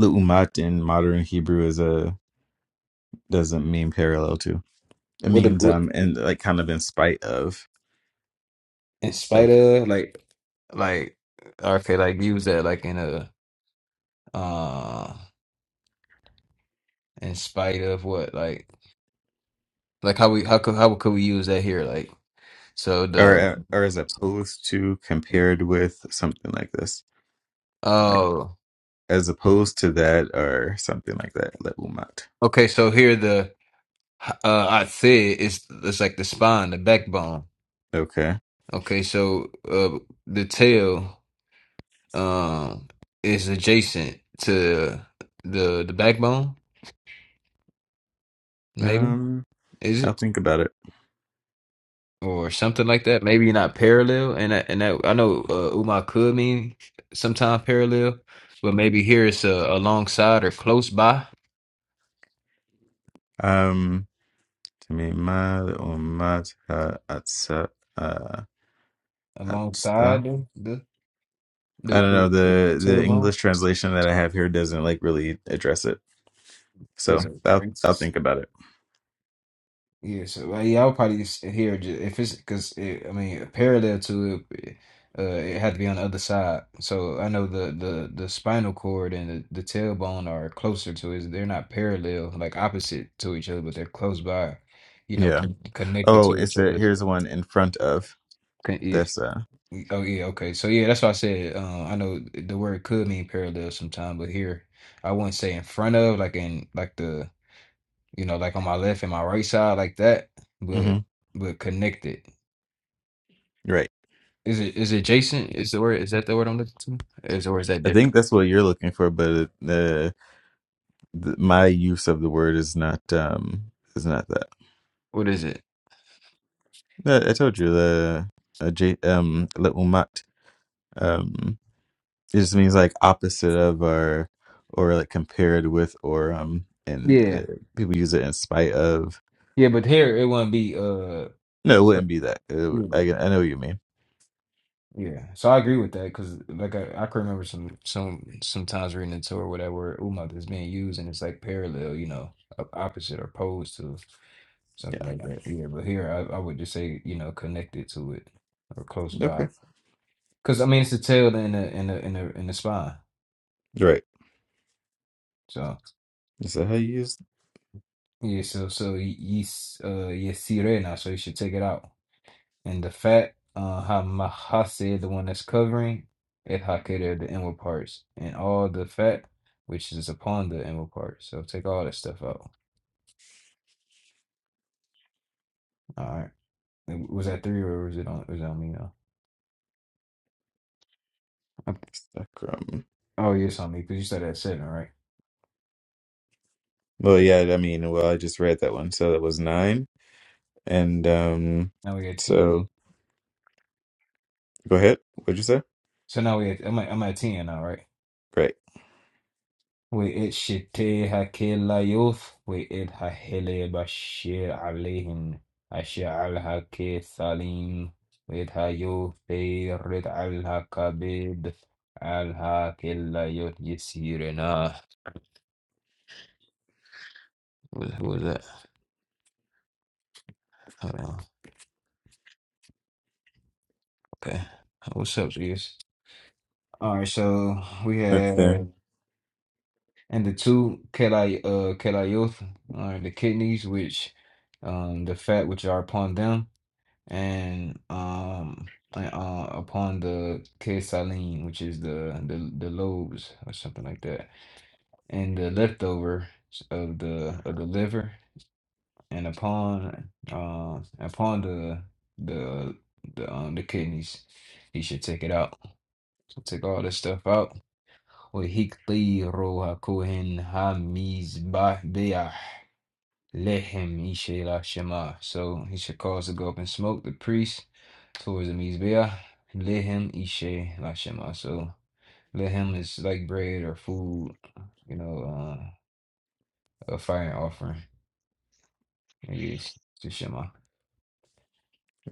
S4: leumat in modern Hebrew is a doesn't mean parallel to. It
S2: What, the-
S4: means
S2: what
S4: um and like kind of in spite of
S2: in spite
S4: like
S2: of like like okay like use that like in a uh in spite of what like like how we how could how could we use that here like so the
S4: or or as opposed to compared with something like this. Like
S2: oh
S4: as opposed to that or something like that, leumat.
S2: okay so here the uh I said it's it's like the spine the backbone
S4: Okay.
S2: okay so uh the tail um is adjacent to the the backbone maybe
S4: Um
S2: is
S4: I'll
S2: it
S4: think about it.
S2: or something like that maybe not parallel and that, and that I know uh, umma could mean sometimes parallel but maybe here it's uh, alongside or close by
S4: Um Temimad umat ha'atsa. Uh,
S2: alongside
S4: atsa.
S2: the the
S4: I
S2: the,
S4: don't
S2: the
S4: know the the
S2: tailbone.
S4: English translation that I have here doesn't like really address it,
S2: Because
S4: so I'll I'll think about it.
S2: yeah, so like, yeah, I would probably just adhere ju- if it's because it, I mean parallel to it, uh, it had to be on the other side. So I know the the the spinal cord and the, the tailbone are closer to it. They're not parallel, like opposite to each other, but they're close by. You know,
S4: Yeah.
S2: con connected
S4: Oh,
S2: to each
S4: it's a,
S2: other.
S4: here's one in front of
S2: Con yeah,
S4: this. Uh,
S2: oh yeah, okay. So yeah, that's why I said. Uh, I know the word could mean parallel sometime, but here I wouldn't say in front of, like in like the you know, like on my left and my right side, like that, but
S4: hmm
S2: but connected.
S4: Right.
S2: Is it is adjacent? Is the word is that the word I'm looking to? Is or is that
S4: I think
S2: different?
S4: that's what you're looking for, but the. th- my use of the word is not um is not that.
S2: What is it?
S4: I, I told you the uh, J, um leumat um it just means like opposite of or or like compared with or um and
S2: Yeah,
S4: uh, people use it in spite of.
S2: yeah, but here it wouldn't be uh
S4: No, it wouldn't be that. It would-
S2: you
S4: I I know what you mean.
S2: yeah. So I agree with that because like I I can remember some some sometimes reading into or whatever umad is being used and it's like parallel, you know, op- opposite or opposed to something
S4: Yeah.
S2: like that. Yeah, but here I I would just say you know connected to it or close by.
S4: Okay.
S2: Because I mean, it's a tail in the in the in the in the spine.
S4: Right.
S2: So
S4: So how you use
S2: yeah, so so yes, uh, yes, now. So you should take it out. And the fat, uh, hamahase, the one that's covering, it hakeda, the inward parts, and all the fat which is upon the inward parts. So take all that stuff out. All right. And Was that three or was it on? Was it on me now? Okay.
S4: sacrum?
S2: Oh, yeah, it's on me because you started at seven, right?
S4: Well, yeah. I mean, well, I just read that one, so that was nine. And um,
S2: Now we at ten.
S4: so go ahead. What'd you say?
S2: So now we at I'm at, I'm at ten now, right?
S4: Great.
S2: وإذ شتيها كلا يوث وإذ ههلي بشير عليهم أشعلها كثالين وإذ هيوثي رد علها كبيد علها كلا يوث يسيرنا Who who was that? Hold on. Okay. Uh, What's up, Zeus? All right, so we
S4: Okay.
S2: had and the two keli uh keli youth, all right, the kidneys which um the fat which are upon them And um and, uh upon the Kesalim, which is the the the lobes or something like that, and the leftover of the of the liver, and upon uh upon the the the um the kidneys, he should take it out. So take all this stuff out. Wahikti roha kohen ha Let him Ishe la Shema. So he should cause to go up in smoke, the priest, towards the Mizbeah. Let him Ishe la Shema. So let him is like bread or food, you know, uh, a fire offering. It is to Shema.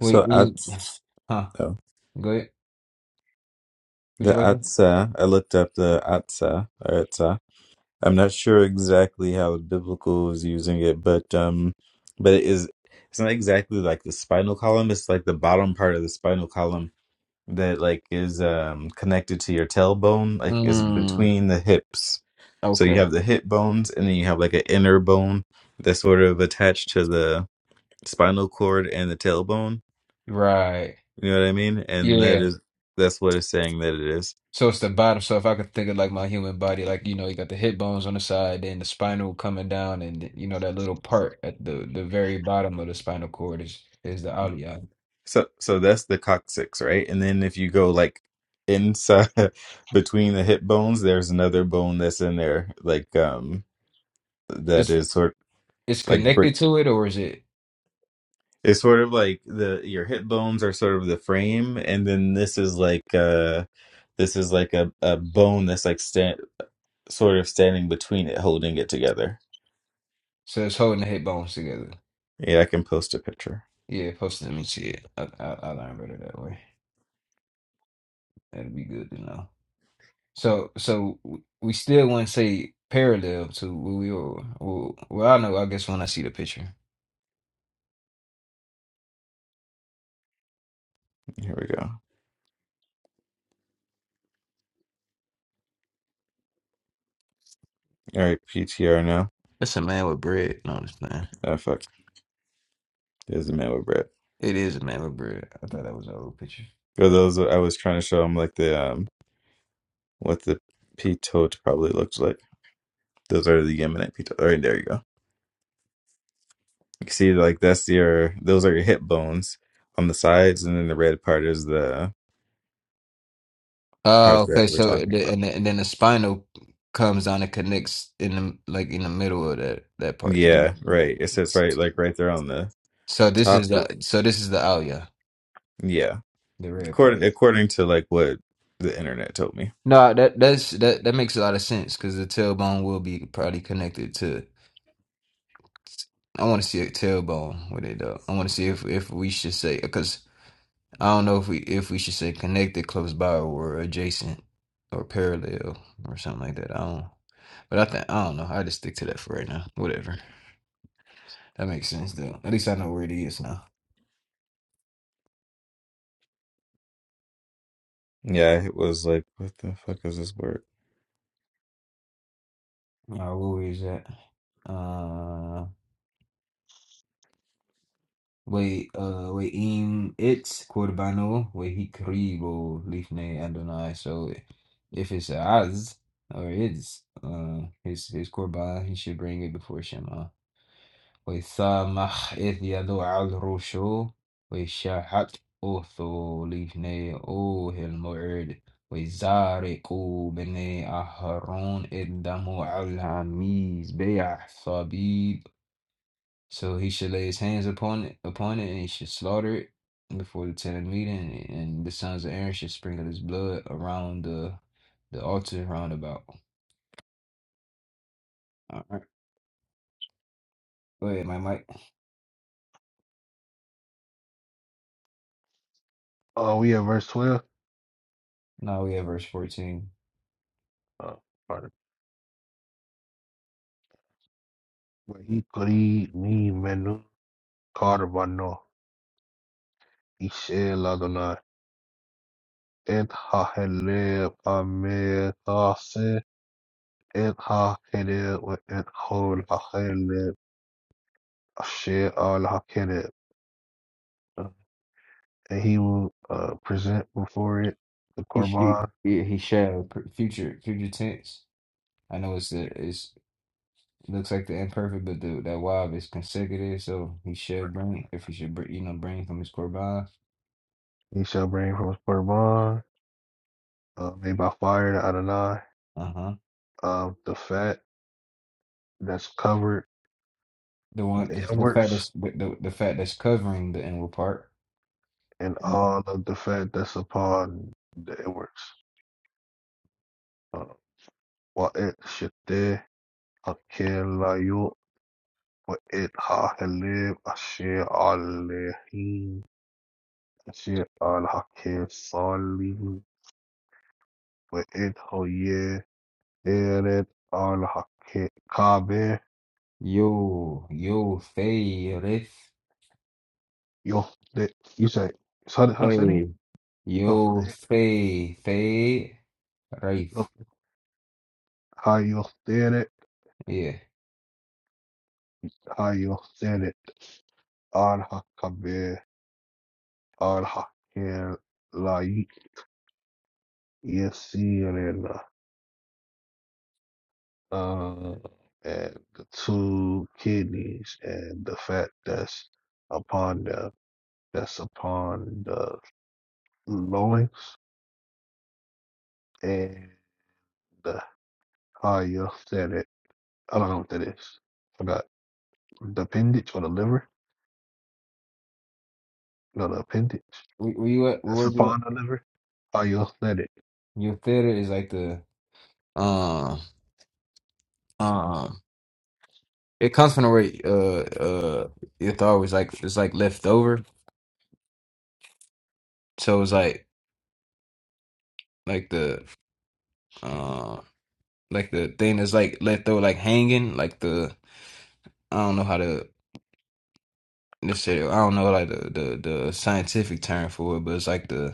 S2: Wait,
S4: I
S2: mm, huh?
S4: No,
S2: Go ahead. What
S4: the
S2: you about to say?
S4: Atzah. I looked up the Atzah or Atzah. I'm not sure exactly how biblical is using it, but um, but it is. It's not exactly like the spinal column. It's like the bottom part of the spinal column that like is um connected to your tailbone. Like is
S2: Mm,
S4: between the hips. So
S2: okay.
S4: you have the hip bones, and then you have like an inner bone that's sort of attached to the spinal cord and the tailbone.
S2: Right.
S4: You know what I mean? And that
S2: Yeah.
S4: is that's what it's saying that it is.
S2: So it's the bottom. So if I could think of like my human body, like you know, you got the hip bones on the side, then the spinal coming down, and you know that little part at the the very bottom of the spinal cord is is the alveoli.
S4: So so that's the coccyx, right? And then if you go like inside [laughs] between the hip bones, there's another bone that's in there, like um that
S2: It's
S4: is sort
S2: it's
S4: like
S2: connected
S4: break.
S2: to it, or is it?
S4: It's sort of like the your hip bones are sort of the frame, and then this is like uh this is like a, a bone that's like stand sort of standing between it, holding it together.
S2: So it's holding the hip bones together.
S4: Yeah, I can post a picture.
S2: Yeah, post let me see it. I I, I learned better that way. That'd be good to know. So, so we still wouldn't say parallel to what we were. Well, well, I know. I guess when I see the picture,
S4: Here we go. All right, PTR now.
S2: that's a man with bread. No, it's not.
S4: Oh fuck, there's a man with bread.
S2: It is a man with bread. I thought that was an old picture.
S4: For those I was trying to show him like the um what the pitote probably looks like. Those are the eminent pitote. All right, there you go. You can see like that's your those are your hip bones on the sides, and then the red part is the
S2: Oh,
S4: part that
S2: okay.
S4: we're
S2: So,
S4: talking
S2: the,
S4: about.
S2: and, the, and then the spinal comes down and connects in the like in the middle of that that part. there.
S4: Yeah,
S2: Mhm.
S4: right. It sits right like right there on the
S2: So this
S4: top.
S2: is the so this is the alia,
S4: Yeah,
S2: the red part.
S4: according according to like what the internet told me.
S2: No, that that's that that makes a lot of sense because the tailbone will be probably connected to I want to see a tailbone with it though. I want to see if if we should say because I don't know if we if we should say connected, close by, or adjacent, or parallel, or something like that. I don't. But I think I don't know. I just stick to that for right now. Whatever. That makes sense though. At least I know where it is now.
S4: Yeah, it was like what the fuck is this word?
S2: Uh, where is that? Uh. Wait, uh, wait, im it's Corbano, wait, he kribo lifne Adonai. So if it's az or is, uh, his his korban, he should bring it before Shema. Wait, samach eth yado al rosho, wait, shahat otho lifne ohel moed, wait, zareku bene aharon et damu al hamiz be'ah so he should lay his hands upon it, upon it, and he should slaughter it before the tent of meeting, and the sons of Aaron should sprinkle his blood around the the altar roundabout. All right, go ahead, my Mike.
S1: Uh, we at verse twelve.
S2: Now we have verse fourteen.
S1: Uh, pardon. But he kori me menu karbano. He shall Adonai et hahele pame إلها كذب وإلقوا الحكذب الشيء أو الحكذب. And he will uh, present before it the
S2: He should,
S1: korban.
S2: yeah, he shall pr- future future tense. I know it's the it's looks like the imperfect, but the that wav is consecutive, so he should bring if he should bring you know bring from his korban.
S1: He shall bring from his korban uh, made by fire to Adonai
S2: Uh huh.
S1: um, the fat that's covered
S2: The one
S1: the
S2: the, the fact
S1: inwards
S2: that's the, the the fact that's covering the inward part.
S1: and all of the fat that's upon the inwards. Uh, وَإِذْ شِتَّهْ أَكِلَ يُؤْ وَإِذْ هَاهِلِبْ أَشِيَ عَلَيْهِ She al-Hakim Salim, and he is the al-Hakim Kabir.
S2: Yo, yo, Faye, Rafe.
S1: Yo, you say? So he said he
S2: Hey.
S1: talked
S2: Yo,
S1: to,
S2: Faye, Faye, Rafe.
S1: he talked to him,
S2: Yeah.
S1: he talked to him, he talked to him. Al-Hakim, al-Hakim, like you see, and the two kidneys and the fat that's upon the that's upon the lungs. and the higher Senate. I don't know what that is. Forgot the appendage or the liver. No, the appendage.
S2: We where you at?
S1: That's
S2: Where do you
S1: upon the liver. Higher Senate.
S2: Your theater is like the um um. It comes from the way uh uh your thought was like it's like left over. So it's like like the uh like the thing that's like left over like hanging like the I don't know how to necessarily I don't know like the the the scientific term for it, but it's like the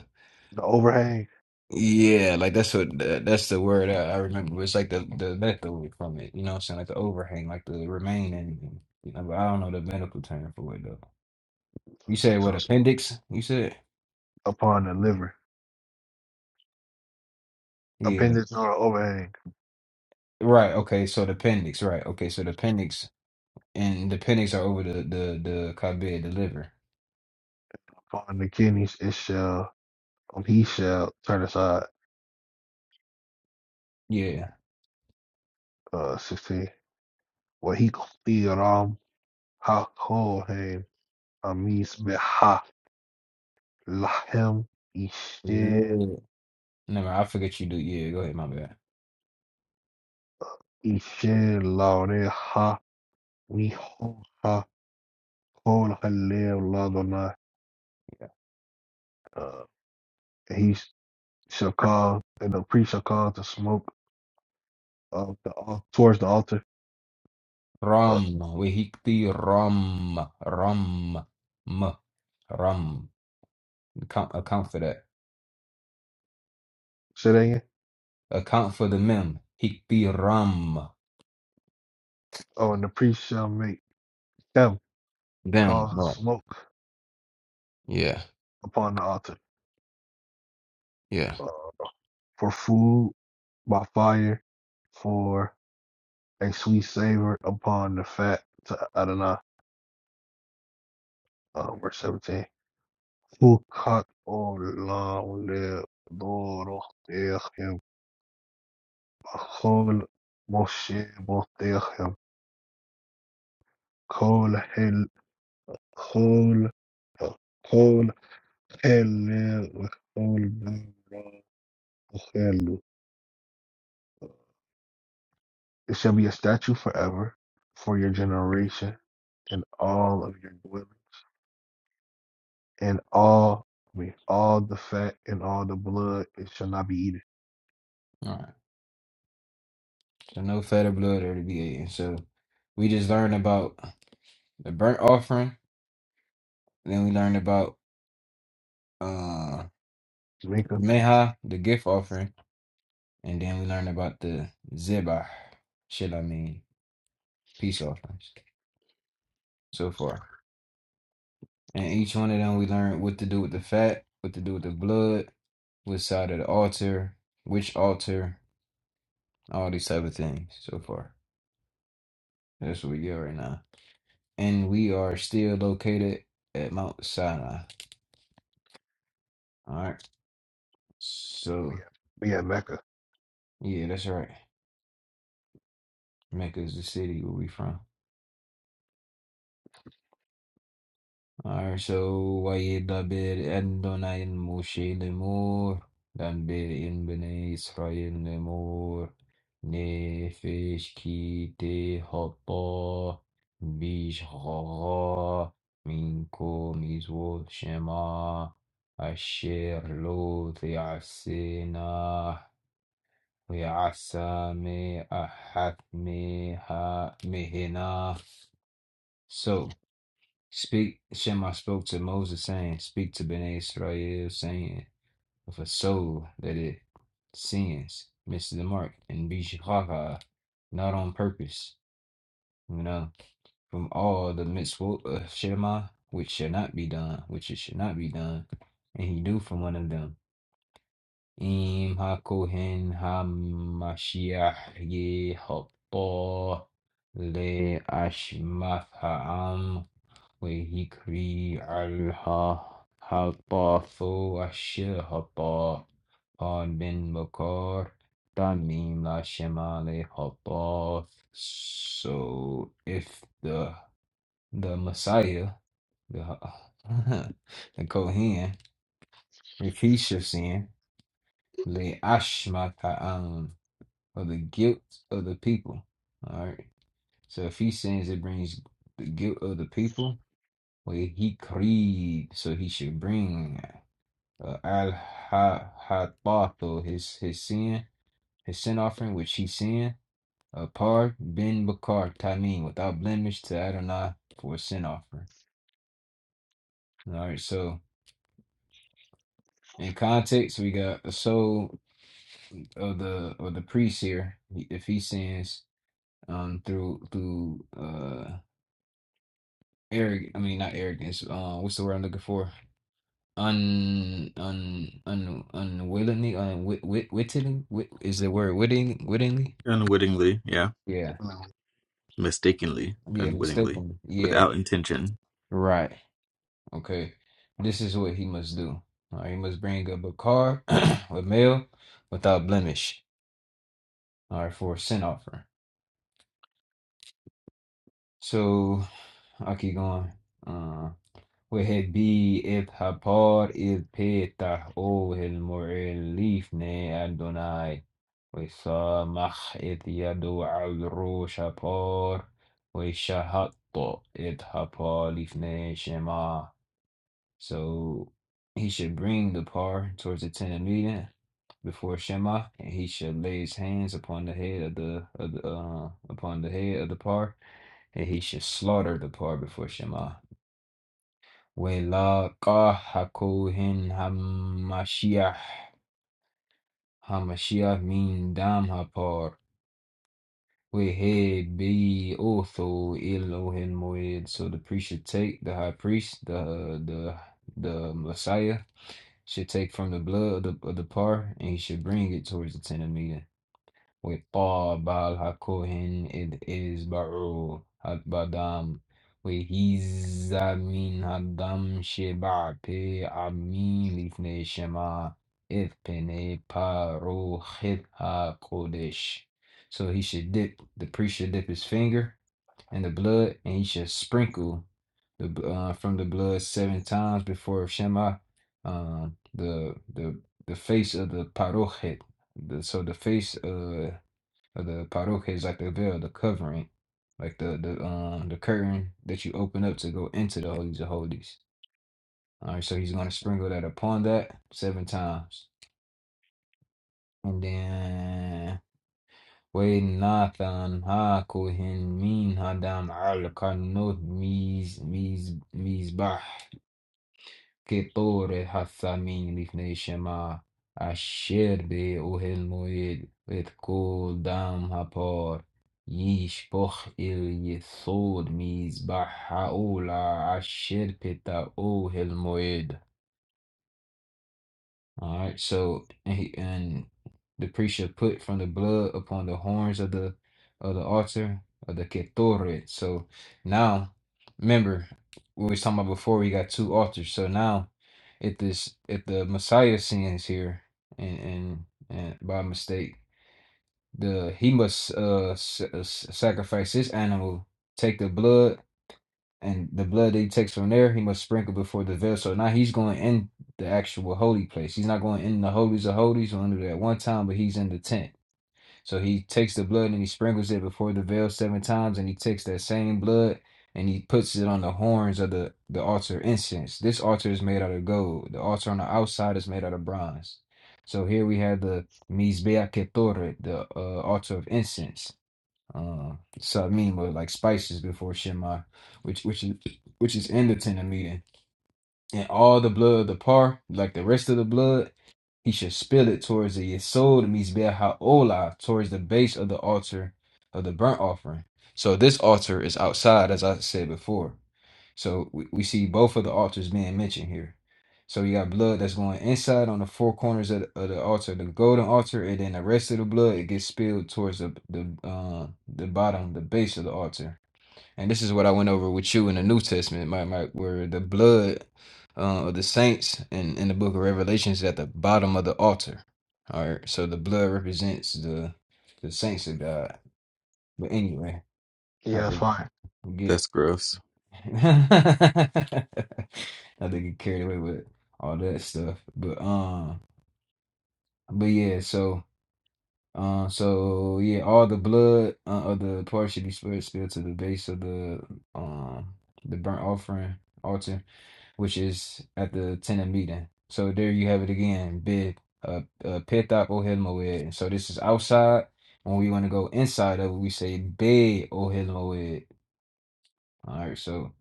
S1: The overhang.
S2: Yeah, like that's what tha- that's the word I, I remember. It's like the the leftover from it, you know what I'm saying? Like the overhang, like the remaining. You know, but I don't know the medical term for it though. You said what
S1: So
S2: appendix? You said?
S1: upon the liver.
S2: Yeah.
S1: Appendage or overhang.
S2: Right, okay, so the appendix, right. Okay, so the appendix and the appendix are over the the the kabid, the liver.
S1: Upon the kidneys, it shall. Um, he shall turn aside.
S2: Yeah.
S1: Uh, sixteen. Well, he ram? ha kohen amis beha lahem isher
S2: Lord. Never, I forget you do. Yeah, go ahead, my bad.
S1: isher laureha mihoha Qul Halil Ladullah. Uh, he shall call and the priest shall cause the smoke of the al- towards the altar. Uh,
S2: Rum, wehikti rum, rum, m, rum. Account, account for that.
S1: say that again.
S2: Account for the mem. Hikpiram.
S1: Oh, and the priest shall make them
S2: Them.
S1: cause the
S2: Right.
S1: smoke
S2: Yeah.
S1: upon the altar
S2: Yeah.
S1: uh, for food by fire, for a sweet savor upon the fat to Adonai. Uh, verse seventeen. Who cut or long live Lord of Moshe Cole Hill, Cole, Cole Hill, Cole Hill. It shall be a statue forever for your generation and all of your dwelling and all, I mean, all the fat and all the blood. It shall not be eaten.
S2: All right. So no fed of blood or to be eaten. So we just learned about the burnt offering. Then we learned about uh
S1: Jamaica,
S2: Meha, the gift offering. And then we learned about the Zebah. Shit, I mean, peace offerings so far. And each one of them we learned what to do with the fat, what to do with the blood, which side of the altar, which altar, all these type of things so far. That's where we are right now. And we are still located at Mount Sinai. All right.
S1: oh
S2: So,
S1: yeah, we at Mecca.
S2: yeah, that's right. Mecca is the city where we from. وَإِذَا أَنْدُنَا إِنْ مُوشِي لِمُور dan in bini İsrail lemur nefesh ki te hatta bish gaga minkum shema asher lo te'asena ve'asa me ahat me mehena so Speak, Shema spoke to Moses, saying, Speak to Bnei Israel, saying, If a soul that it sins misses the mark and be shahar, not on purpose, you know, from all the mitzvot of Shema, which shall not be done, which it should not be done, and he do from one of them. Im hakohen hamashiach yehopo le ashmaf وَذِكْرِي عَنْهَا هَبَّةُ الشِّهَبَّةِ من مكار تميم لا شمال هباth. So if the the Messiah, the [laughs] the Kohen, if he should sin, le ashma ta'am, or the guilt of the people. All right. So if he sins, it brings the guilt of the people. where he creed, so he should bring uh, al hatatu his his sin, his sin offering which he sinned, a par bin bakar tamim without blemish to Adonai for a sin offering. All right, so in context, we got the soul of the of the priest here. If he sins um through through uh arrogant, I mean not arrogance. Um, what's the word I'm looking for? un un un unwittingly unwit wit wit, wittingly wit is the word wittingly wittingly
S4: Unwittingly, yeah.
S2: yeah
S4: Mistakenly,
S2: yeah
S4: unwittingly,
S2: mistakenly yeah
S4: without intention.
S2: right okay this is what he must do all right he must bring up a car [clears throat] with male without blemish all right for a sin offering so I keep going Uh, وهدي إذ حبار إذ بيتح أوه المؤلف ني أدوناي وسامح إذ يدو عذرو شبار وشهط إذ حبار لفني شما So he should bring the par towards the tent of meeting before Shema, and he should lay his hands upon the head of the, of the uh, upon the head of the par, and he should slaughter the par before Shema. وَلَاقَاهَا کوهن هماشیه هَمْشِيَّهُ من دَمْهَا هپار وَهَي be إِلَوْهِنَّ مُوِيْدٌ So the priest should take the high priest, the the the Messiah should take from the blood of the, of the par, and he should bring it towards the tent of meeting. وطاب الكهن إذ إزبعوا البدام وهز من الدم شبع في عمي לפני شما إذ pene paru chit hakodesh. So he should dip, the priest should dip his finger in the blood, and he should sprinkle the b- uh, from the blood seven times before Shema, uh, the the the face of the parochet, the, so the face uh or the paroque is like the veil, the covering, like the the um the curtain that you open up to go into the holies of holies. All right, so he's gonna sprinkle that upon that seven times, and then Nathan ha kohen min hadam al karnot miz miz mizbah Ketore Hasamin Lifnei Shema Asher Be'ohel Moed Et Kol Dam Hapor Yishpoch El Yesod Mizbah Haola Asher Peta Ohel Moed. All right, so and, he, and the priest shall put from the blood upon the horns of the of the altar of the Ketoret. So now, remember what we was talking about before. We got two altars. So now if this if the Messiah sins here and and, and by mistake, the he must uh, s- uh s- sacrifice his animal, take the blood, and the blood that he takes from there, he must sprinkle before the vessel. Now he's going in the actual holy place. He's not going in the holies of holies or under that one time, but he's in the tent. So he takes the blood and he sprinkles it before the veil seven times, and he takes that same blood and he puts it on the horns of the, the altar incense. This altar is made out of gold. The altar on the outside is made out of bronze. So here we have the Mizbeach Ketore, the uh, altar of incense. Um, Samim, or like spices before Shema, which which is which is in the tent of meeting, and all the blood of the par, like the rest of the blood, he should spill it towards the Yesod Mizbeh Ha'olah, towards the base of the altar of the burnt offering. So this altar is outside, as I said before. So we, we see both of the altars being mentioned here. So you got blood that's going inside on the four corners of the, of the altar, the golden altar, and then the rest of the blood it gets spilled towards the the uh, the bottom, the base of the altar. And this is what I went over with you in the New Testament, my, my, where the blood uh, of the saints in, in the book of Revelations is at the bottom of the altar. All right. So the blood represents the the saints of God. But anyway, I
S1: Yeah, that's
S2: could
S1: fine.
S2: get
S4: That's gross.
S2: [laughs] I think get carried away with all that stuff. But um but yeah, so uh, so yeah, all the blood uh, of the parts should be spilled, spilled to the base of the um the burnt offering altar, which is at the tenant meeting. So there you have it again, bid uh, uh pithop ohel moed. So this is outside. When we want to go inside of it, we say bid ohel moed. All right, so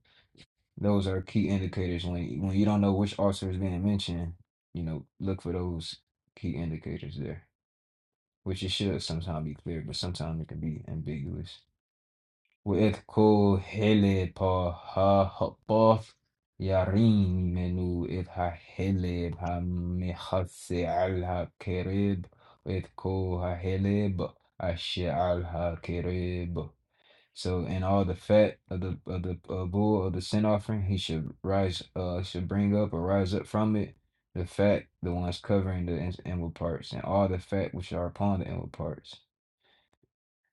S2: those are key indicators when when you don't know which author is being mentioned, you know, look for those key indicators there, which it should sometimes be clear, but sometimes it can be ambiguous. وإذ حلب هباف يرين منو إذ حلب مخس على كريب وإذ حلب أشي على كريب So in all the fat of the of the uh, bull of the sin offering, he should rise, uh, should bring up or rise up from it the fat, the ones covering the in- inward parts, and all the fat which are upon the inward parts.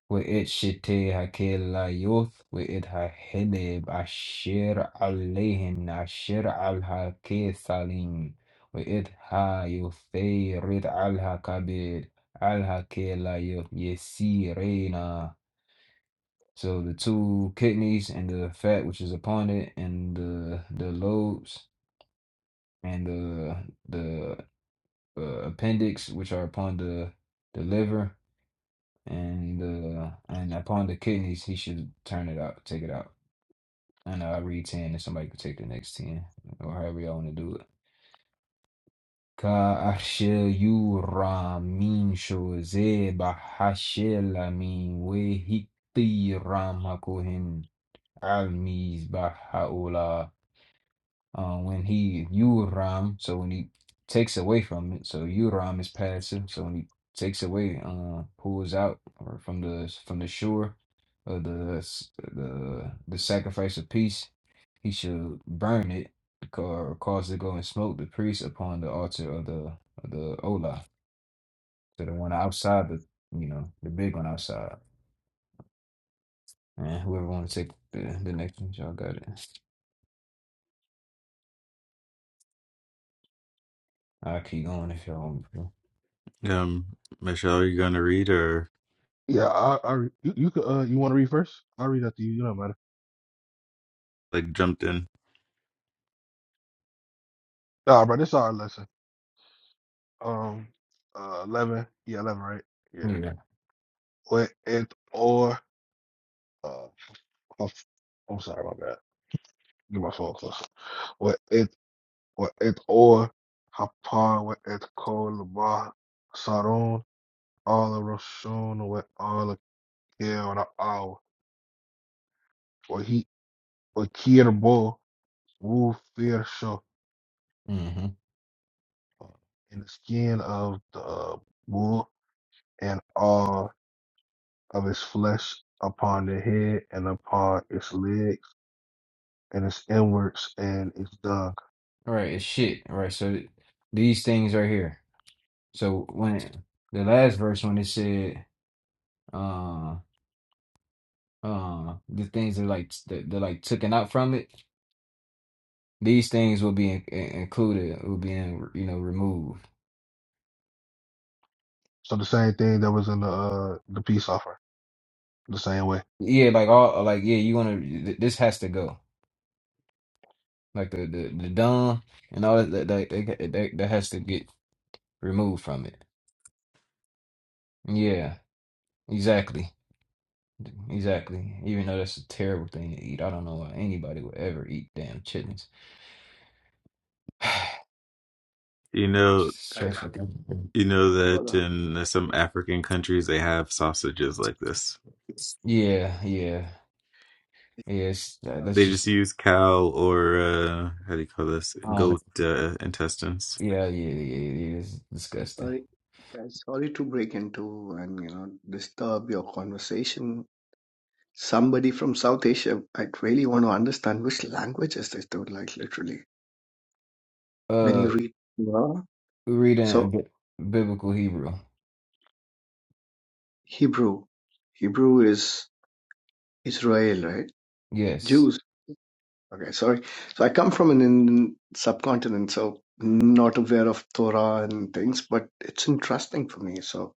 S2: وإتشتي هكيلا يوث وإدها هنب أشير عليهن أشير علها كيثالين وإدها يوثي رد علها كبير علها كيلا يوث يسيرينا So the two kidneys and the fat which is upon it and the the lobes and the the uh, appendix which are upon the the liver and uh and upon the kidneys he should turn it out, take it out. And I read ten and somebody could take the next ten or however y'all wanna do it. Ka ashel yura min sho ze amin we ram hakohen almiz ba uh, when he Uram, so when he takes away from it, so Uram is passive, so when he takes away, uh, pulls out or from the from the shore of the s- the the sacrifice of peace, he shall burn it ca- or cause it to go and smoke the priest upon the altar of the of the Ola, so the one outside the you know the big one outside. And whoever want to take the, the next one, y'all got it. I'll keep going if y'all want
S4: Um, Michelle, are you going to read or?
S1: Yeah, I, I, re- you, you could, uh, you want to read first? I'll read after you. You don't matter.
S4: like jumped in.
S1: Nah, bro, this is our lesson. Um, uh, eleven. Yeah, eleven, right? Yeah.
S2: me to. Yeah.
S1: or it or uh, I'm, I'm sorry, my bad. Get my phone close. Or it or it or Hapar with it called Labar Saron all the Roshon with all the care on the hour or he or Kirbo Wu fear show
S2: hmm
S1: uh, in the skin of the uh, bull and all of his flesh upon the head and upon its legs and its inwards and its done.
S2: All right, it's shit. All right, so these things right here. So when it- the last verse when it said uh uh the things that like that, that like taken out from it, these things will be in, in- included, will be in, you know removed.
S1: So the same thing that was in the uh, the peace offering, the same way.
S2: Yeah, like all like yeah, you want to this has to go. Like the the the dumb and all that that that, that, that that has to get removed from it. Yeah, exactly. Exactly. Even though that's a terrible thing to eat. I don't know why anybody would ever eat damn chickens. [sighs]
S4: You know,
S5: guys
S2: Stressful. thing.
S4: you know
S5: hold
S4: that
S5: on
S4: in some African countries they have sausages like this.
S2: Yeah, yeah, yeah. It's, that,
S5: Uh,
S2: that's
S4: They just
S2: just,
S4: use cow or uh, how do you call this?
S2: oh,
S4: Goat
S2: that's-
S4: uh, intestines.
S2: yeah, yeah, yeah, yeah. It's disgusting.
S5: sorry guys sorry to break into and you know disturb your conversation somebody from south asia i really want to understand which language is this dude like literally when you
S2: Uh,
S5: read yeah. so
S2: reading bi- biblical Hebrew.
S5: hebrew hebrew is israel right
S2: Yes.
S5: jews okay sorry so i come from an indian subcontinent so not aware of torah and things but it's interesting for me so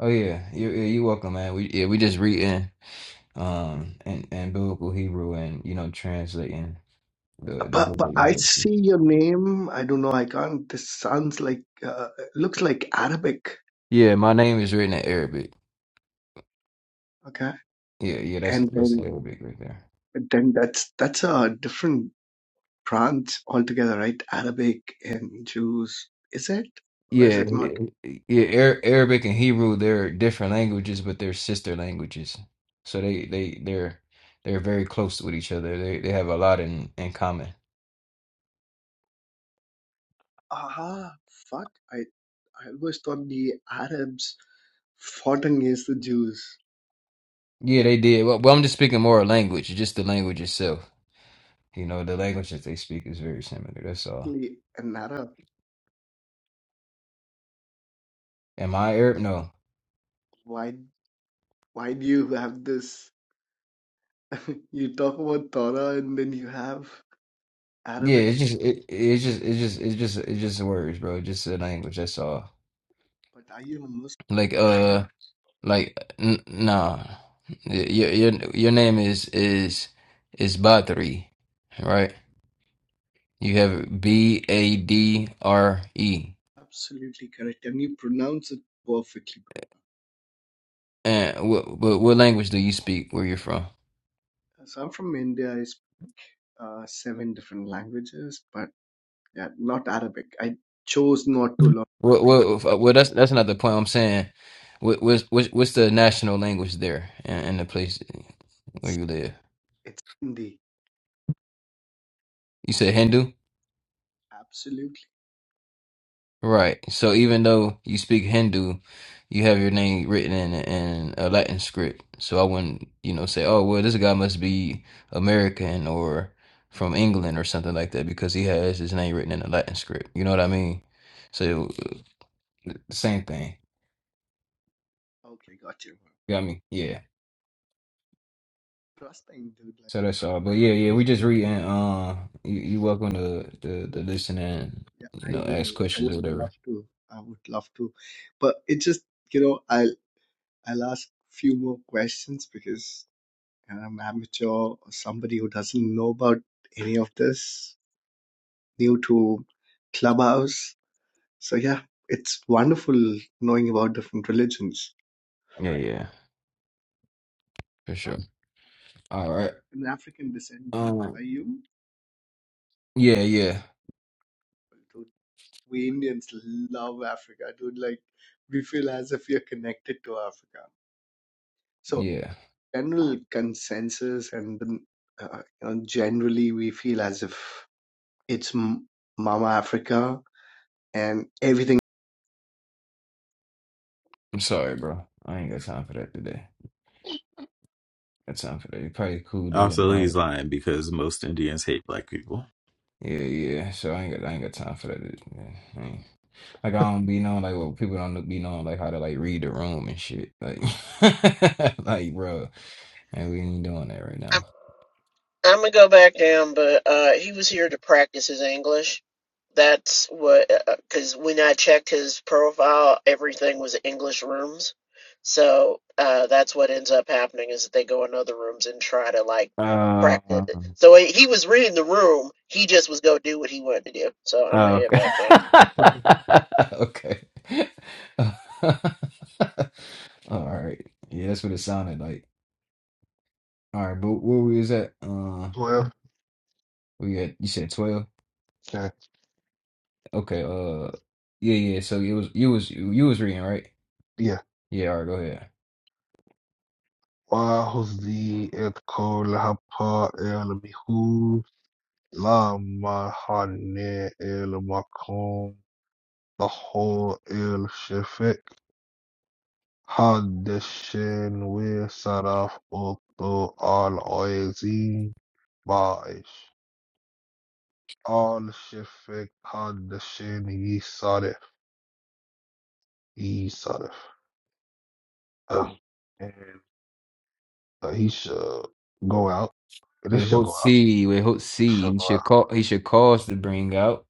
S2: Oh yeah. You, yeah, you're welcome, man. We yeah, we just reading um and and biblical Hebrew and you know translating the the book.
S5: But,
S2: of
S5: but I
S2: Leviticus.
S5: see your name. I don't know. I can't. This sounds like uh, looks like Arabic.
S2: Yeah, my name is written in Arabic.
S5: Okay,
S2: Yeah, yeah. That's
S5: and
S2: that's
S5: then
S2: Arabic right there.
S5: then that's that's a different branch altogether, right? Arabic and Jews. Is it or is
S2: Yeah,
S5: it not?
S2: yeah, yeah, Ar- Arabic and Hebrew, they're different languages, but they're sister languages. So they they they're they're very close with each other. They they have a lot in in common.
S5: Ah, fuck! I I always thought the Arabs fought against the Jews.
S2: Yeah, they did. Well, well, I'm just speaking more of language, just the language itself. You know, the language that they speak is very similar. That's all.
S5: Really, An Arab.
S2: Am I Arab? No.
S5: Why why do you have this? [laughs] you talk about Torah and then you have
S2: Yeah,
S5: Arabic.
S2: it's just it, it's just it's just it's just it's just words, bro. Just a language. That's all.
S5: But are you a Muslim?
S2: Like uh. Like, n nah. Your your your name is is is Badri, right? You have B A D R E.
S5: Absolutely correct, and you pronounce it perfectly.
S2: And what, what what language do you speak? Where you're from?
S5: So I'm from India. I speak uh, seven different languages, but yeah, not Arabic. I chose not to learn
S2: Well,
S5: Arabic.
S2: well, well that's that's not the point I'm saying. What what's what's what's the national language there in, in the place where
S5: It's,
S2: you live?
S5: it's Hindi.
S2: You said Hindu?
S5: Absolutely.
S2: Right. So even though you speak Hindu, you have your name written in in a Latin script. So I wouldn't, you know, say, "Oh, well, this guy must be American or from England or something like that," because he has his name written in a Latin script. You know what I mean? So same thing.
S5: Okay, got you.
S2: Got me? Yeah.
S5: Trust the Indian language.
S2: So that's all. But yeah, yeah, we just reading.
S5: Okay.
S2: Uh, you you welcome to to, to
S5: So,
S2: listen and
S5: yeah,
S2: you
S5: I
S2: know ask
S5: will. I
S2: questions or
S5: would love
S2: whatever.
S5: to. I would love to, but it just you know I'll I'll ask few more questions because I'm amateur or somebody who doesn't know about any of this. new to Clubhouse. So yeah, it's wonderful knowing about different religions.
S2: Yeah, yeah, for sure. All right.
S5: I'm African descent.
S2: Um.
S5: Are you?
S2: Yeah, yeah,
S5: Dude, we Indians love Africa, dude. Like we feel as if we are connected to Africa. So
S2: yeah.
S5: general consensus and then, uh, you know, generally we feel as if it's M- Mama Africa and everything
S2: I'm sorry, bro. I ain't got time for that today. Got time for that. You probably cool doing
S4: Also, he's
S2: no.
S4: lying because most Indians hate black people.
S2: Yeah, yeah. So I ain't got I ain't got time for that. Yeah, I ain't- Like I don't be knowing like well people don't be knowing like how to like read the room and shit. Like [laughs] like bro. And we ain't doing that right
S6: I'm,
S2: now.
S6: I'm gonna go back down, but uh, he was here to practice his English. That's what, because when I checked his profile, everything was English rooms. So uh, that's what ends up happening is that they go in other rooms and try to like
S2: Uh,
S6: practice. So he he was reading the room. He just was gonna do what he wanted to do. So I'm gonna
S2: oh
S6: head back down.
S2: okay. [laughs] okay. [laughs] All right. Yeah, that's what it sounded like. All right, but where we was at? Uh
S1: Twelve.
S2: we at you said twelve?
S1: Okay.
S2: Okay, uh yeah, yeah. So it was you was you was reading, right?
S1: Yeah.
S2: Yeah, all right, go ahead.
S1: Wa huzi et khalapa el mihou la mahane el makom taho el shefek. حادشين وسرف أطو آل عايزين باعش آل شفك حادشين يسرف يسرف um, and uh, he shall go out and it
S2: With
S1: shall
S2: hope
S1: go out
S2: C, with hope
S1: it
S2: C,
S1: shall
S2: he
S1: go
S2: should
S1: out
S2: call he should cause to bring out.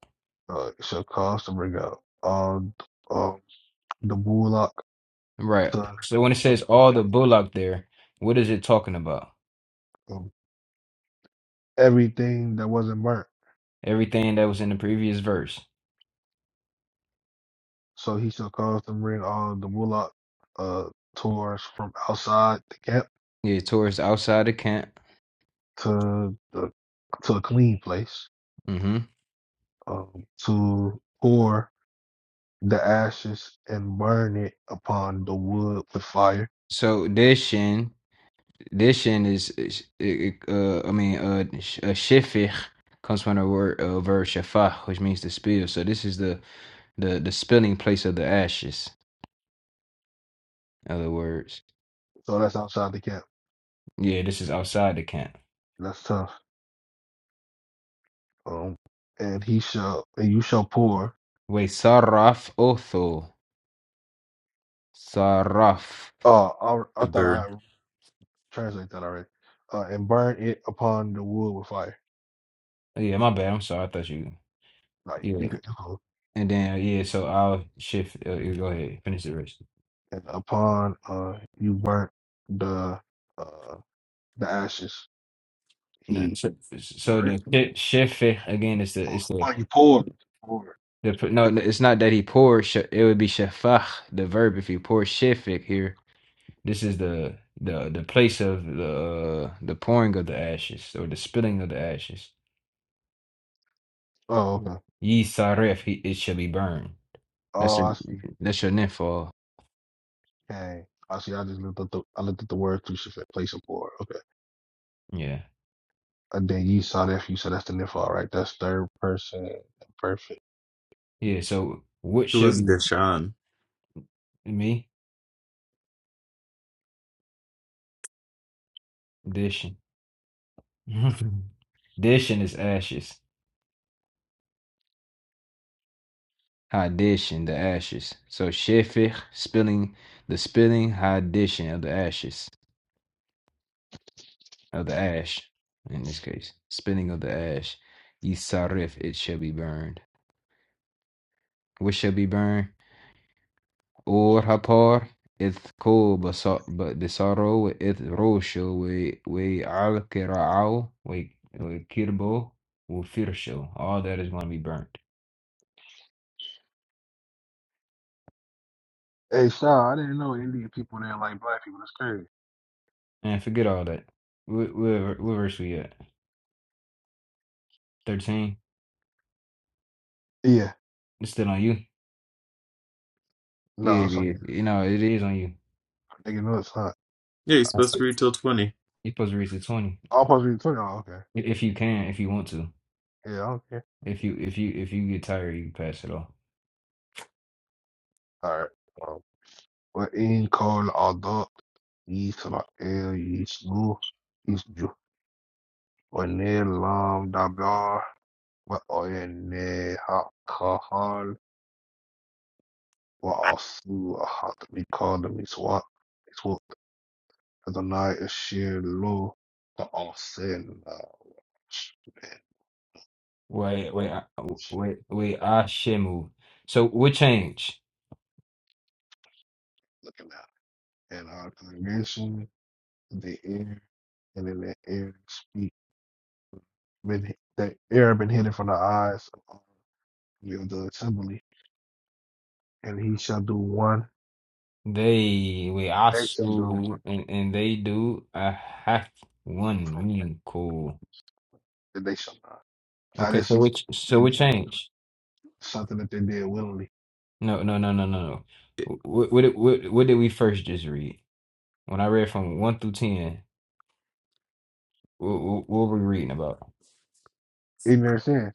S1: uh, it shall cause to bring out all um, the bullock
S2: Right.
S1: to
S2: So when it
S1: from
S2: says all the
S1: outside
S2: bullock there, what is it talking about?
S1: um, everything that wasn't burnt
S2: Everything that was in the previous verse.
S1: so he shall cause to bring all the bullock uh, tours from outside the camp
S2: Yeah, towards the outside the camp.
S1: to the to a clean place,
S2: Mm-hmm.
S1: um, to pour the ashes and burn it upon the wood with fire.
S2: So this shin, this shin is, is it, it, uh I mean uh sh- uh, shefich comes from the word uh, verb shafach, which means to spill. So this is the the the spilling place of the ashes. in other words.
S1: So that's outside the camp.
S2: Yeah, this is outside the camp.
S1: That's tough. Um, and he shall and you shall pour.
S2: Wait, Saraf Otho. Saraf.
S1: Uh, I, I
S4: The
S1: thought I
S4: burn.
S1: had translate that already. Uh, and burn it upon the wood with fire.
S2: Yeah, my bad. I'm sorry. I thought you.
S1: Like you
S2: Yeah.
S1: could, you could-
S2: And then, yeah, so I'll shift. Uh, you go ahead. Finish the rest.
S1: and upon uh you burnt the uh the ashes.
S2: No,
S1: He
S2: so, so
S1: burnt.
S2: the shefech, again, is the,
S1: Oh,
S2: it's the,
S1: upon you poured. Poured.
S2: the, pr- no, it's not that he poured, sh- it would be shefach, the verb, if he poured shefech here. This is the, the, the place of the, uh, the pouring of the ashes, or the spilling of the ashes.
S1: Oh, okay.
S2: Yisaref, he, it shall be burned. That's
S1: Oh,
S2: your
S1: I see.
S2: that's your netfall.
S1: Okay. I see. I just looked up the I looked at the word through she said place of Okay.
S2: Yeah.
S1: And then you saw that you said that's the nifal, right? That's third person perfect.
S2: Yeah. So what
S4: Who
S2: shall
S4: is
S2: be
S4: Deshaun?
S2: me? Dishing. [laughs] Dishing is ashes. Hadishing the ashes. So shefich spilling the spilling hadishing of the ashes. Of the ash in this case. Spilling of the ash. Yisarif it shall be burned. What shall be burned? or Hapar إثقوب بصاروا وإثروشوا و- وعلقرعوا و- وكربوا وفرشوا. All that is going to be burnt.
S1: Hey Shaw, I didn't know Indian people didn't like black people. That's crazy.
S2: And forget all that. Where, where, where verse we at? 13?
S1: Yeah.
S2: It's still on you? Yeah,
S1: No, it's like
S2: yeah. You know, it is on you.
S1: nigga no it's not.
S4: Yeah, he's
S2: That's
S4: supposed to
S2: it.
S4: read till twenty.
S2: You're supposed to reach the 20.
S1: I'll supposed to be talking. Oh, okay.
S2: I- If you can, if you want to.
S1: Yeah, okay.
S2: If you if you if you get tired, you can pass it off.
S1: All right. Um well in call adult yeast about el yeast lu yeast ju or near lam dabar what or in hot وعصوا أحد بكاد مسواك مسواك Adonai Ashir Lo for all sin and uh, man,
S2: Wait, wait, I- wait, wait, I shimmu. So what change.
S1: looking at that. and our congregation the ear and in the ear speak been the ear been hidden from the eyes of all the of the assembly and he shall do one
S2: They we
S1: they shall do one
S2: asu and, and they do a half one
S1: from
S2: mean cool.
S1: that they shall not now
S2: Okay,
S1: this
S2: so
S1: is
S2: which so
S1: they
S2: we
S1: did
S2: change?
S1: something that they did willingly
S2: No, no, no, no, no, no.
S4: It-
S2: What what did- what, what did we first just read? When I read from one through ten, what, what were we reading about?
S1: ignorant sin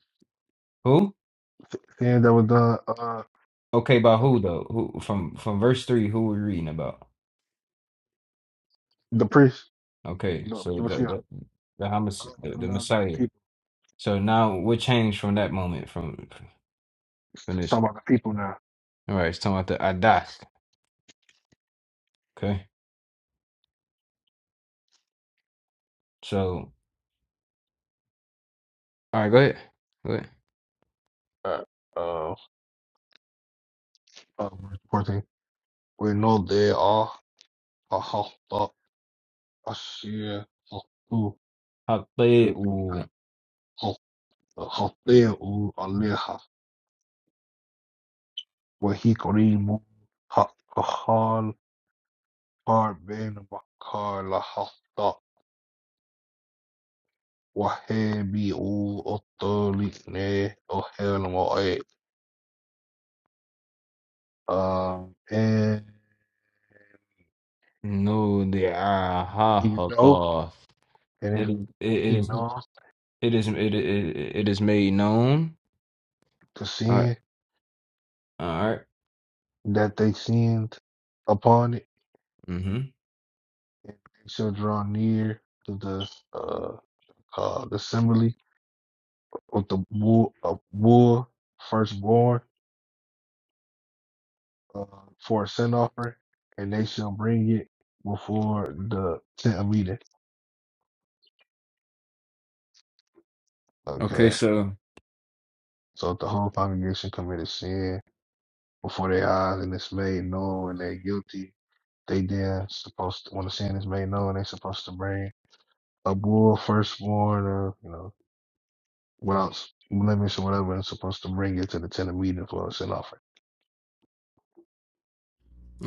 S2: Who?
S1: sin that was done uh
S2: Okay, by who though? Who from from verse three? Who we reading about?
S1: the priest
S2: Okay,
S1: the
S2: so the
S1: no
S2: the the, Hamas,
S1: Oh,
S2: the,
S1: so
S2: the
S1: now it's about the
S2: Messiah.
S1: people.
S2: So now what changed from that moment from
S1: It's
S2: from this?
S1: talking about the people now.
S2: All right, it's talking about the Adath. Okay, so. All right, go ahead. Go ahead.
S1: Uh, uh, Uh, verse 14. We know they are a hostile, a sheer hostile,
S2: حقه
S1: hostile, aleha, wahikrimu, hakahal, harben, bakala, hasta, wahebi, otolikne, ohelmoe. Um, and
S2: No, the
S1: you know,
S2: Ahahaba.
S1: and
S2: It
S1: if
S2: is. It, it
S1: he
S2: is.
S1: knows
S2: It is. It, it, it is made known.
S1: the
S2: All right.
S1: sin,
S2: All right.
S1: that they sinned upon it
S2: Mm-hmm.
S1: they shall draw near to the uh, uh the assembly with the bull of bull firstborn uh, for a sin offering, and they shall bring it before the tent of meeting.
S2: Okay.
S1: Okay,
S2: So.
S1: so if the whole congregation committed sin before their eyes, and it's made known, and they're guilty, they then supposed to, when the sin is made known, they're supposed to bring a bull firstborn, or you know without s- limits or whatever, and supposed to bring it to the tenant meeting for a sin offering.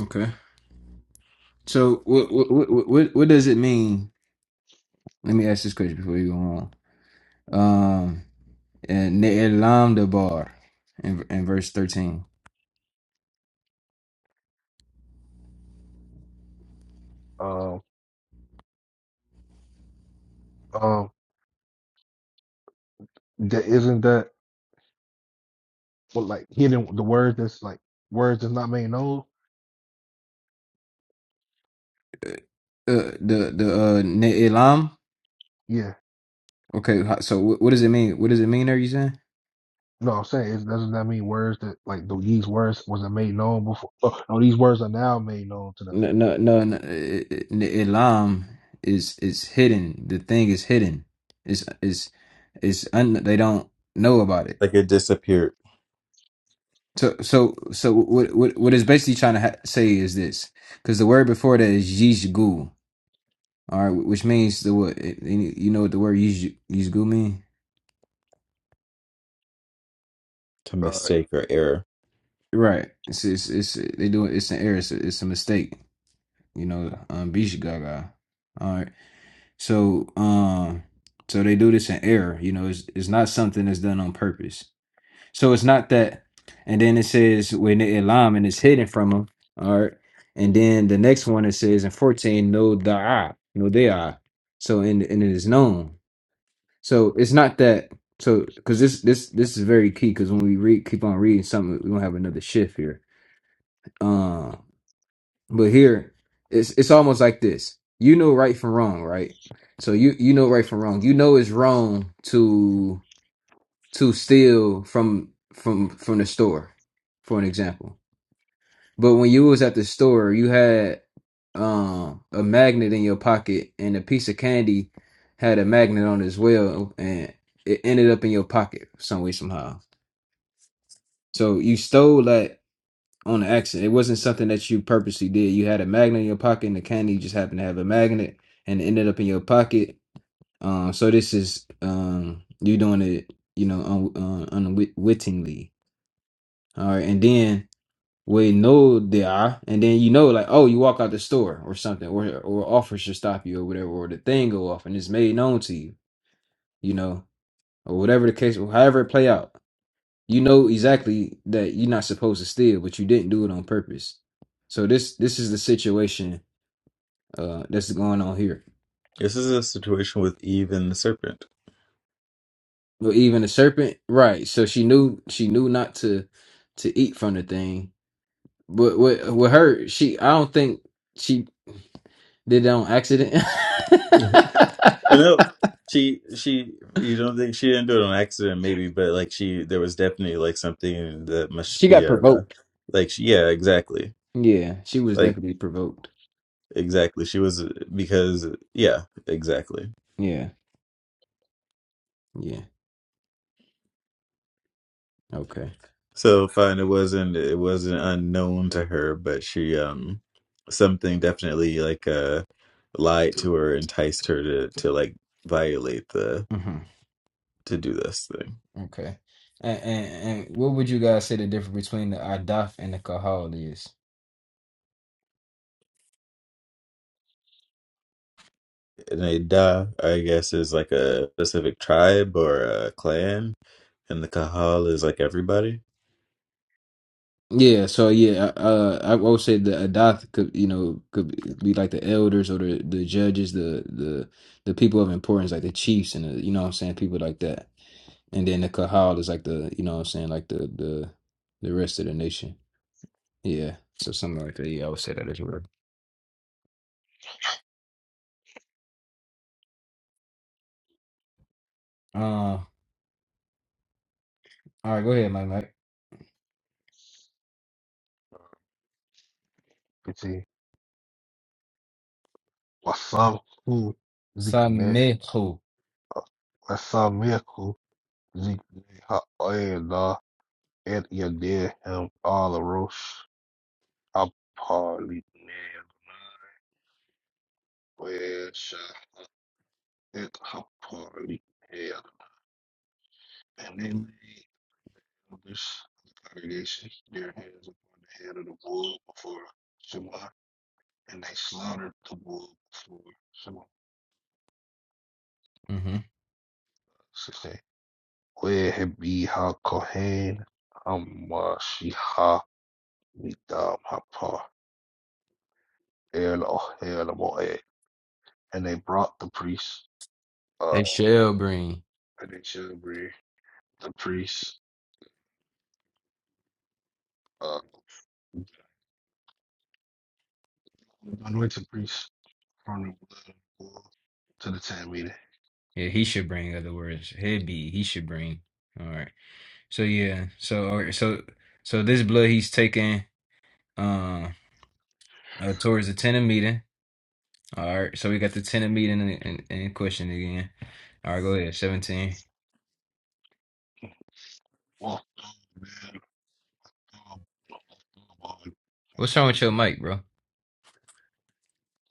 S2: Okay. So what what what what what does it mean? Let me ask this question before you go on. Um, and ne'elam debar in in verse thirteen.
S1: Um, um, that isn't that well, like hidden the word that's like words that's not made known.
S2: Uh, the the uh ne'elam.
S1: Yeah,
S2: Okay. ho- So what, what does it mean? What does it mean? Are you saying?
S1: no, I'm saying it doesn't that mean words that like the, these words wasn't made known before? Oh, no, these words are now made known to them.
S2: No, no, no, no. i- i- i- Ilam is is hidden. The thing is hidden. Is is is un, they don't know about it.
S4: Like it disappeared
S2: So so so what what what is basically trying to ha- say is this because the word before that is yishgu, all right, which means the what it- you you know what the word yish yishgu mean,
S4: to
S1: Uh,
S4: mistake or error.
S2: right? It's it's, it's they do it. It's an error. It's a, it's a mistake. You know, um, bishigaga. So, um, so they do this in error. You know, it's it's not something that's done on purpose. So it's not that. And then it says when they alarm and it's hidden from them. All right. And then the next one it says in fourteen, no da'a, no they are. So and and it is known. So it's not that. So because this this this is very key because when we read keep on reading something, we are gonna have another shift here. Um, but here, it's it's almost like this. You know right from wrong, right? So you you know right from wrong. You know it's wrong to to steal from from from the store, for an example. But when you was at the store, you had um a magnet in your pocket, and a piece of candy had a magnet on it as well, and it ended up in your pocket some way somehow. So you stole that on the accident. It wasn't something that you purposely did. You had a magnet in your pocket, and the candy just happened to have a magnet, and it ended up in your pocket. Um, so this is um you doing it, you know, un- uh, unwittingly. All right, and then we know they are, and then you know, like, oh, you walk out the store or something, or or officer stop you or whatever, or the thing go off and it's made known to you, you know, or whatever the case, however it play out. You know exactly that you're not supposed to steal, but you didn't do it on purpose. So this this is the situation uh that's going on here.
S4: This is a situation with Eve and the serpent.
S2: But even the serpent, right? So she knew she knew not to to eat from the thing. But with with her, she I don't think she did it on accident.
S4: [laughs] But
S2: [laughs]
S4: no, she she you don't think she didn't do it on accident, maybe, but like she there was definitely like something that must
S2: she
S4: be
S2: got
S4: uh
S2: provoked.
S4: like she, yeah, exactly.
S2: Yeah, she was
S4: Like
S2: definitely provoked.
S4: exactly. She was uh, because yeah, exactly.
S2: Yeah, yeah. Okay.
S4: So fine, it wasn't it wasn't unknown to her, but she um something definitely like uh lied to her, enticed her to to like violate the
S2: Mm-hmm.
S4: to do this thing.
S2: Okay. And, and and what would you guys say the difference between the Adaf and the Kahal is?
S4: And a da, I guess, is like a specific tribe or a clan And the Kahal is like everybody.
S2: Yeah, so yeah, uh, I would say the Adath could, you know, could be like the elders or the, the judges, the the the people of importance, like the chiefs and the, you know what I'm saying, people like that. And then the Kahal is like the, you know what I'm saying, like the the the rest of the nation. Yeah, so something like that. Yeah, I would say that as well. Uh, all right, go ahead, Mike. Mike.
S1: let's see, wasamku zikne
S2: Samehu.
S1: wasamiku zikne ha'oyada et yadeh him all arosh aparli where Shahik Hapari hail, and they laid elders of the congregation their hands upon the head of the bull before Shema, and they slaughtered the bull before Shema.
S2: Mm-hmm.
S1: Sixteen. Where had be ha kohen hamashiha midam hapar el ohel moed, and they brought the priests, uh,
S2: They shall bring.
S1: and they shall bring the priests, uh, the anointed priests from the blood of the bull to the Tamina
S2: Yeah, he should bring other words. He'd be. He should bring. All right. So yeah. So all right. So so this blood he's taking uh, uh towards the tenant meeting. All right. So we got the tenant meeting in, in, in question again. All right. Go ahead. Seventeen.
S1: Well, man, um,
S2: What's wrong with your mic, bro?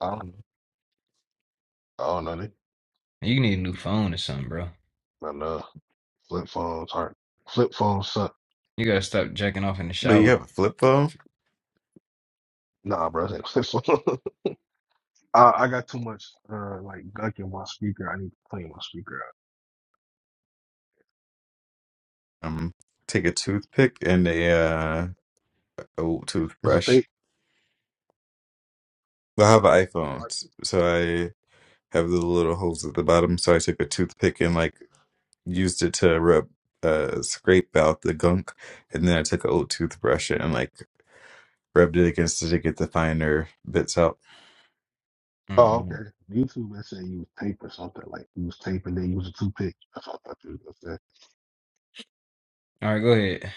S1: um, I don't know. I don't know. They,
S2: You need a new phone or something, bro.
S1: but, uh, flip phones aren't flip phones suck.
S2: You gotta stop jacking off in the
S4: Well, you
S2: shower.
S4: have a flip phone.
S1: Nah, bro, I ain't flip phone. [laughs] I, I got too much uh like gunk in my speaker. I need to clean my speaker out.
S4: Um, take a toothpick and a uh, a
S1: It's a
S4: toothbrush.
S1: tape.
S4: Well, I have an
S1: Like,
S4: iPhone, so I have the little holes at the bottom. So I took a toothpick and like used it to rub, uh, scrape out the gunk, and then I took an old toothbrush and like rubbed it against it to get the finer bits out.
S1: Oh, okay.
S2: Mm-mm.
S1: YouTube they said you was taping something like you was taping then you was a toothpick. That's what I thought you was gonna say.
S2: All right. Go ahead.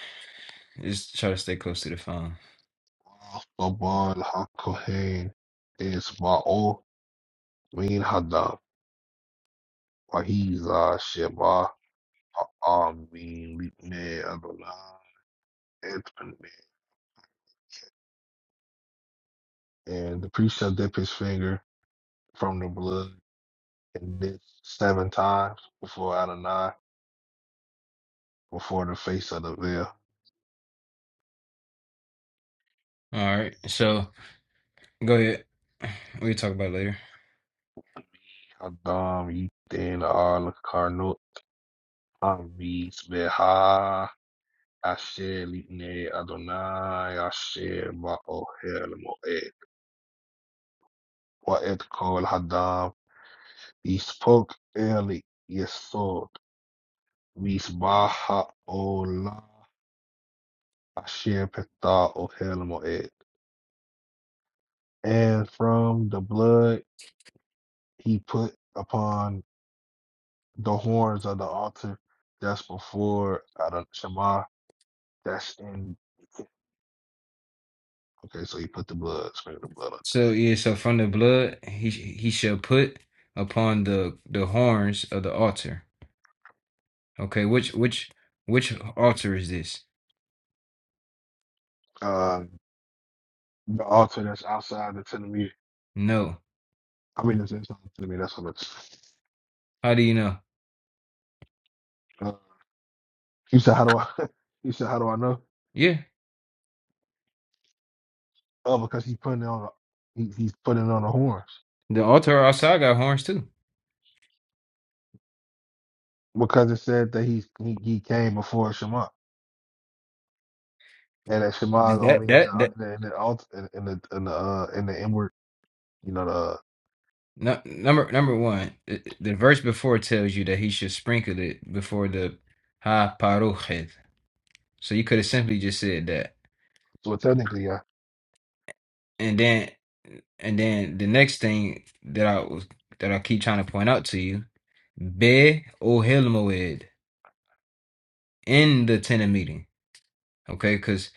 S2: Just try to stay close to the phone.
S1: Boban Hakohen is Ba'o Min Hadam. Wahiza Sheba Amin Lipne Anthony, and the priest shall dip his finger from the blood in this seven times before Adonai, before the face of the veil.
S2: All right. So go ahead. We'll talk about it later.
S1: Adam Yitin Ar Karnot Avis Beha Asher Litne Adonai Asher Ba'oher Moed Wa'et Kol Hadam Yispok Eli Yesod Visbaha Ola Asher Peta Ohel Moed and from the blood he put upon the horns of the altar that's before Adon- Shema. That's in okay, so he put the blood, sprinkled the blood.
S2: So yeah, so from the blood he he shall put upon the the horns of the altar. Okay, which which which altar is this?
S1: on, Um, the altar that's outside the tenement.
S2: No.
S1: I mean, it's inside the tenement. That's what it's.
S2: How do you know?
S1: Uh, you said, how do I? [laughs] you said, how do I know?
S2: Yeah,
S1: Oh, because he's putting it on. The, he, he's putting it on the horns
S2: the altar outside got horns too.
S1: because it said that he's, he he came before Shema, and that Shema is
S2: That
S1: only in
S2: that
S1: the
S2: that
S1: in the in the, altar, in, in the, in the uh in the inward you know
S2: no, number number one, the, the verse before tells you that he should sprinkle it before the ha paruchet. So you could have simply just said that,
S1: So technically, yeah.
S2: and then and then the next thing that I was that I keep trying to point out to you Be Ohel Moed in the tenant meeting. Okay, because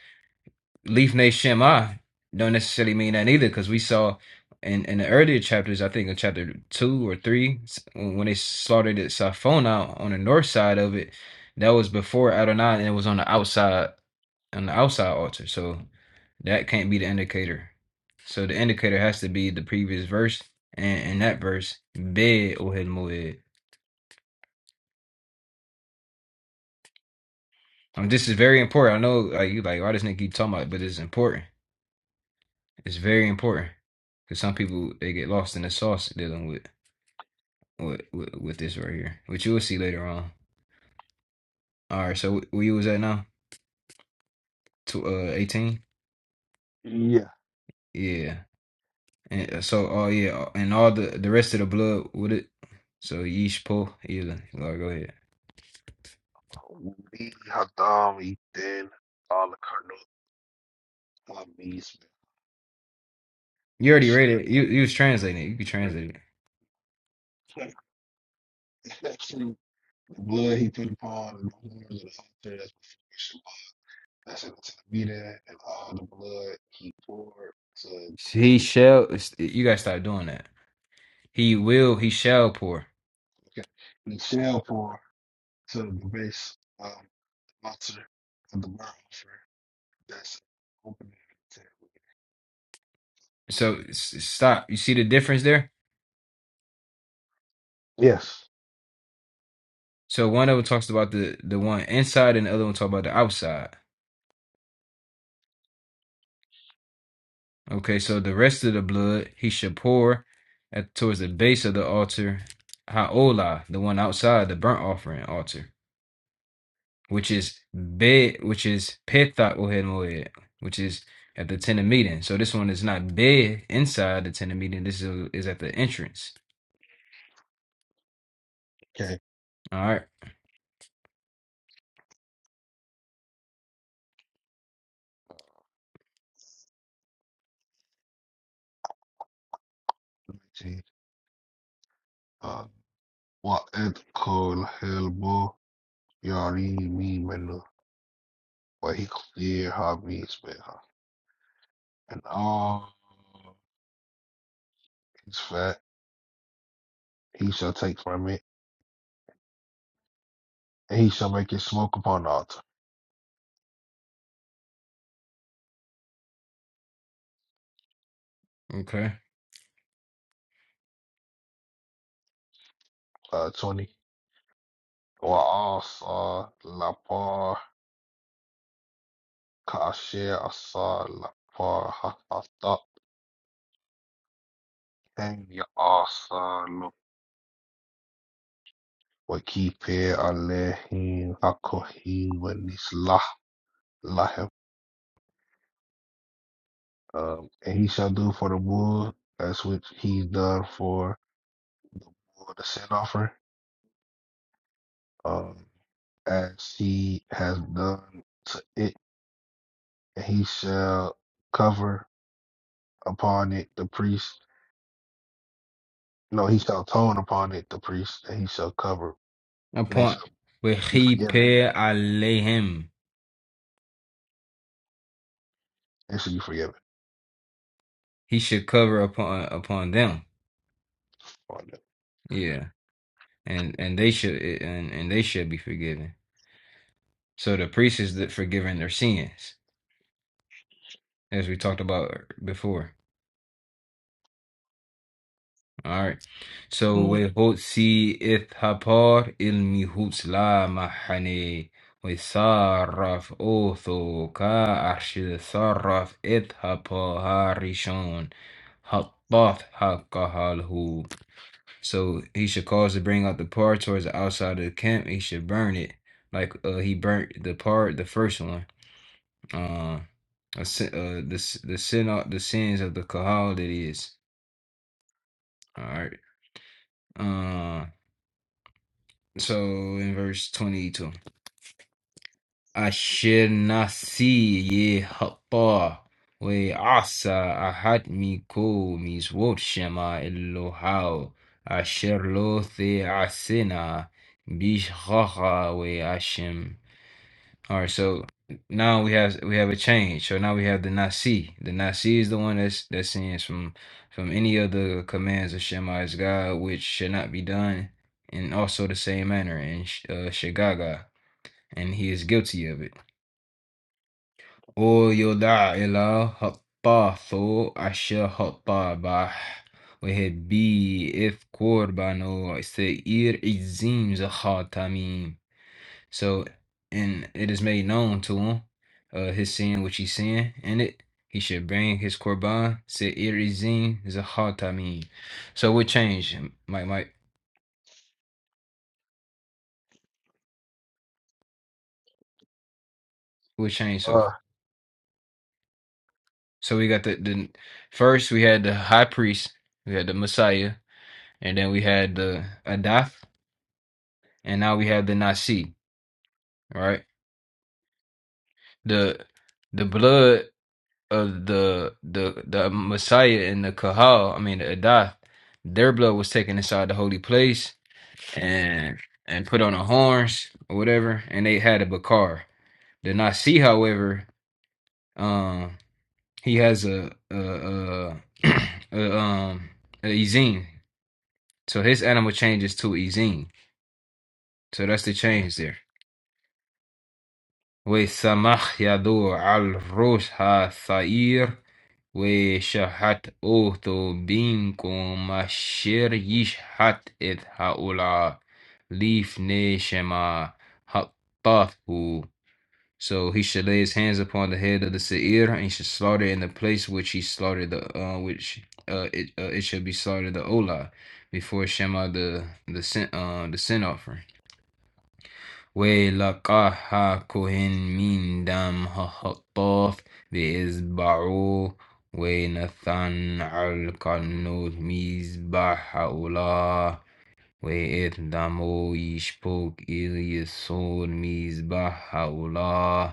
S2: Lifnei Shema don't necessarily mean that either, because we saw in, in the earlier chapters, I think in chapter two or three, s- when they slaughtered at Safona on the north side of it, that was before Adonai, and it was on the outside on the outside altar. So that can't be the indicator. So the indicator has to be the previous verse, and in that verse, Be Ohel Moed. I mean, this is very important. I know like you like why this nigga keep talking about it, but it's important. It's very important because some people they get lost in the sauce dealing with with with, with this right here, which you will see later on. All right, so where you was at now? To uh eighteen,
S1: Yeah.
S2: yeah. And uh, so oh yeah, uh, and all the the rest of the blood with it. So yeesh po either. Go go ahead.
S1: We Hadam Eden all the Cardinals Hamis.
S2: You already read it. You you was translating it. You could translate it.
S1: Actually, the blood he put upon and the horns of the altar that's before Shabbat. That's it. To the meeting and all the blood he poured to the base.
S2: He shall. You gotta stop doing that. He will. He shall pour.
S1: Okay. He shall pour to the base um altar of the burnt offering. That's opening. the tent.
S2: So s- stop. You see the difference there?
S1: Yes.
S2: So one of them talks about the the one inside, and the other one talk about the outside. Okay, so the rest of the blood he should pour at towards the base of the altar, haolah, the one outside the burnt offering altar, which is be, which is pethat ohed moed, which is at the tent of meeting. So this one is not be inside the tent of meeting. This is is at the entrance.
S1: Okay.
S2: All right.
S1: 19. Uh, what it called Hellboy. You know what I mean, man? But he clear hobbies, man. And all his fat he shall take from it, and he shall make it smoke upon the altar.
S2: Okay.
S1: Uh, 20. Or also la par kasher asar la par ha ha ta. And you also look what keep here alehim hakohim when it's lah lahem. Um, and he shall do for the bull. That's which he done for, for the sin offering. Um, as she has done to it, and he shall cover upon it the priest. No, he shall atone upon it the priest, and he shall cover. And they
S2: Upon
S1: shall
S2: with
S1: be
S2: he
S1: forgiven.
S2: alehem,
S1: They shall be forgiven.
S2: he should cover upon upon them.
S1: on it.
S2: Yeah. and and they should eh, and, and they should be forgiven. So the priest is that forgiving their sins, as we talked about before. All right. So we hot si ilmi huts mahane we sarraf otho ka arshil sarraf it harishon hapath hakahalhu. So he should cause to bring out the par towards the outside of the camp. He should burn it like uh, he burnt the part the first one uh, a sin, uh, the the sin of the sins of the kahal that is. All right. Uh, so in verse twenty two, Asher nasi ye hapa we asa ahad miko mizvot shema elohao asher lo the asena bishchacha we ashem. All right, so now we have we have a change. So now we have the Nasi. The Nasi is the one that's that's sins from from any of the commands of Shema is God, which should not be done, and also the same manner in Sh- uh, Shagaga, and he is guilty of it. O yoda ila hattathu asha hattabah وهبي إف كوربانو سئير إجزيم زخاتميم so, and it is made known to him, uh, his sin which he sinned in it. He should bring his korban se irizin zahatamim. So what changed, Mike? Mike, what changed? So,
S1: Uh,
S2: so we got the the first we had the high priest, we had the Messiah, and then we had the Adath, and now we have the Nasi. All Right, the the blood of the the the Messiah and the Kahal, I mean the Adath, their blood was taken inside the holy place and and put on the horns or whatever, and they had a Bakar. Then I see, however, um, he has a a, a, [clears throat] a um a Ezine, so his animal changes to Ezine. So that's the change there. وسمح يدور على الروس الثائر وشحت أوت بينكم الشر يشحت إذ هؤلاء ليفني شما حطاه So he should lay his hands upon the head of the seir, and he should slaughter in the place which he slaughtered the uh, which uh, it uh, it should be slaughtered the olah before Shema the the sin uh, the sin offering. Way lakaha kohen min dam hahatoth ve'izbaru way nathan al kanot mizbah haolah way et damo yishpok il yisod mizbah haolah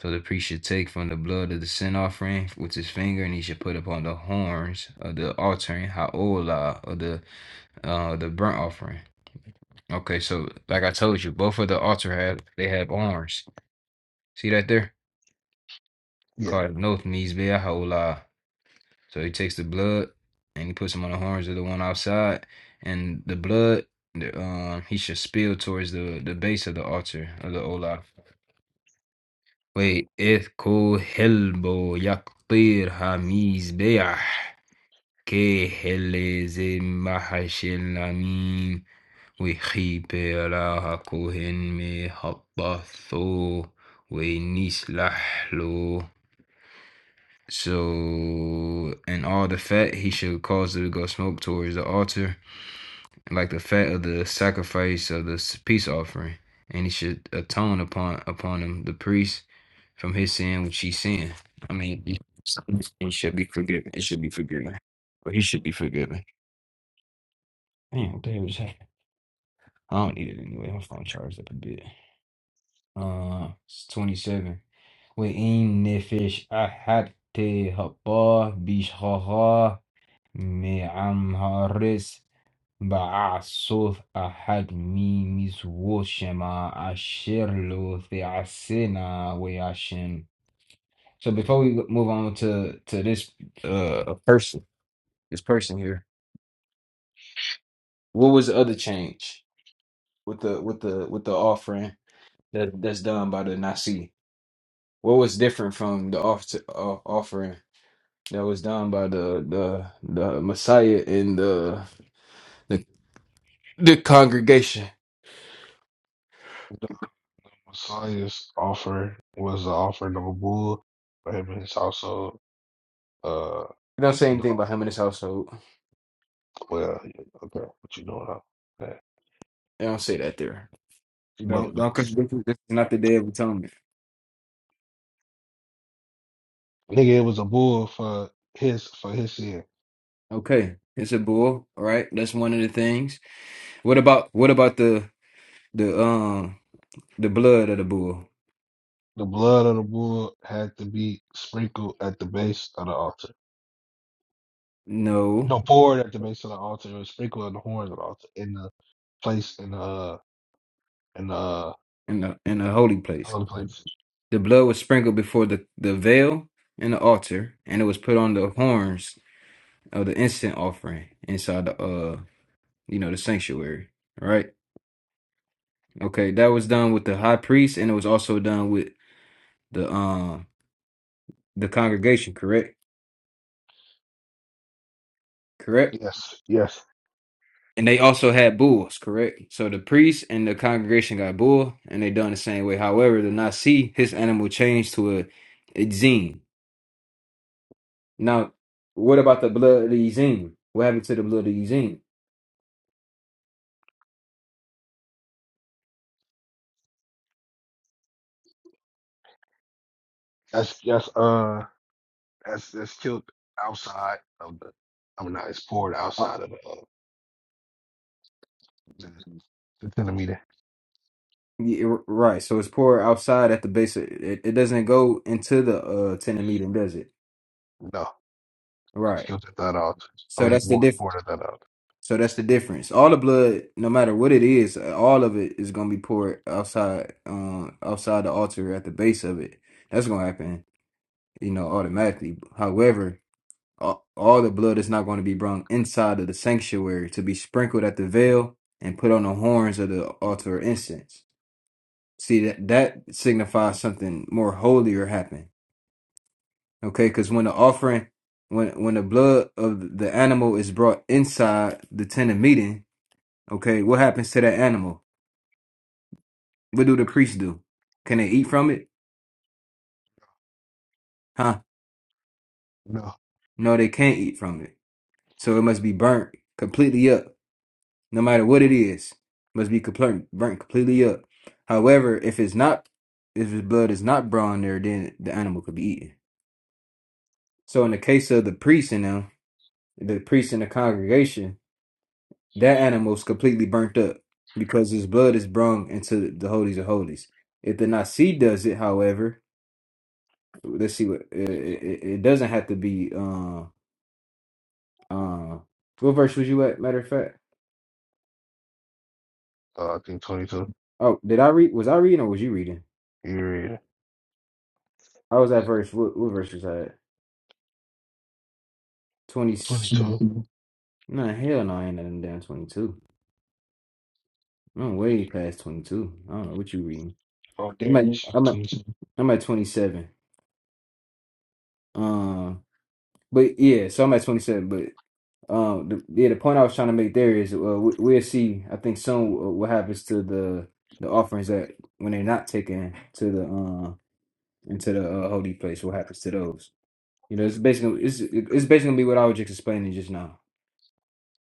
S2: so the priest should take from the blood of the sin offering with his finger, and he should put upon the horns of the altar and ha'olah of the uh the burnt offering. Okay, so like I told you, both of the altar have they have horns. See that there?
S1: yeah.
S2: Called noth means be ha'olah. So he takes the blood and he puts them on the horns of the one outside, and the blood the, um he should spill towards the the base of the altar of the olah. Wait, it ko helbo yaktir hamiz كهلزمحشلميم وخيب راها مهبطو ونسلح so and all the fat he should cause to go smoke towards the altar, like the fat of the sacrifice of the peace offering, and he should atone upon upon him the priest from his sin which he sinned. I mean, it should be forgiven. It should be forgiven, or he should be forgiven. Damn, what the hell is that? I don't need it anyway. My phone charged up a bit. Uh, it's 27. وإن نفش أحد تهبا بشخها معم هارس بعصف أحد ميمس وشما أشير له في عسنا وياشن. So before we move on to to this uh person, this person here, what was the other change with the with the with the offering? that that's done by the Nasi. What was different from the off uh, offering that was done by the the the Messiah and the the, the congregation?
S1: The Messiah's offer was the offering of a bull for him and his household. Uh,
S2: It don't say
S1: no,
S2: anything about him and his household.
S1: well, yeah, okay, what you doing? Huh?
S2: It don't say that there.
S1: But
S2: Don't don't contradict it. This is not the day of atonement.
S1: nigga, it was a bull for his for his sin.
S2: Okay, it's a bull. All right, that's one of the things. What about what about the the um the blood of the bull?
S1: The blood of the bull had to be sprinkled at the base of the altar.
S2: No,
S1: No, poured at the base of the altar. It was sprinkled on the horns of the altar in the place in the uh, in the uh,
S2: in the in the holy place.
S1: holy place.
S2: The blood was sprinkled before the, the veil and the altar, and it was put on the horns of the instant offering inside the uh you know the sanctuary. All right. Okay, that was done with the high priest, and it was also done with the um the congregation, correct? Correct.
S1: Yes, yes,
S2: And they also had bulls, correct? So the priest and the congregation got bull, and they done the same way. However, the Nasi, his animal changed to a, a zine. Now, what about the blood of the zine? What happened to the blood of the zine?
S1: that's yes. Uh, that's that's killed outside of the. I mean, not it's poured outside of the uh, the, the centimeter.
S2: Yeah, r- right. So it's poured outside at the base. Of, it, it doesn't go into the uh tendon medium, does it?
S1: No, it's
S2: Right.
S1: killed at that altar. Oh,
S2: So
S1: it's
S2: that's the
S1: poured
S2: diff.
S1: poured at that altar.
S2: So that's the difference. All the blood, no matter what it is, uh, all of it is gonna be poured outside, um, outside the altar at the base of it. That's gonna happen, you know, automatically. However, all, all the blood is not going to be brought inside of the sanctuary to be sprinkled at the veil and put on the horns of the altar of incense. See that that signifies something more holier happened. Okay, because when the offering, when when the blood of the animal is brought inside the tent of meeting, okay, what happens to that animal? What do the priests do? Can they eat from it? Huh?
S1: No.
S2: No, they can't eat from it. So it must be burnt completely up no matter what it is, must be complete, burnt completely up. However, if it's not, if his blood is not brought in there, then the animal could be eaten. So, in the case of the priest and them, the priest in the congregation, that animal's completely burnt up because his blood is brought into the holies of holies. If the nasi does it, however, let's see what it, it, it doesn't have to be. Uh, uh, what verse was you at? Matter of fact,
S1: Uh, I think 22.
S2: oh, did I read? Was I reading or was you reading?
S1: You read it.
S2: I was at verse. What, what verse was I at? 20.
S1: 22.
S2: Nah, hell no, I ain't nothing down 22. I'm way past 22. I don't know what you reading.
S1: Oh,
S2: I'm at,
S1: Darius, you got
S2: I'm at,
S1: 22.
S2: I'm at 27. Um, but yeah, so I'm at 27. But um, the, yeah, the point I was trying to make there is uh, we, we'll see. I think soon uh, what happens to the the offerings that when they're not taken to the uh into the uh, holy place. What happens to those? You know, it's basically it's it's basically gonna be what I was just explaining just now.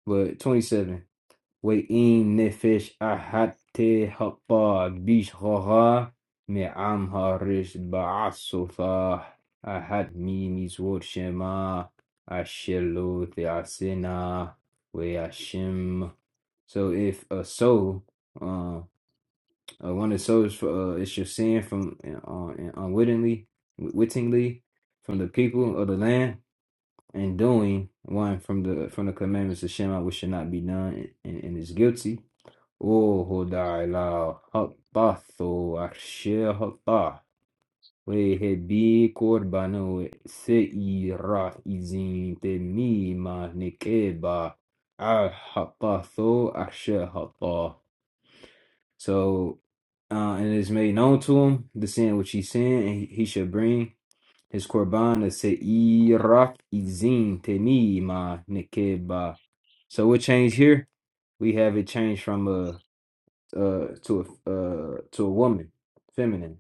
S2: But 27. وإن نفش أحد تهبى بيشغها معمها رشد بعصفة أحد مينيز ورشما أشلو ثعسنا ويشم So if a soul, uh, uh, one of the souls, for, uh, is just sin from uh, uh, unwittingly, wittingly, from the people of the land, and doing one from the from the commandments of Shema, which should not be done, and, and is guilty وهدى على حطه وعرش حطه ويهبي قربان وسئيرة إذن تميمة نكبة على حطه وعرش حطه So, uh, and it is made known to him the sin which he sinned, and he shall bring his korban to Seirach Izin Tenima Nekeba. So, what changed here? We have it changed from uh to a uh to a woman, feminine.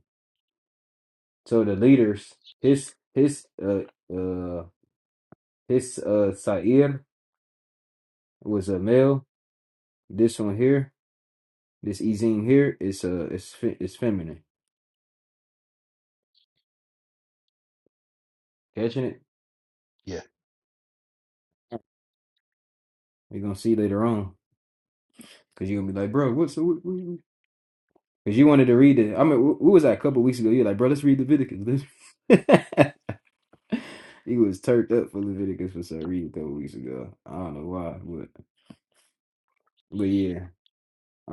S2: So the leaders, his his uh uh his uh Sair was a male. This one here, this Ezine here is uh is fe- is feminine. Catching it?
S1: Yeah.
S2: You're gonna see later on, cause you're gonna be like, bro, what's what, what, Cause you wanted to read it. I mean, wh- what was that a couple weeks ago? You're like, bro, let's read Leviticus. Let's... [laughs] he was turned up for Leviticus for some reason a couple weeks ago. I don't know why, but but yeah. Uh,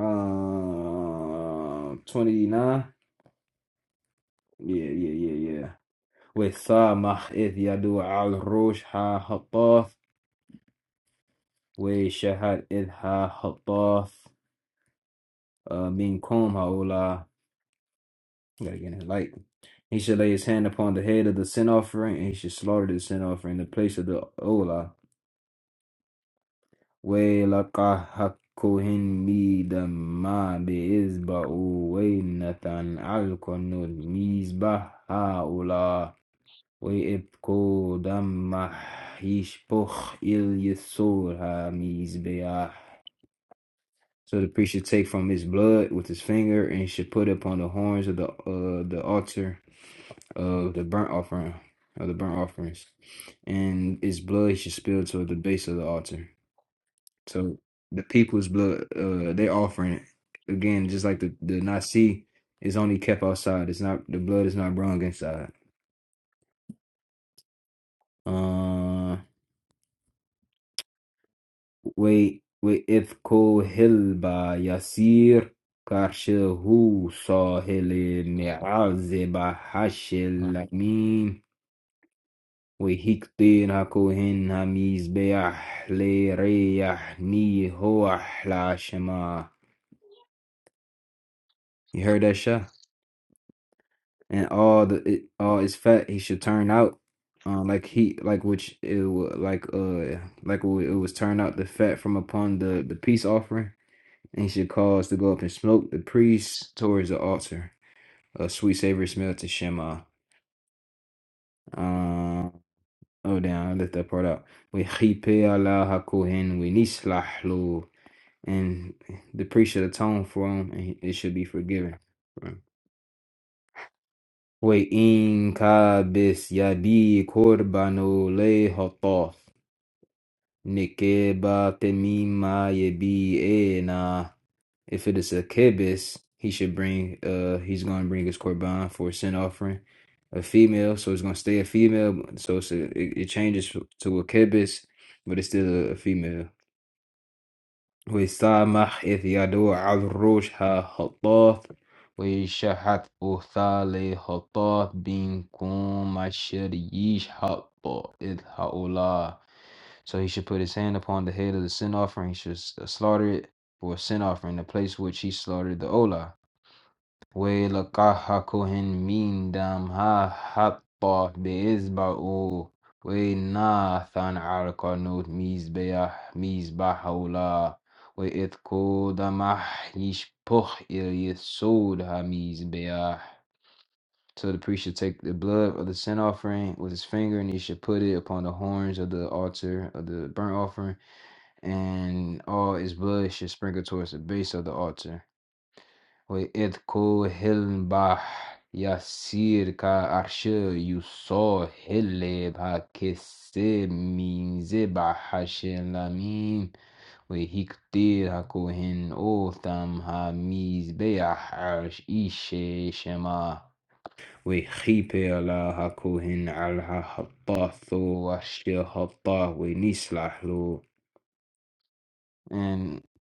S2: 29. Yeah, yeah, yeah, yeah. وسامح إذ يدعو على الروش ها هطاف وشهد إذ ها هطاف uh, منكم هؤلاء Gotta get it light. He should lay his hand upon the head of the sin offering, and he should slaughter the sin offering in the place of the Ola. وَلَقَحَكُهِنْ مِيدَمَا بِإِذْبَعُ وَيْنَةً عَلْقَنُ الْمِيزْبَحَ هَؤُلَا ويبكوا دمح يشبخ إل يسور ha So the priest should take from his blood with his finger and should put it upon the horns of the uh, the altar of the burnt offering of the burnt offerings, and his blood he should spill toward the base of the altar. So the people's blood, uh, they offering it again, just like the the nasi is only kept outside. It's not the blood is not brung inside. Uh, Ve وإذ كوهل با يسير karşıhu sahili mi'azeba
S1: Nah.
S2: haşillamin ve hiktina kohin hamiz beyah le reyah ni hoah shema. You heard that shah? And all the it, all is fat he should turn out. Uh, like he like which it wa- like uh like it wa- it was turned out the fat from upon the the peace offering and should cause to go up in smoke the priest towards the altar. A sweet savory smell to Shema. Uh, oh, down! I left that part out. We chipe Allah hakohen, we nislah lo. And the priest should atone for him, and it should be forgiven. Right. We in kabis yadi korbano le hatoth. Nikeba temima yebi ena. If it is a kibbutz, he should bring uh he's gonna bring his korban for a sin offering. A female, so it's gonna stay a female, so it's a, it, it changes to a kibbutz, but it's still a, a female. ويسامح إذ يدعو على الرشح خطاف ويشحت أثالي خطاف بينكم الشريش حطا إذ هؤلاء So he should put his hand upon the head of the sin offering, he should s- slaughter it for a sin offering, the place which he slaughtered the olah. وَيَلْقَاهَا كُهْنٌ مِنْ دَمِهَا حَتَّى بِإِصْبَعِهِ وَنَاثًا عَرْقًا مِصْبَاحَ مِصْبَاحَ وَلَا وَإِذْ كُودَ مَحْيِشْ بُخْ يَسُودَ مِصْبَاح So the priest should take the blood of the sin offering with his finger, and he should put it upon the horns of the altar of the burnt offering, and all its blood should sprinkle towards the base of the altar. وإذ كوهل بحر يسير كعرش يساهل بكسر ميز بحش لميم وهكتير هكوهن أوثم هميز بحرش إيشي شما وخيبر لها كوهن على هطاثو وشي هطاه ونسلح له. And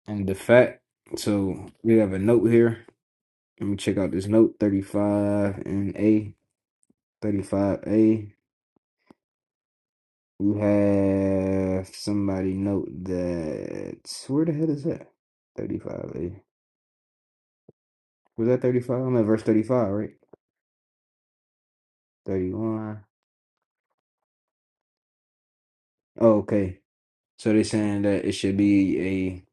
S2: and the fact. So we have a note here. Let me check out this note 35 and A. 35A. We have somebody note that. Where the hell is that? 35A. Was that 35? I'm at verse 35, right? 31. Oh, okay. So they're saying that it should be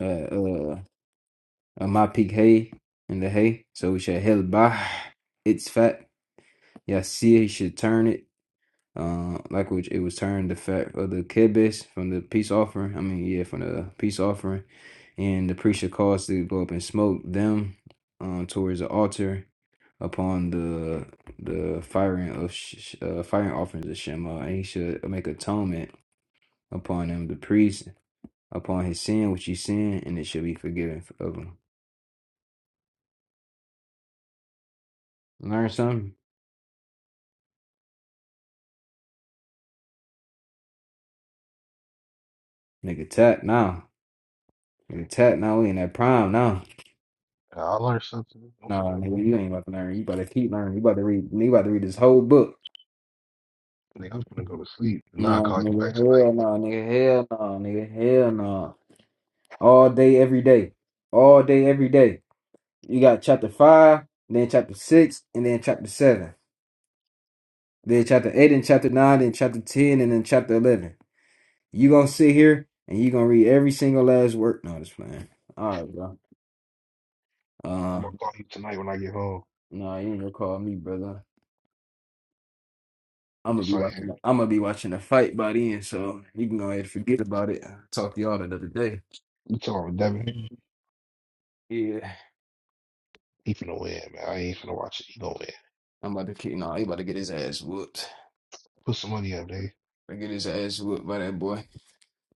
S2: a uh uh a my peak hay in the hay. So we should hell bah. It's fat. you see he should turn it. Uh, like which it was turned the fat of the kibbutz from the peace offering. I mean, yeah, from the peace offering, and the priest should cause to go up and smoke them um, towards the altar upon the the firing of sh- uh, firing offerings of Shema, and he should make atonement upon him, the priest, upon his sin which he sinned, and it should be forgiven of him. Learn something, nigga. Tap now, nigga. Tap now. We in that prime now.
S1: I learned something. I'm
S2: No,
S1: finna,
S2: nigga, you ain't about to learn. You better keep learning. You about to read. You about to read this whole book.
S1: nigga, I'm finna go to sleep. Nah, I'll
S2: No,
S1: call you
S2: nigga,
S1: back tonight.
S2: hell no, nigga, hell no, nigga, hell no. All day, every day, all day, every day. You got chapter five, then chapter six, and then chapter seven, then chapter eight, and chapter nine, then chapter ten, and then chapter eleven. You gonna sit here and you gonna read every single last word? No, just playing. All right, bro.
S1: I'm
S2: Uh,
S1: gonna call you tonight when I get home.
S2: no, you ain't gonna call me brother. I'm gonna be
S1: So I,
S2: watching. I'm gonna be watching a fight by then, so you can go ahead and forget about it. Talk to y'all another day.
S1: you talking with Devin?
S2: Yeah,
S1: He finna win, man. I ain't finna watch it. He gonna win.
S2: I'm about to kick. No, he about to get his ass whooped.
S1: Put some money up, nigga.
S2: I get his ass whooped by that boy.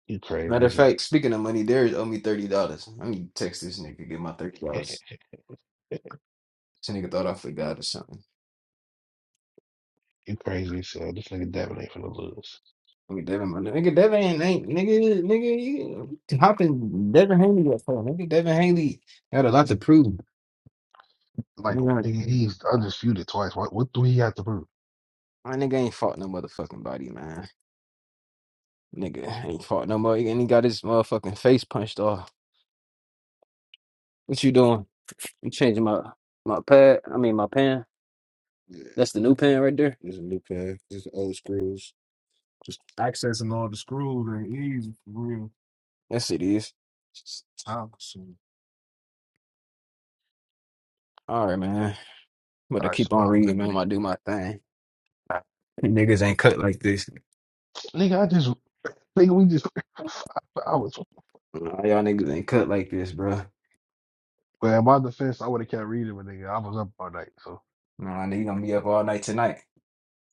S1: You
S2: Matter of
S1: crazy.
S2: fact, speaking of money, Darius owe me thirty dollars. I need to text this nigga get my thirty dollars. This nigga thought I forgot or something.
S1: You crazy as hell. This nigga Devin ain't finna lose.
S2: Nigga, Devin, my nigga, Devin ain't, ain't nigga, nigga, you hopping. Devin Haney up for nigga. Devin Haney got a lot to prove.
S1: Like,
S2: Nigga,
S1: nigga, he's undisputed twice. What, what do he have to prove?
S2: my nigga ain't fought no motherfucking body, man. Nigga ain't fought no more. And he got his motherfucking face punched off. What you doing? You changing my my pad? I mean my pen. Yeah, That's the new pen right there. there's a new pair. Just old screws. Just accessing all the screws ain't easy for real. Yes, it is. time consuming. All right, man. But
S1: All
S2: to
S1: right,
S2: keep on
S1: Shabbat, nigga.
S2: reading, man, I'm gonna do my thing. You niggas ain't cut like this.
S1: Nigga, I just, nigga, we just, [laughs] I was,
S2: Nah, y'all niggas ain't cut like this, bro.
S1: well, in my defense, I would have kept reading, but nigga, I was up all night, so,
S2: Nah, nigga, you gonna be up all night tonight.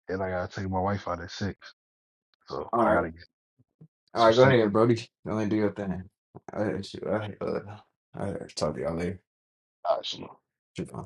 S1: and I gotta take my wife out at six, so
S2: All
S1: I
S2: right.
S1: gotta get
S2: All
S1: some
S2: right, go
S1: sleep.
S2: ahead, Brody. Go ahead and do your thing. I will I, uh, I talk to y'all later.
S1: All right, Shabam.
S2: Javon.